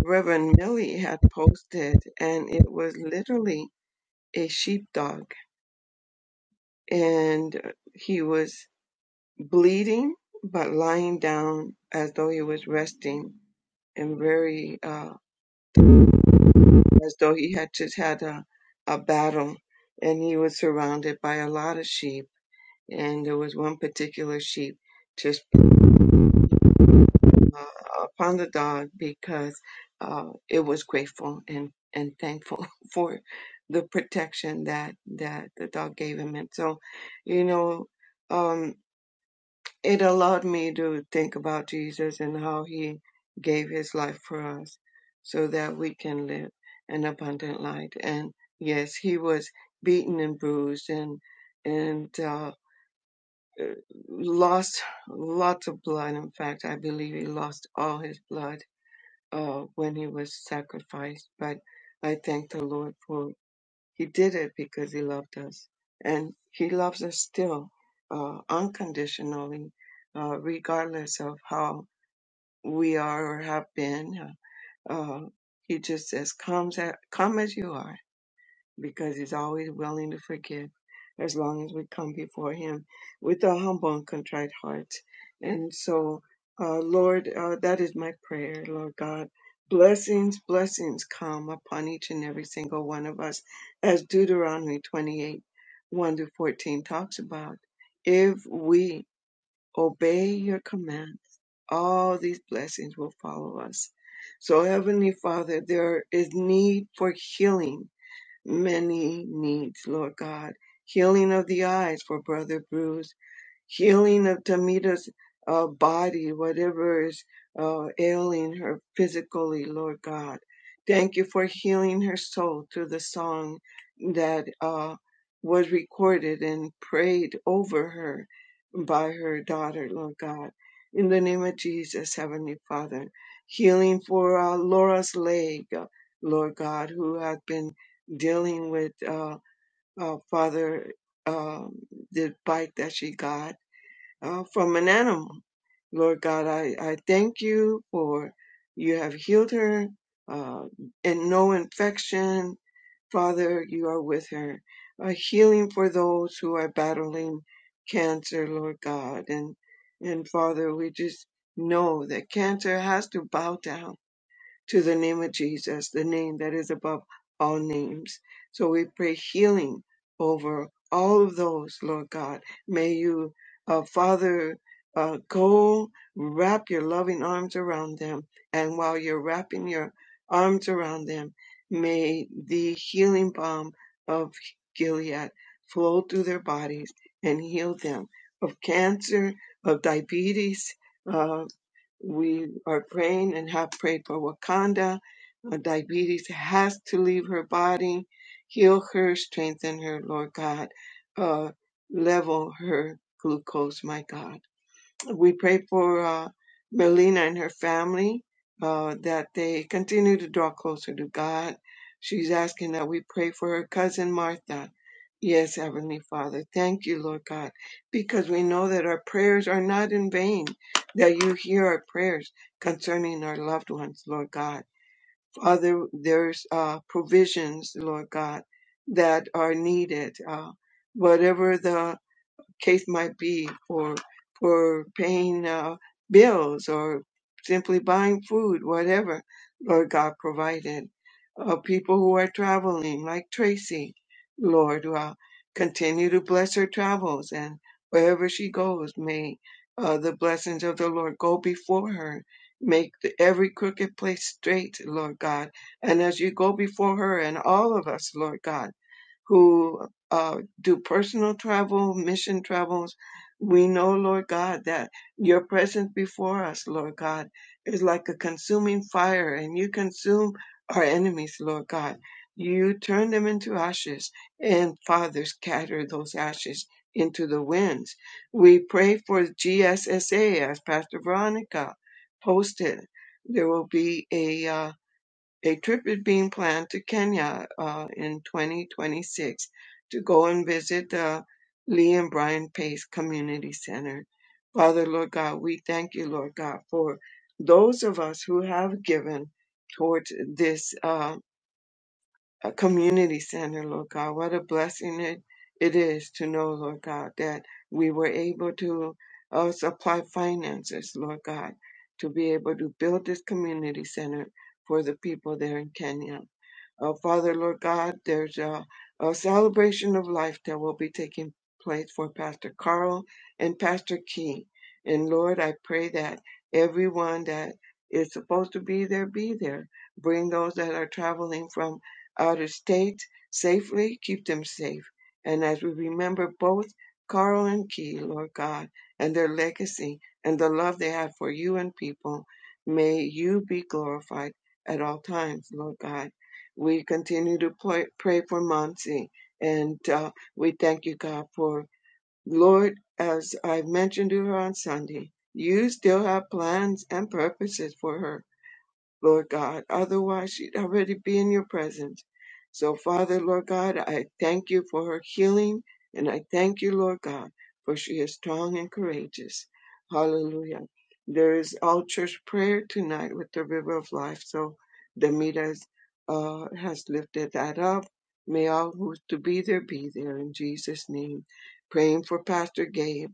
S5: Reverend Millie had posted, and it was literally a sheepdog, and he was. bleeding, but lying down as though he was resting and very, uh, as though he had just had a, a battle and he was surrounded by a lot of sheep. And there was one particular sheep just uh, upon the dog because uh, it was grateful and, and thankful (laughs) for the protection that, that the dog gave him. And so, you know, um. it allowed me to think about Jesus and how he gave his life for us so that we can live an abundant life. And yes, he was beaten and bruised and and uh, lost lots of blood. In fact, I believe he lost all his blood uh, when he was sacrificed. But I thank the Lord for he did it because He loved us. And He loves us still uh, unconditionally, uh, regardless of how we are or have been. Uh, uh, he just says, Come, come as you are because he's always willing to forgive as long as we come before him with a humble and contrite heart. And so, uh, Lord, uh, that is my prayer, Lord God. Blessings, blessings come upon each and every single one of us, as Deuteronomy 28 1 through 14 talks about. If we obey your commands, all these blessings will follow us. So, Heavenly Father, there is need for healing many needs, Lord God. Healing of the eyes for Brother Bruce, healing of Tamita's uh, body, whatever is uh, ailing her physically, Lord God. Thank you for healing her soul through the song that uh, was recorded and prayed over her by her daughter, Lord God. In the name of Jesus, Heavenly Father, healing for uh, Laura's leg, uh, Lord God, who has been dealing with, uh, uh, Father, um the bike that she got uh, from an animal. Lord God, I, I thank you for you have healed her uh, and no infection. Father, you are with her. A healing for those who are battling cancer, Lord God. And, and Father, we just know that cancer has to bow down to the name of Jesus, the name that is above all names. So we pray healing over all of those, Lord God. May you, uh, Father, uh, go wrap your loving arms around them. And while you're wrapping your arms around them, may the healing balm of Gilead flow through their bodies and heal them of cancer, of diabetes. uh, we are praying and have prayed for Wakanda. Uh, diabetes has to leave her body. Heal her, strengthen her, Lord God. Uh, level her glucose, my God. We pray for uh, Melina and her family uh, that they continue to draw closer to God. She's asking that we pray for her cousin Martha. Yes, Heavenly Father, thank you, Lord God, because we know that our prayers are not in vain, that you hear our prayers concerning our loved ones, Lord God. Father, there's uh, provisions, Lord God, that are needed. Uh, whatever the case might be for for paying uh, bills or simply buying food, whatever Lord God provided. Uh, people who are traveling, like Tracy, Lord, uh, continue to bless her travels and wherever she goes, may uh, the blessings of the Lord go before her. Make the, every crooked place straight, Lord God. And as you go before her and all of us, Lord God, who uh, do personal travel, mission travels. We know, Lord God, that your presence before us, Lord God, is like a consuming fire, and you consume our enemies, Lord God. You turn them into ashes, and Father, scatter those ashes into the winds. We pray for GSSA, as Pastor Veronica posted. There will be a uh, a trip is being planned to Kenya uh, in 2026 to go and visit the Lee and Brian Pace Community Center. Father, Lord God, we thank you, Lord God, for those of us who have given towards this uh, uh, community center, Lord God. What a blessing it, it is to know, Lord God, that we were able to uh, supply finances, Lord God, to be able to build this community center for the people there in Kenya. Uh, Father, Lord God, there's a, a celebration of life that will be taking place for Pastor Carl and Pastor King. And Lord, I pray that everyone that is supposed to be there be there. Bring those that are traveling from out of state safely, keep them safe. And as we remember both Carl and Key, Lord God, and their legacy and the love they had for you and people, may you be glorified at all times, Lord God we continue to pray, pray for Monsi, and uh, we thank you, God, for Lord, as I mentioned to her on Sunday, you still have plans and purposes for her. Lord God. Otherwise, she'd already be in your presence. So, Father, Lord God, I thank you for her healing, and I thank you, Lord God, for she is strong and courageous. Hallelujah. There is all church prayer tonight with the river of life. So, Demita uh, has lifted that up. May all who's to be there be there in Jesus' name. Praying for Pastor Gabe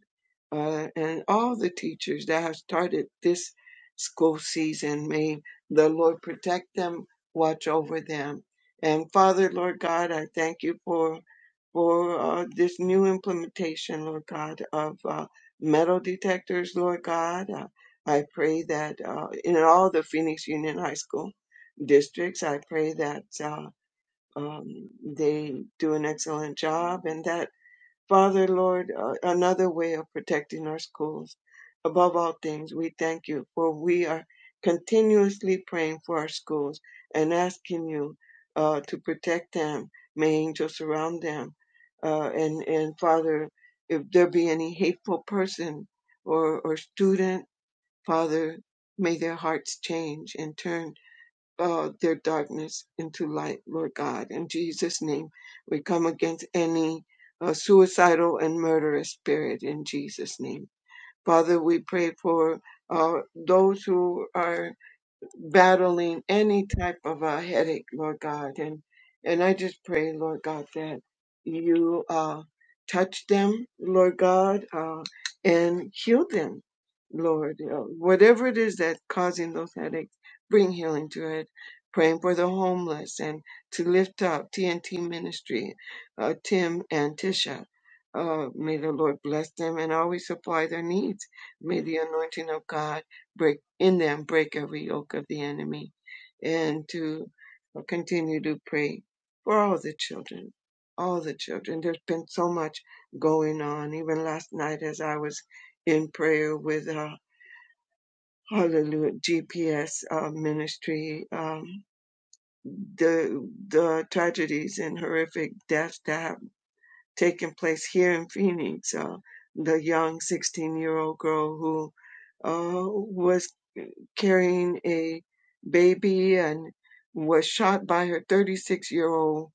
S5: uh, and all the teachers that have started this school season. May the Lord protect them, watch over them. And Father, Lord God, I thank you for for uh, this new implementation, Lord God, of uh, metal detectors, Lord God. Uh, I pray that uh, in all the Phoenix Union High School districts, I pray that uh, um, they do an excellent job and that Father, Lord, uh, another way of protecting our schools. Above all things, we thank you for we are continuously praying for our schools and asking you uh, to protect them. May angels surround them. Uh, and, and Father, if there be any hateful person or, or student, Father, may their hearts change and turn uh, their darkness into light, Lord God. In Jesus' name, we come against any uh, suicidal and murderous spirit in Jesus' name. Father, we pray for uh, those who are battling any type of a headache, Lord God. And and I just pray, Lord God, that you uh, touch them, Lord God, uh, and heal them, Lord. Uh, whatever it is that's causing those headaches, bring healing to it. Praying for the homeless and to lift up TNT Ministry, uh, Tim and Tisha. Uh, may the Lord bless them and always supply their needs. May the anointing of God break in them break every yoke of the enemy and to continue to pray for all the children all the children there's been so much going on even last night as i was in prayer with a hallelujah gps uh, ministry um, the the tragedies and horrific deaths that have taken place here in phoenix uh, the young 16 year old girl who uh, was carrying a baby and was shot by her 36 year old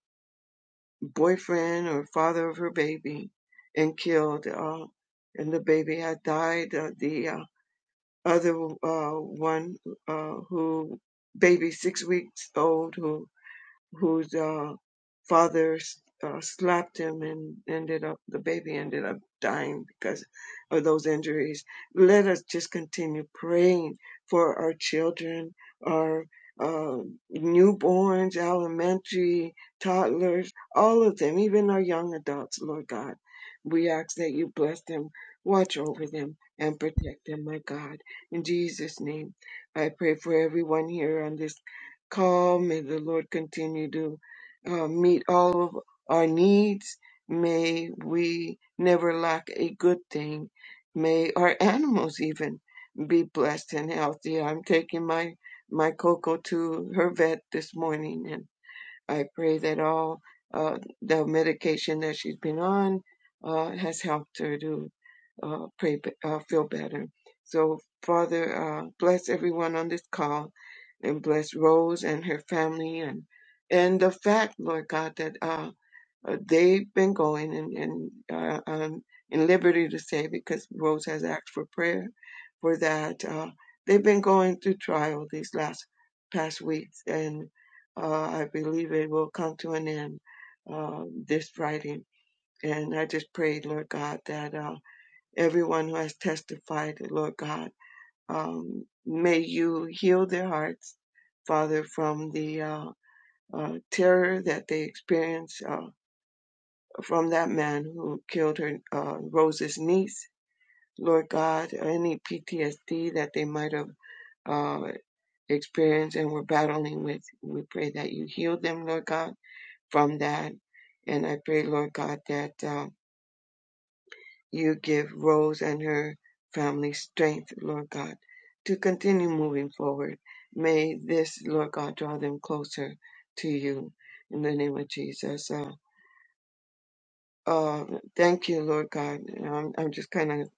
S5: boyfriend or father of her baby and killed. Uh, and the baby had died. Uh, the uh, other uh, one uh, who, baby six weeks old, who whose uh, father uh, slapped him and ended up the baby ended up dying because of those injuries. Let us just continue praying for our children, our uh, newborns, elementary, toddlers, all of them, even our young adults, Lord God. We ask that you bless them, watch over them, and protect them, my God. In Jesus' name, I pray for everyone here on this calm. May the Lord continue to uh, meet all of our needs. May we never lack a good thing. May our (laughs) animals even be blessed and healthy. I'm taking my my Coco to her vet this morning, and I pray that all uh, the medication that she's been on uh, has helped her to uh, pray, uh, feel better. So, Father, uh, bless everyone on this call and bless Rose and her family and and the fact, Lord God, that uh, uh, they've been going and and uh, um, in liberty to say because Rose has asked for prayer for that. Uh, they've been going through trial these last past weeks, and uh, I believe it will come to an end uh, this Friday. And I just prayed, Lord God, that uh, everyone who has testified, Lord God um, may you heal their hearts, Father, from the uh, uh, terror that they experienced uh, from that man who killed her, uh, Rose's niece. Lord God, any PTSD that they might have uh, experienced and were battling with, we pray that you heal them, Lord God, from that. And I pray, Lord God, that. uh, you give Rose and her family strength, Lord God, to continue moving forward. May this, Lord God, draw them closer to you in the name of Jesus. Uh, uh, thank you, Lord God. I'm, I'm just kind of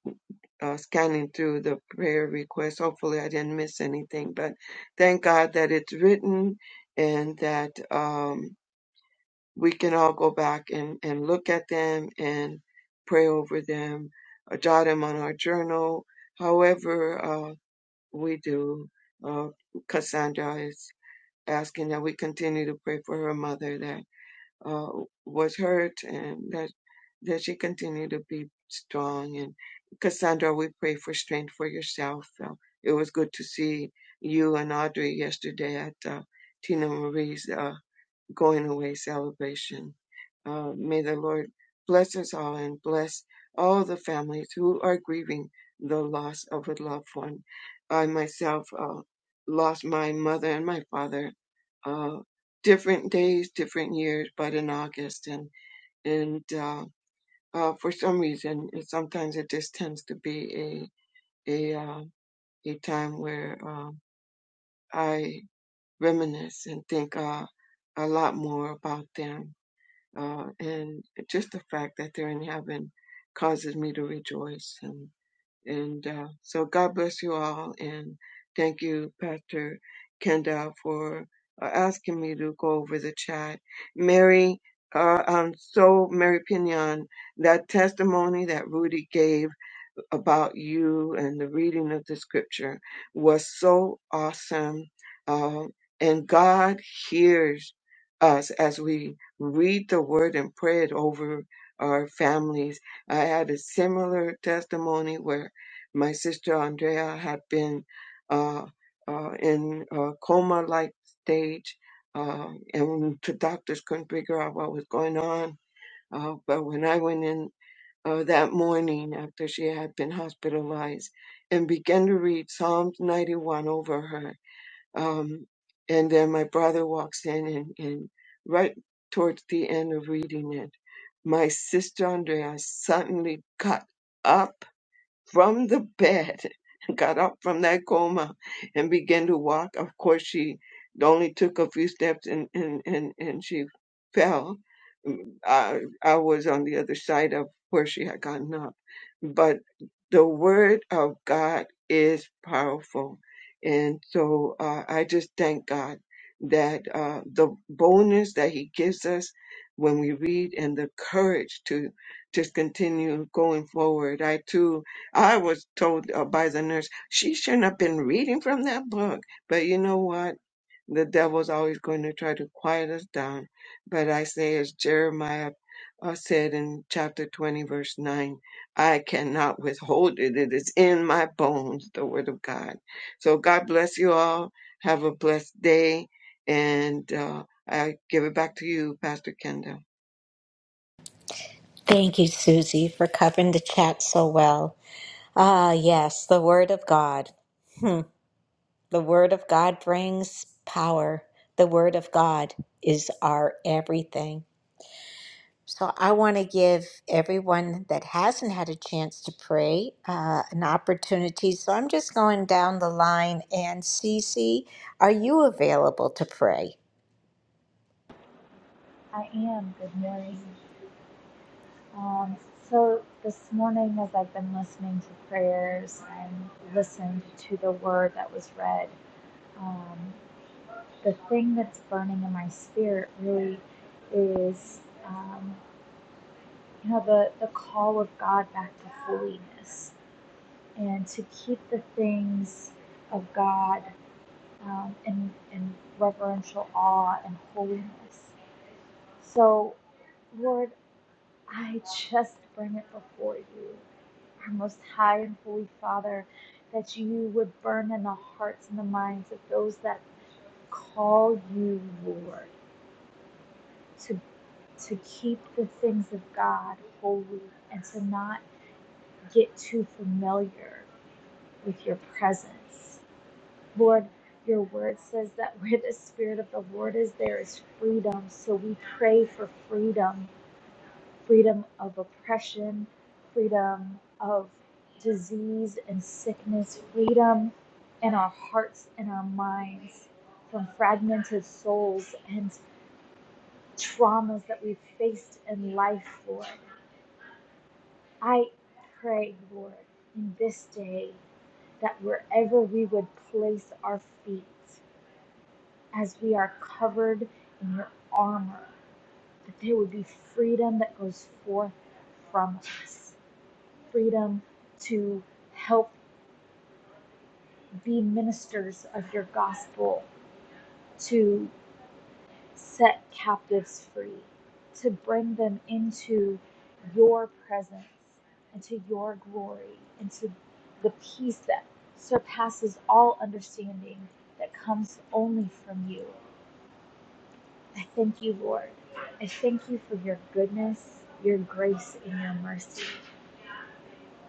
S5: uh, scanning through the prayer requests. Hopefully, I didn't miss anything, but thank God that it's written and that. Um, we can all go back and, and look at them and pray over them, uh, jot them on our journal, however uh, we do. Uh, Cassandra is asking that we continue to pray for her mother that uh, was hurt and that that she continue to be strong. And Cassandra, we pray for strength for yourself. Uh, it was good to see you and Audrey yesterday at uh, Tina Marie's. uh, going away celebration. Uh, may the Lord bless us all and bless all the families who are grieving the loss of a loved one. I myself uh, lost my mother and my father, uh, different days, different years, but in August. And, and uh, uh, for some reason, it, sometimes it just tends to be a, a, uh, a time where um I reminisce and think uh, a lot more about them uh, and just the fact that they're in heaven causes me to rejoice. And, and uh, so God bless you all. And thank you, Pastor Kenda, for uh, asking me to go over the chat. Mary, uh, I'm so, Mary Pinion, that testimony that Rudy gave about you and the reading of the scripture was so awesome. Um, and God hears us as we read the word and pray it over our families. I had a similar testimony where my sister Andrea had been uh, uh, in a coma like stage. Uh, and the doctors couldn't figure out what was going on. Uh, but when I went in uh, that morning after she had been hospitalized and began to read Psalms 91 over her. Um, and then my brother walks in, and, and right towards the end of reading it, my sister Andrea suddenly got up from the bed, (laughs) got up from that coma and began to walk. Of course, she only took a few steps and, and, and, and she fell. Mm, I, I was on the other side of where she had gotten up. But the word of God is powerful. And so uh, I just thank God that uh, the boldness that he gives us when we read and the courage to just continue going forward. I too I was told uh, by the nurse, she shouldn't have been reading from that book. But you know what? The devil's always going to try to quiet us down. But I say, as Jeremiah uh, said in chapter 20, verse 9, I cannot withhold it. It is in my bones, the word of God. So God bless you all. Have a blessed day. And uh, I give it back to you, Pastor Kendall.
S1: Thank you, Susie, for covering the chat so well. Ah, yes, the Word of God. Hmm. The Word of God brings power. The Word of God is our everything. So I want to give everyone that hasn't had a chance to pray uh, an opportunity. So I'm just going down the line. And Cece, are you available to pray?
S9: I am, good morning. Um, so this morning, as I've been listening to prayers and listened to the word that was read, um, the thing that's burning in my spirit really is, um, you know, the, the call of God back to holiness and to keep the things of God um, in, in reverential awe and holiness. So Lord, I just bring it before you, our most high and holy Father, that you would burn in the hearts and the minds of those that call you Lord, to, to keep the things of God holy and to not get too familiar with your presence. Lord, your word says that where the Spirit of the Lord is, there is freedom. So we pray for freedom freedom of oppression, freedom of disease and sickness, freedom in our hearts and our minds from fragmented souls and traumas that we've faced in life, Lord. I pray, Lord, in this day that wherever we would place our feet, as we are covered in your armor, that there would be freedom that goes forth from us freedom to help be ministers of your gospel, to set captives free, to bring them into your presence, into your glory, into the peace that surpasses all understanding that comes only from you. I thank you, Lord. I thank you for your goodness, your grace, and your mercy.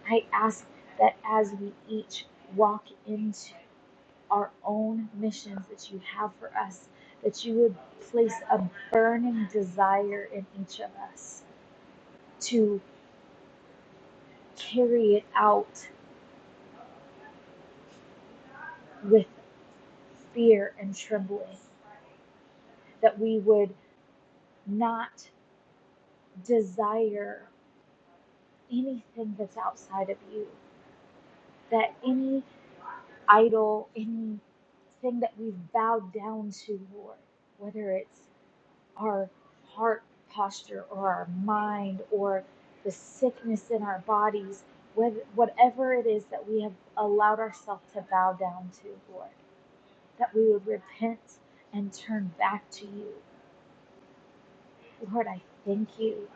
S9: I ask that as we each walk into our own missions that you have for us, that you would place a burning desire in each of us to carry it out with fear and trembling, that we would not desire anything that's outside of you, that any idol, anything that we've bowed down to, Lord, whether it's our heart posture or our mind or the sickness in our bodies, whether, whatever it is that we have allowed ourselves to bow down to, Lord, that we would repent and turn back to you. Lord, I thank you.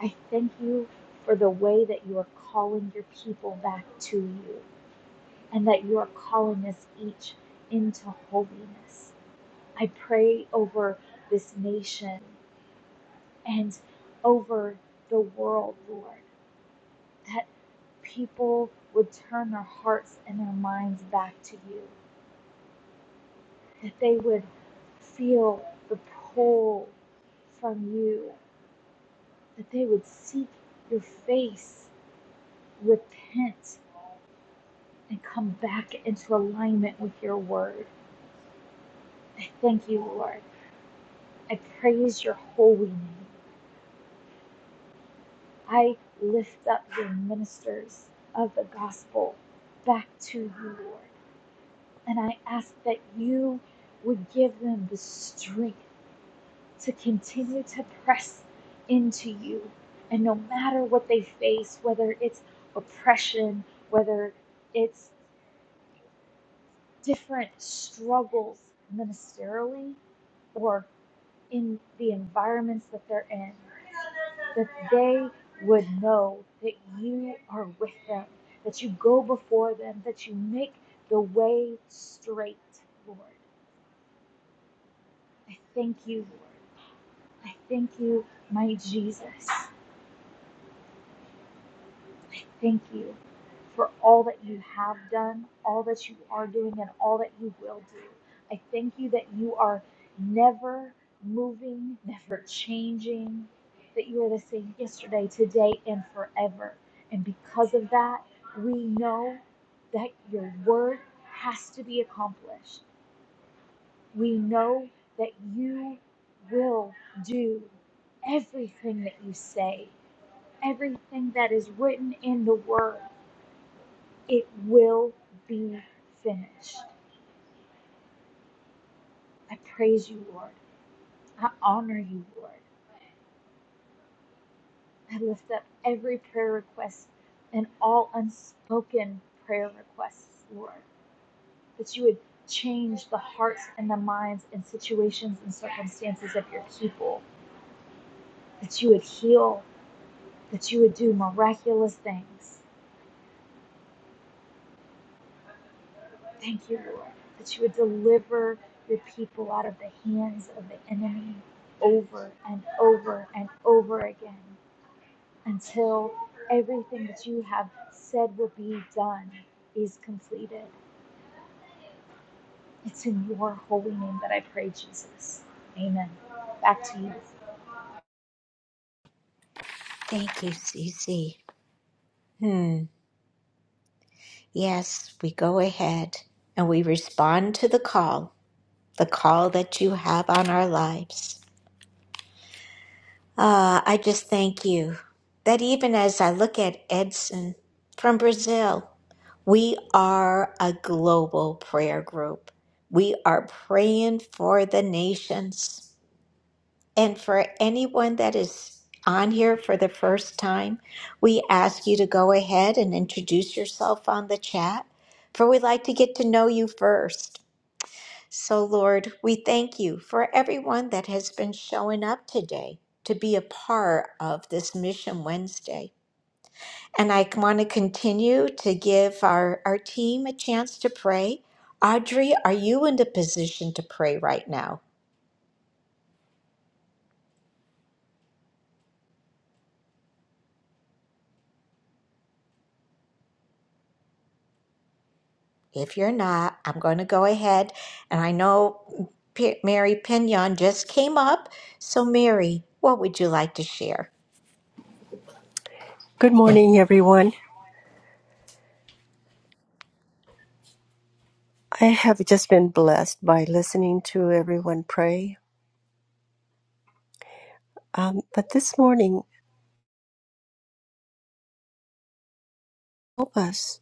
S9: I thank you for the way that you are calling your people back to you and that you are calling us each into holiness. I pray over this nation and over the world, Lord, that people would turn their hearts and their minds back to you, that they would feel the pull from you, that they would seek your face, repent, and come back into alignment with your word. I thank you, Lord. I praise your holy name. I lift up your ministers of the gospel back to you, Lord. And I ask that you would give them the strength to continue to press into you. And no matter what they face, whether it's oppression, whether it's different struggles ministerially or in the environments that they're in, that they would know that you are with them, that you go before them, that you make the way straight, Lord. I thank you, Lord. I thank you, my Jesus. Thank you for all that you have done, all that you are doing, and all that you will do. I thank you that you are never moving, never changing, that you are the same yesterday, today, and forever. And because of that, we know that your word has to be accomplished. We know that you will do everything that you say everything that is written in the word, it will be finished. I praise you, Lord. I honor you, Lord. I lift up every prayer request and all unspoken prayer requests, Lord, that you would change the hearts and the minds and situations and circumstances of your people, that you would heal, that you would do miraculous things. Thank you, Lord, that you would deliver your people out of the hands of the enemy over and over and over again until everything that you have said will be done is completed. It's in your holy name that I pray, Jesus. Amen. Back to you.
S1: Thank you, Cece. Hmm. Yes, we go ahead and we respond to the call, the call that you have on our lives. Ah, I just thank you that even as I look at Edson from Brazil, we are a global prayer group. We are praying for the nations. And for anyone that is on here for the first time, we ask you to go ahead and introduce yourself on the chat, for we'd like to get to know you first. So, Lord, we thank you for everyone that has been showing up today to be a part of this Mission Wednesday. And I want to continue to give our, our team a chance to pray. Audrey, are you in the position to pray right now? If you're not, I'm going to go ahead. And I know P- Mary Pinion just came up. So, Mary, what would you like to share?
S10: Good morning, everyone. I have just been blessed by listening to everyone pray. Um, but this morning, help us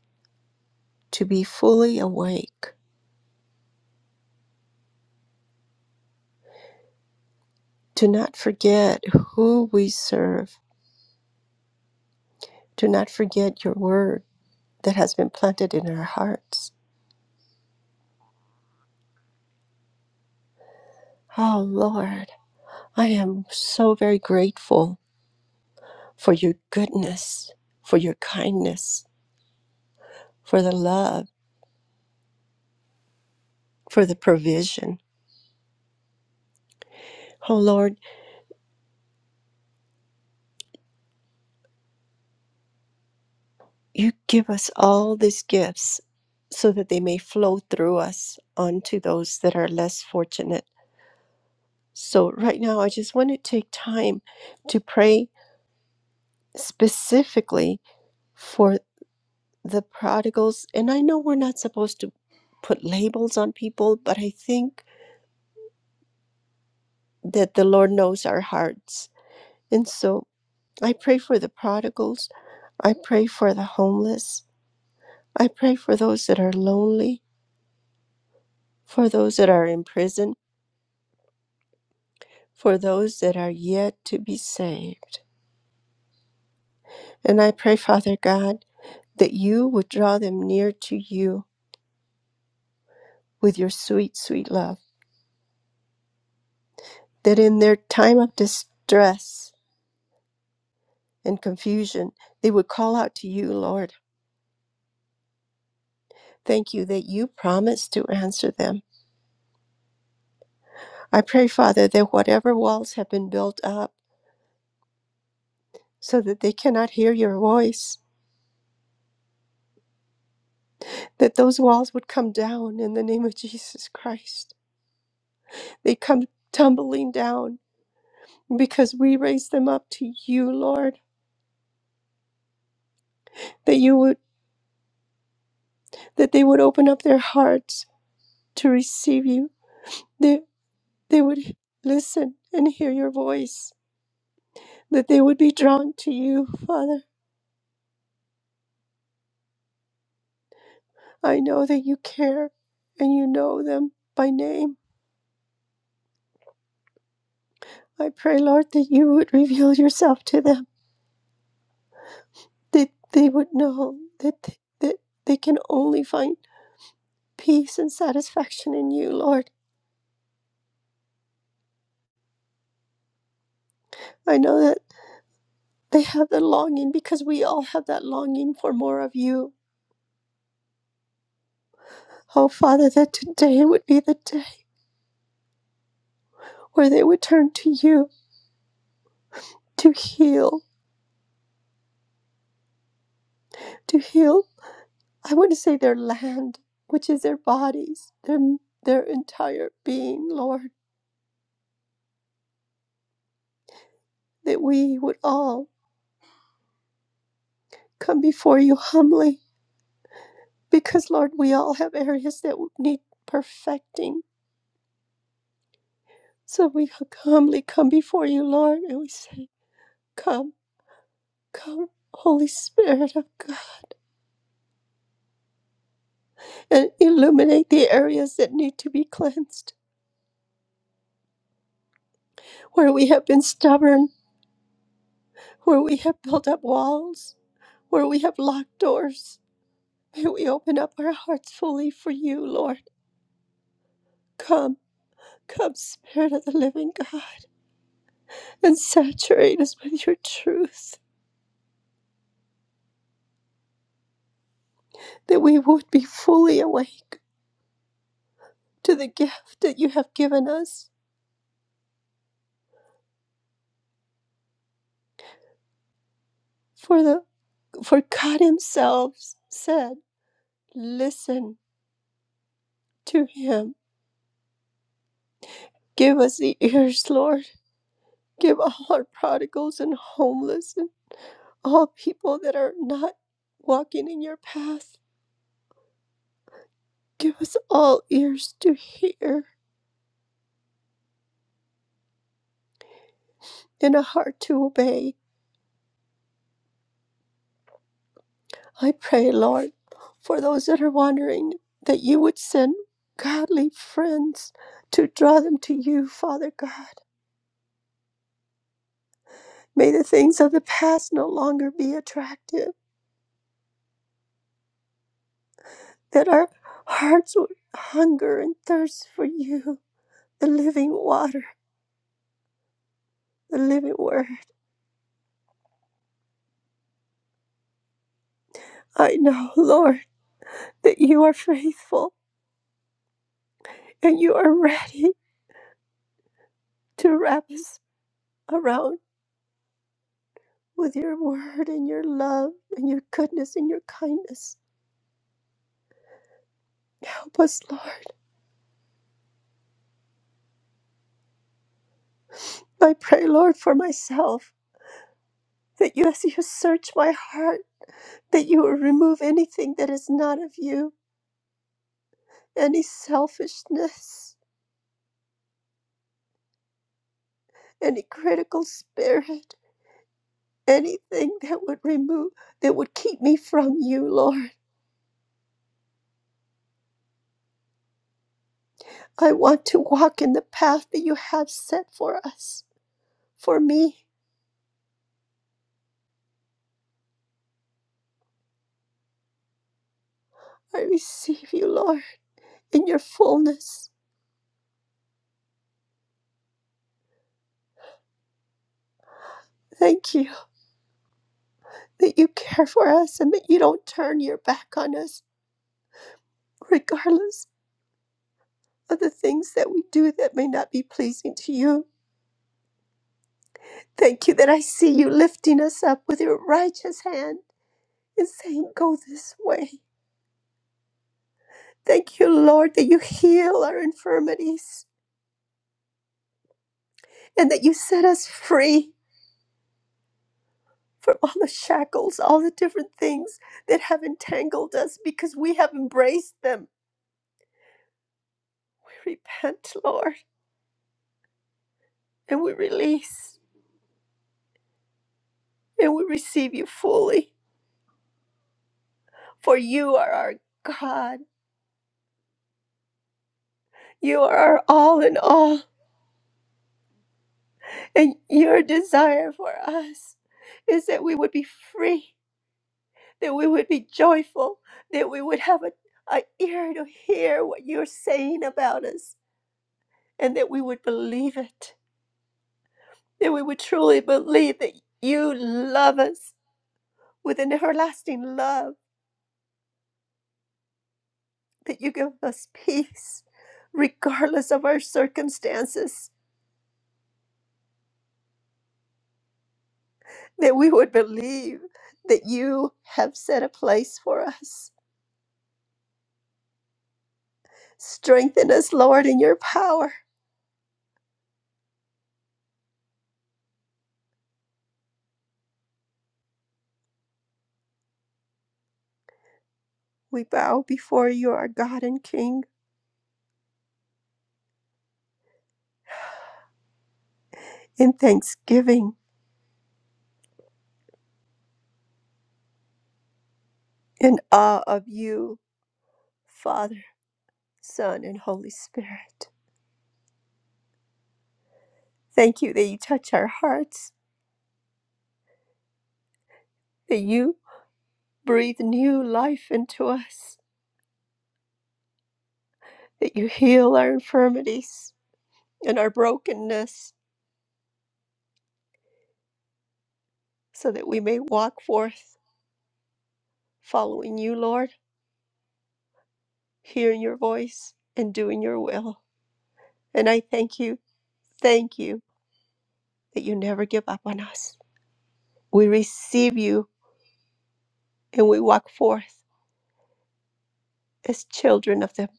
S10: to be fully awake, to not forget who we serve, to not forget your word that has been planted in our hearts. Oh, Lord, I am so very grateful for your goodness, for your kindness, for the love, for the provision. Oh, Lord, you give us all these gifts so that they may flow through us onto those that are less fortunate. So, right now, I just want to take time to pray specifically for the prodigals. And I know we're not supposed to put labels on people, but I think that the Lord knows our hearts. And so, I pray for the prodigals. I pray for the homeless. I pray for those that are lonely, for those that are in prison for those that are yet to be saved. And I pray, Father God, that you would draw them near to you with your sweet, sweet love, that in their time of distress and confusion, they would call out to you, Lord. Thank you that you promise to answer them. I pray, Father, that whatever walls have been built up so that they cannot hear your voice, that those walls would come down in the name of Jesus Christ. They come tumbling down because we raise them up to you, Lord, that you would that they would open up their hearts to receive you, that they would listen and hear your voice, that they would be drawn to you, Father. I know that you care and you know them by name. I pray, Lord, that you would reveal yourself to them, that they would know that that they can only find peace and satisfaction in you, Lord. I know that They have the longing because we all have that longing for more of you. Oh, Father, that today would be the day where they would turn to you to heal, to heal, I want to say their land, which is their bodies, their, their entire being, Lord, that we would all come before you humbly because, Lord, we all have areas that need perfecting. So we humbly come before you, Lord, and we say, Come, come, Holy Spirit of God. and illuminate the areas that need to be cleansed, where we have been stubborn, where we have built up walls, where we have locked doors. May we open up our hearts fully for you, Lord. Come, come, Spirit of the living God, and saturate us with your truth, that we would be fully awake to the gift that you have given us. For the for God Himself said, Listen to Him. Give us the ears, Lord Give all our prodigals and homeless and all people that are not walking in your path. Give us all ears to hear and a heart to obey. I pray, Lord, for those that are wandering, that you would send godly friends to draw them to you, Father God. May the things of the past no longer be attractive, that our hearts would hunger and thirst for you, the living water, the living word. I know, Lord. that you are faithful and you are ready to wrap us around with your word and your love and your goodness and your kindness. Help us, Lord. I pray, Lord, for myself that you, as you search my heart, that you will remove anything that is not of you, any selfishness, any critical spirit, anything that would remove, that would keep me from you, Lord. I want to walk in the path that you have set for us, for me. I receive you, Lord, in your fullness. Thank you that you care for us and that you don't turn your back on us, regardless of the things that we do that may not be pleasing to you. Thank you that I see you lifting us up with your righteous hand and saying, Go this way. Thank you, Lord, that you heal our infirmities and that you set us free from all the shackles, all the different things that have entangled us because we have embraced them. We repent, Lord. and we release and we receive you fully. For you are our God. You are our all in all. And your desire for us is that we would be free, that we would be joyful, that we would have a, a ear to hear what you're saying about us, and that we would believe it, that we would truly believe that you love us with an everlasting love, that you give us peace regardless of our circumstances that we would believe that you have set a place for us. Strengthen us, Lord, in your power. We bow before you, our God and King, in thanksgiving, in awe of you, Father, Son, and Holy Spirit. Thank you that you touch our hearts, that you breathe new life into us, that you heal our infirmities and our brokenness so that we may walk forth following you, Lord hearing your voice and doing your will. And I thank you, thank you that you never give up on us. We receive you and we walk forth as children of the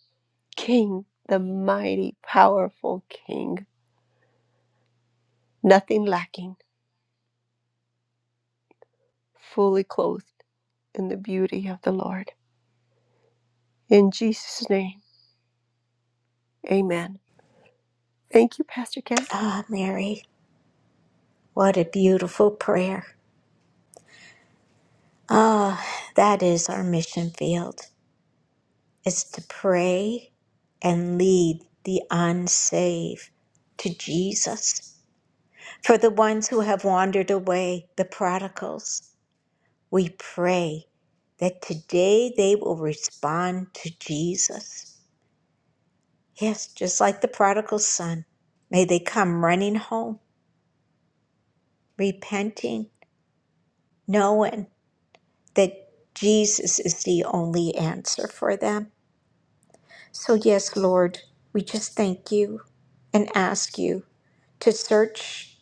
S10: King, the mighty, powerful King, nothing lacking, fully clothed in the beauty of the Lord. In Jesus' name, amen. Thank you, Pastor Kenta.
S1: Ah, Mary, what a beautiful prayer. Ah, that is our mission field. It's to pray and lead the unsaved to Jesus. For the ones who have wandered away, the prodigals, we pray that today they will respond to Jesus. Yes, just like the prodigal son. May they come running home, repenting, knowing that Jesus is the only answer for them. So, yes, Lord, we just thank you and ask you to search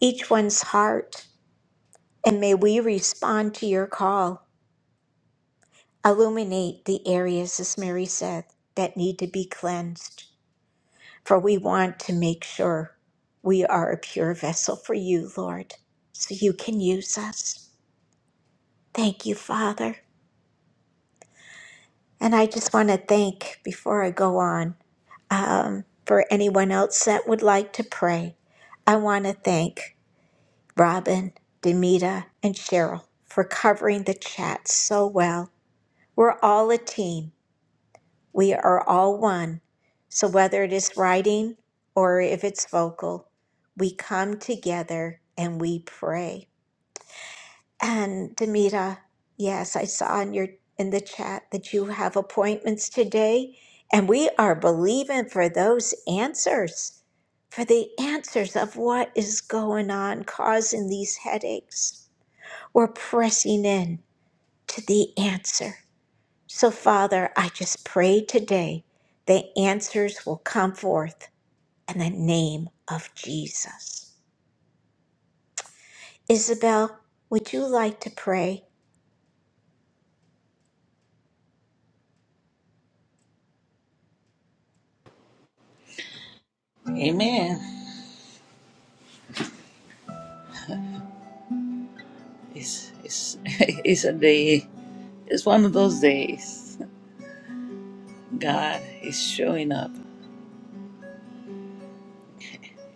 S1: each one's heart, and may we respond to your call. Illuminate the areas, as Mary said, that need to be cleansed. for we want to make sure we are a pure vessel for you, Lord, so you can use us. Thank you, Father. And I just want to thank, before I go on, um, for anyone else that would like to pray, I want to thank Robin, Demita, and Cheryl for covering the chat so well. We're all a team. We are all one. So whether it is writing or if it's vocal, we come together and we pray. And Demita, yes, I saw in your in the chat that you have appointments today, and we are believing for those answers, for the answers of what is going on causing these headaches. We're pressing in to the answer. So, Father, I just pray today the answers will come forth in the name of Jesus. Isabel, would you like to pray?
S11: Amen. It's it's (laughs) it's a day. It's one of those days. God is showing up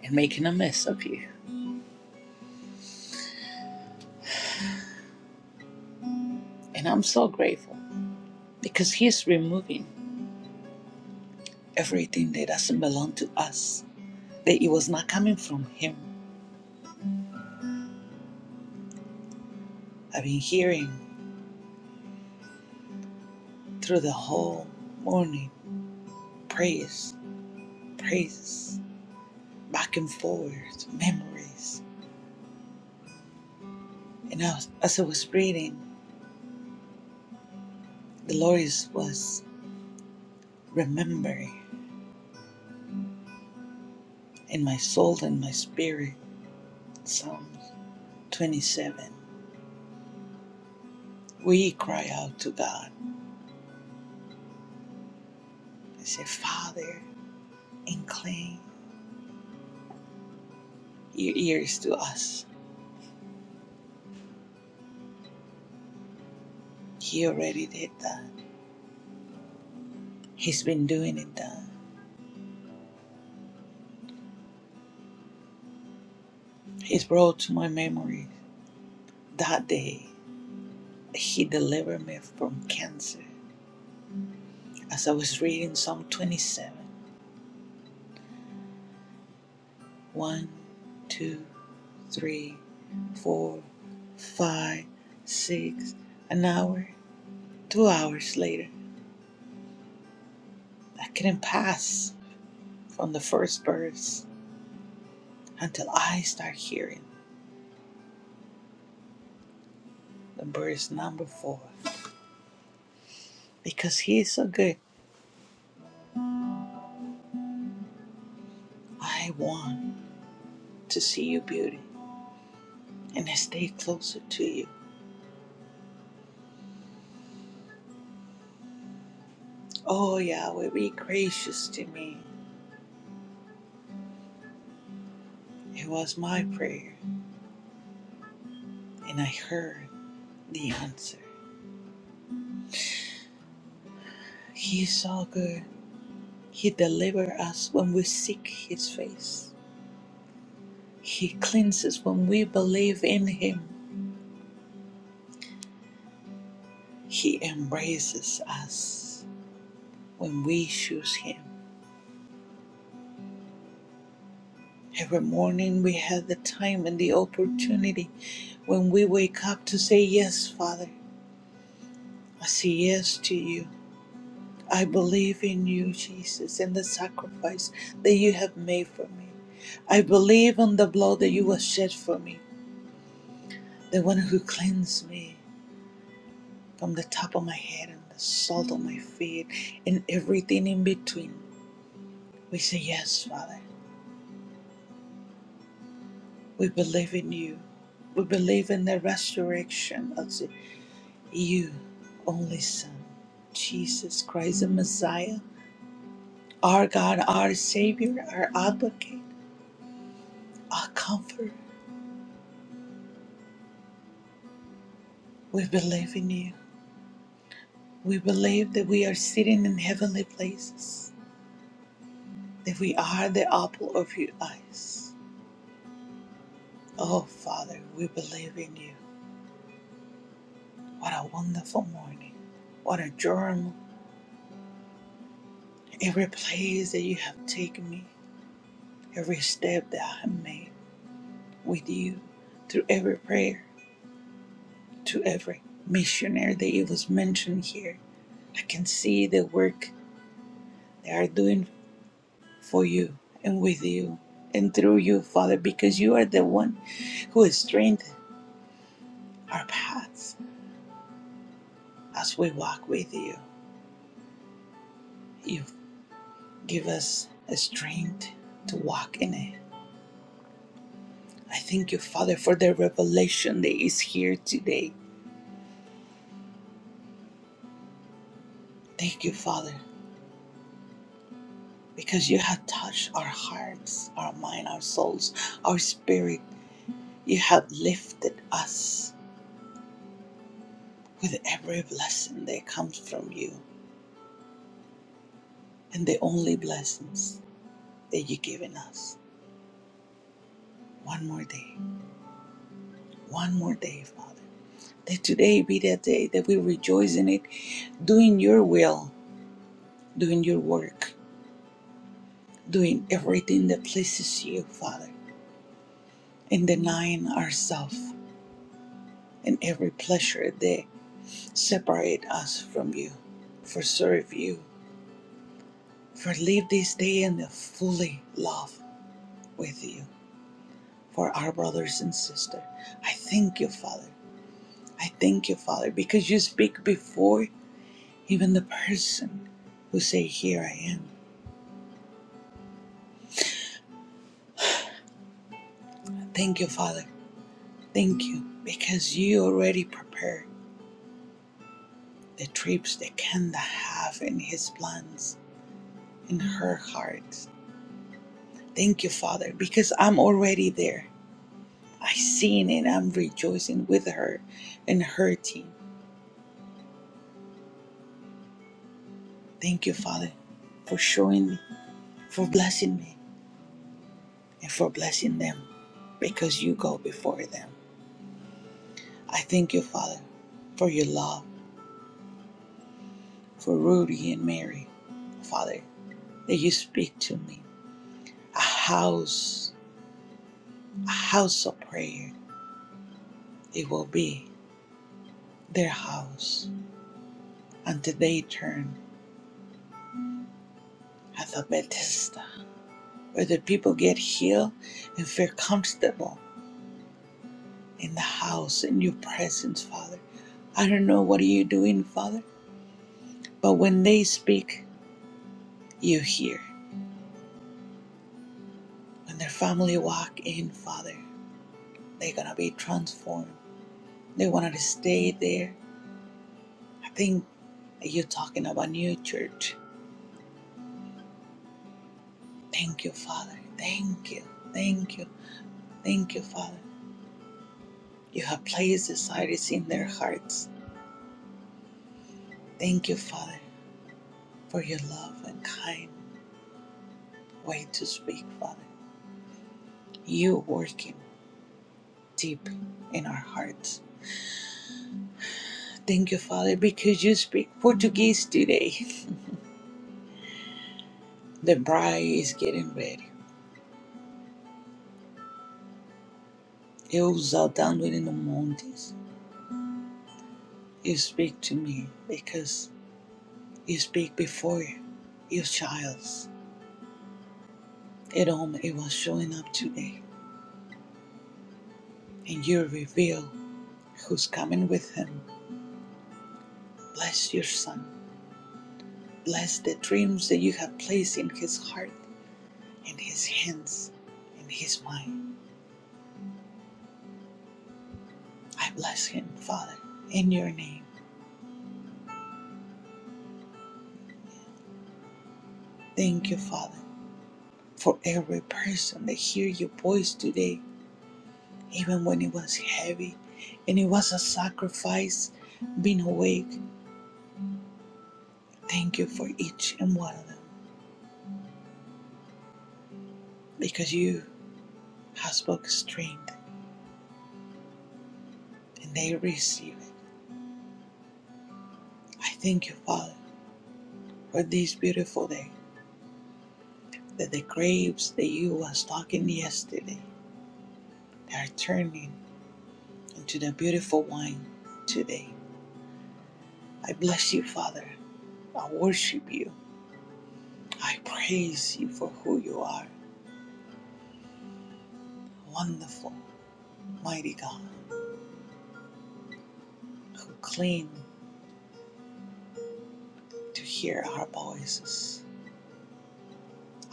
S11: and making a mess of you. And I'm so grateful because He's removing everything that doesn't belong to us. That it was not coming from Him. I've been hearing through the whole morning praise, praises, back and forth, memories. And I was, as I was reading, the Lord is- was remembering in my soul and my spirit Psalm 27. We cry out to God I say, Father, incline your ears to us. He already did that. He's been doing it that. He's brought to my memory that day. He delivered me from cancer. As I was reading Psalm 27, 1, two, three, four, five, six, an hour, two hours later, I couldn't pass from the first verse until I start hearing the verse number four. Because He is so good, I want to see your beauty and I stay closer to you. Oh Yahweh, be gracious to me. It was my prayer, and I heard the answer. He is so good. He delivers us when we seek His face. He cleanses when we believe in Him. He embraces us when we choose Him. Every morning we have the time and the opportunity when we wake up to say, Yes, Father, I say yes to you. I believe in you, Jesus, and the sacrifice that you have made for me. I believe on the blood that you have shed for me, the one who cleansed me from the top of my head and the salt of my feet and everything in between. We say, Yes, Father, we believe in you. We believe in the resurrection of the. you only Son, Jesus Christ, the Messiah, our God, our Savior, our advocate, our Comforter, We believe in you. We believe that we are sitting in heavenly places, that we are the apple of your eyes. Oh, Father, we believe in you. What a wonderful morning. What a journey. Every place that you have taken me, every step that I have made with you, through every prayer. to every missionary that it was mentioned here. I can see the work they are doing for you and with you and through you, Father, because you are the one who has strengthened our paths as we walk with you. You give us a strength to walk in it. I thank you, Father, for the revelation that is here today. Thank you, Father, because you have touched our hearts, our mind, our souls, our spirit. You have lifted us with every blessing that comes from you and the only blessings that you've given us. One more day, one more day, Father. That today be that day that we rejoice in it, doing your will, doing your work, doing everything that pleases you, Father, and denying ourselves and every pleasure that separate us from you. For serve you, for live this day in the fully love with you for our brothers and sisters. I thank you, Father. I thank you, Father, because you speak before even the person who say, Here I am. Thank you, Father. Thank you, because you already prepared the trips that Kanda have in his plans, in her heart. Thank you, Father, because I'm already there. I seen and I'm rejoicing with her and her team. Thank you, Father, for showing me, for blessing me. and for blessing them because you go before them. I thank you, Father, for your love for Rudy and Mary. Father, that you speak to me. A house, a house of prayer, it will be their house until they turn at the Bethesda, where the people get healed and feel comfortable in the house, in your presence, Father. I don't know what are you doing, Father, but when they speak, you hear. When their family walk in, Father, they're gonna be transformed. They wanted to stay there. I think you're talking about new church. Thank you, Father. Thank you. Thank you. Thank you, Father. You have placed desires in their hearts. Thank you, Father, for your love and kind way to speak, Father. You working deep in our hearts. Thank you, Father, because you speak Portuguese today. The bride is getting ready. Eu os altando in the mountains. You speak to me because you speak before your child. Edom, it was showing up today, and you reveal who's coming with him. Bless your son. Bless the dreams that you have placed in his heart, in his hands, in his mind. I bless him, Father, in your name. Thank you, Father, for every person that hear your voice today, even when it was heavy and it was a sacrifice being awake. Thank you for each and one of them because you have spoken strength and they receive it. I thank you, Father, for this beautiful day that the grapes that you was talking yesterday are turning into the beautiful wine today. I bless you, Father. I worship you. I praise you for who you are. Wonderful, mighty God, who cling to hear our voices,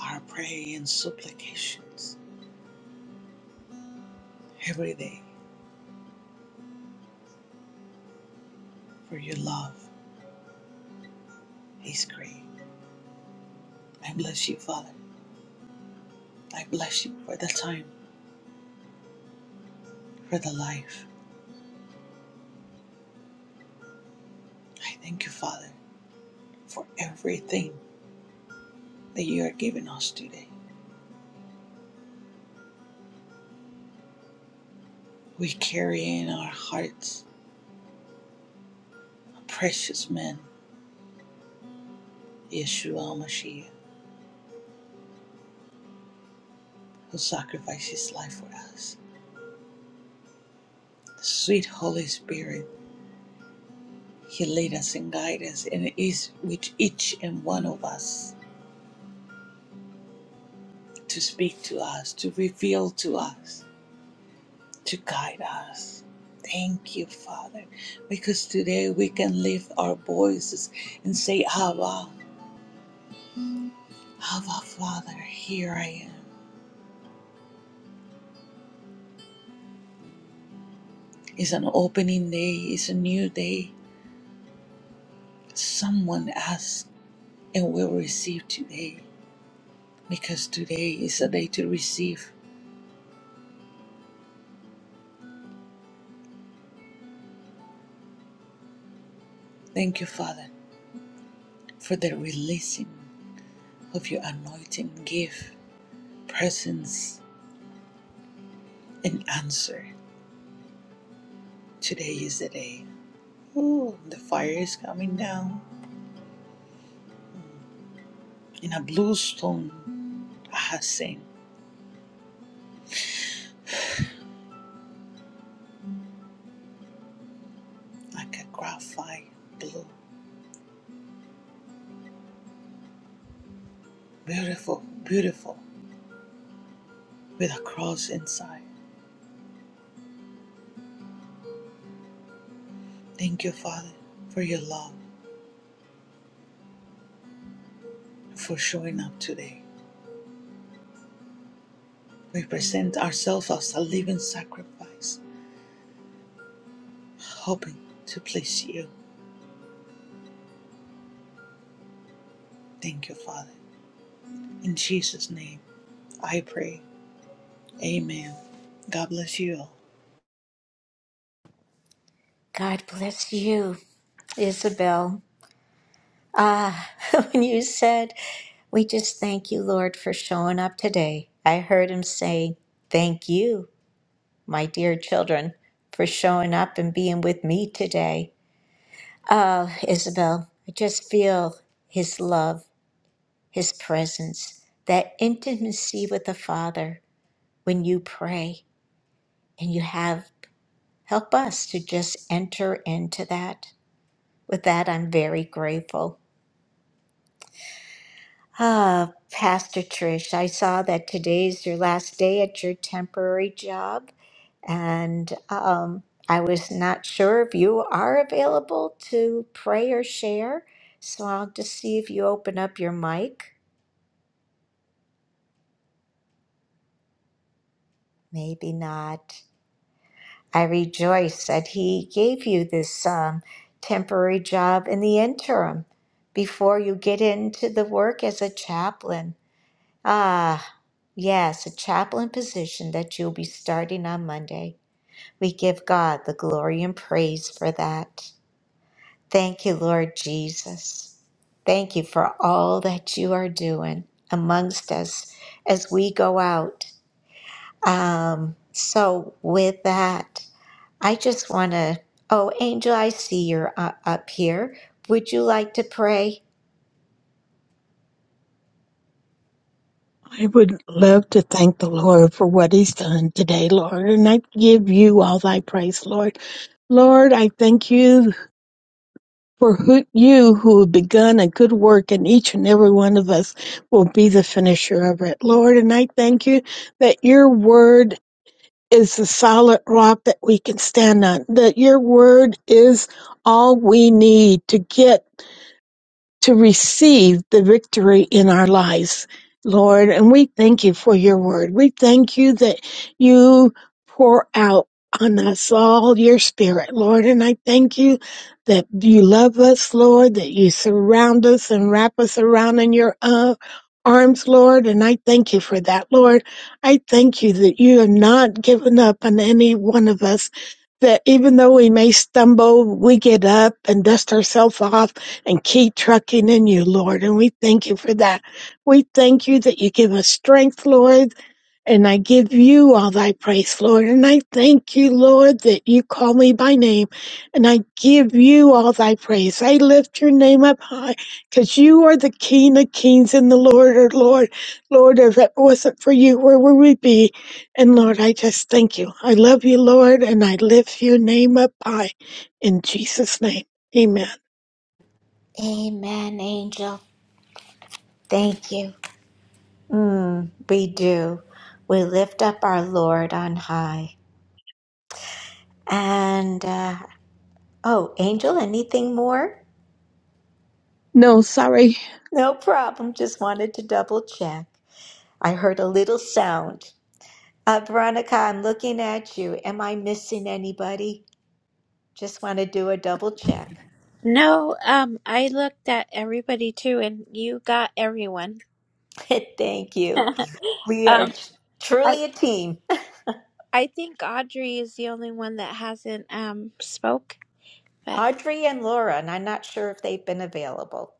S11: our prayer and supplications every day. for your love. He screamed. I bless you, Father. I bless you for the time, for the life. I thank you, Father, for everything that you are giving us today. We carry in our hearts a precious man, Yeshua Mashiach, who sacrificed his life for us. The sweet Holy Spirit, He lead us and guide us, and it is with each and one of us to speak to us, to reveal to us. to guide us. Thank you, Father, because today we can lift our voices and say, Abba, Abba, Father, here I am. It's an opening day, it's a new day. Someone asks and will receive today because today is a day to receive. Thank you, Father, for the releasing of your anointing gift, presence, and answer. Today is the day. Ooh, the fire is coming down. in a blue stone hyacinth, like a graphite blue. Beautiful, beautiful, with a cross inside. Thank you, Father, for your love and for showing up today. We present ourselves as a living sacrifice, hoping to please you. Thank you, Father. In Jesus' name, I pray. Amen. God bless you all.
S1: God bless you, Isabel. Ah, (laughs) when you said, we just thank you, Lord, for showing up today. I heard him say, Thank you, my dear children, for showing up and being with me today. Oh, Isabel, I just feel his love His presence, that intimacy with the Father when you pray and you have. Help us to just enter into that. With that, I'm very grateful. Ah, Pastor Trish, I saw that today's your last day at your temporary job, and um, I was not sure if you are available to pray or share. So I'll just see if you open up your mic. Maybe not. I rejoice that he gave you this um, temporary job in the interim before you get into the work as a chaplain. Ah, yes, a chaplain position that you'll be starting on Monday. We give God the glory and praise for that. Thank you, Lord Jesus. Thank you for all that you are doing amongst us as we go out. Um, so, with that, I just want to. Oh, Angel, I see you're uh, up here. Would you like to pray?
S12: I would love to thank the Lord for what He's done today, Lord, and I give you all thy praise, Lord. Lord, I thank you for who, you who have begun a good work, and each and every one of us will be the finisher of it, Lord. And I thank you that your word is the solid rock that we can stand on, that your word is all we need to get to receive the victory in our lives, Lord. And we thank you for your word. We thank you that you pour out on us all your spirit, Lord. And I thank you that you love us, Lord, that you surround us and wrap us around in your uh, arms, Lord. And I thank you for that, Lord. I thank you that you have not given up on any one of us that even though we may stumble, we get up and dust ourselves off and keep trucking in you, Lord. And we thank you for that. We thank you that you give us strength, Lord. And I give you all thy praise, Lord. And I thank you, Lord, that you call me by name. And I give you all thy praise. I lift your name up high because you are the King of kings and the Lord of Lord. Lord, if it wasn't for you, where would we be? And Lord, I just thank you. I love you, Lord, and I lift your name up high in Jesus' name. Amen.
S1: Amen, Angel. Thank you. Mm, we do. We lift up our Lord on high. And, uh, oh, Angel, anything more?
S12: No, sorry.
S1: No problem. Just wanted to double check. I heard a little sound. Uh, Veronica, I'm looking at you. Am I missing anybody? Just want to do a double check.
S4: No, um, I looked at everybody too, and you got everyone.
S1: (laughs) Thank you.
S4: (laughs)
S1: We are
S4: um, I
S1: truly a team.
S4: I think Audrey is the only one that hasn't um spoke, but.
S1: Audrey and Laura, and I'm not sure if they've been available.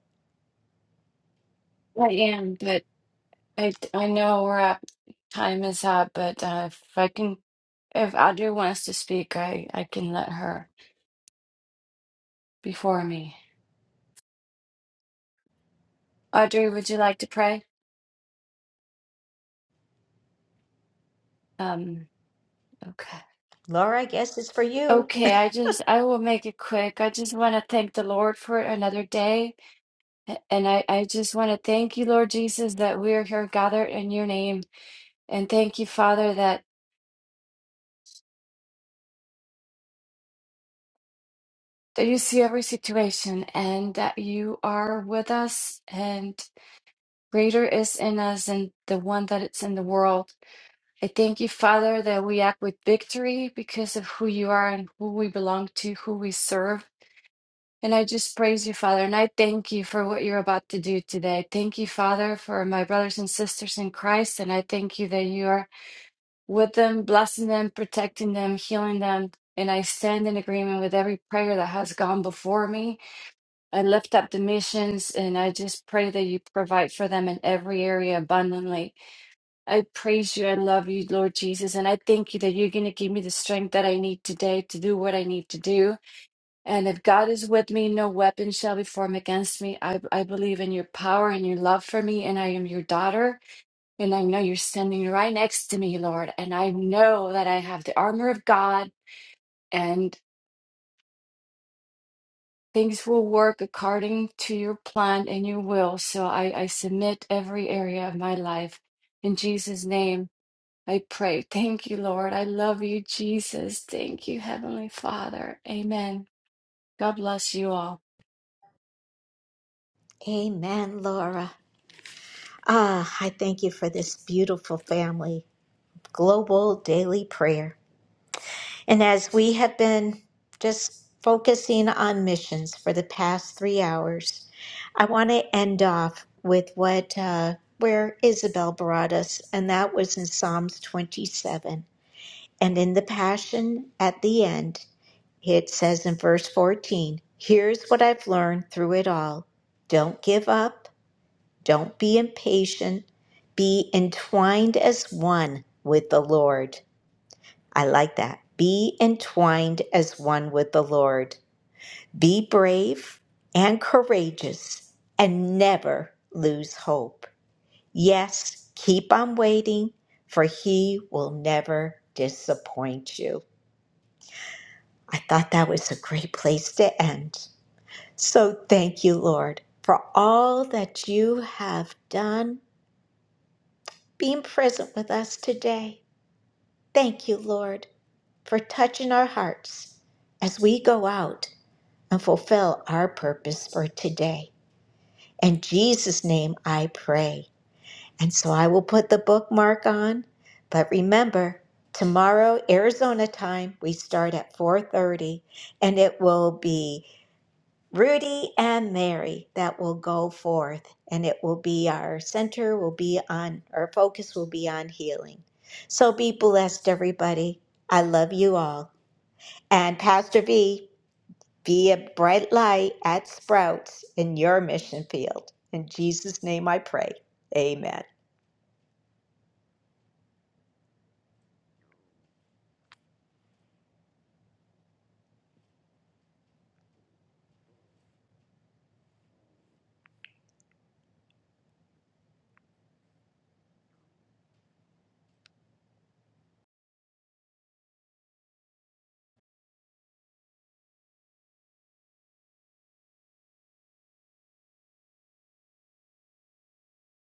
S13: I am, but I I know we're at time is up, but uh, if I can, if Audrey wants to speak, I I can let her before me. Audrey, would you like to pray? Um, okay.
S1: Laura, I guess it's for you.
S13: Okay, I just I will make it quick. I just want to thank the Lord for another day. a- And I, I just want to thank you, Lord Jesus, that we are here gathered in your name. And thank you, Father, that, that you see every situation and that you are with us Greater is in us than the one that is in the world. I thank you, Father, that we act with victory because of who you are and who we belong to, who we serve. And I just praise you, Father, and I thank you for what you're about to do today. Thank you, Father, for my brothers and sisters in Christ. And I thank you that you are with them, blessing them, protecting them, healing them. And I stand in agreement with every prayer that has gone before me. I lift up the missions and I just pray that you provide for them in every area abundantly. I praise you and love you, Lord Jesus. And I thank you that you're going to give me the strength that I need today to do what I need to do. And if God is with me, no weapon shall be formed against me. I, I believe in your power and your love for me. And I am your daughter. And I know you're standing right next to me, Lord. And I know that I have the armor of God and things will work according to your plan and your will. So I, I submit every area of my life. In Jesus' name. I pray. Thank you, Lord. I love you, Jesus. Thank you, Heavenly Father. Amen. God bless you all.
S1: Amen, Laura. Ah, I thank you for this beautiful family, global daily prayer. And as we have been just focusing on missions for the past three hours, I want to end off with what uh, where Isabel brought us, and that was in Psalms 27. And in the Passion at the end. It says in verse 14, Here's what I've learned through it all. Don't give up. Don't be impatient. Be entwined as one with the Lord. I like that. Be entwined as one with the Lord. Be brave and courageous and never lose hope. Yes, keep on waiting, for He will never disappoint you. I thought that was a great place to end. So thank you, Lord, for all that you have done, being present with us today. Thank you, Lord, for touching our hearts as we go out and fulfill our purpose for today. In Jesus' name I pray. And so I will put the bookmark on, but remember, tomorrow Arizona time we start at 4:30 and it will be Rudy and Mary that will go forth and it will be our center will be on our focus will be on healing. So be blessed everybody. I love you all. And Pastor V, be a bright light at Sprouts in your mission field. In Jesus name I pray. Amen.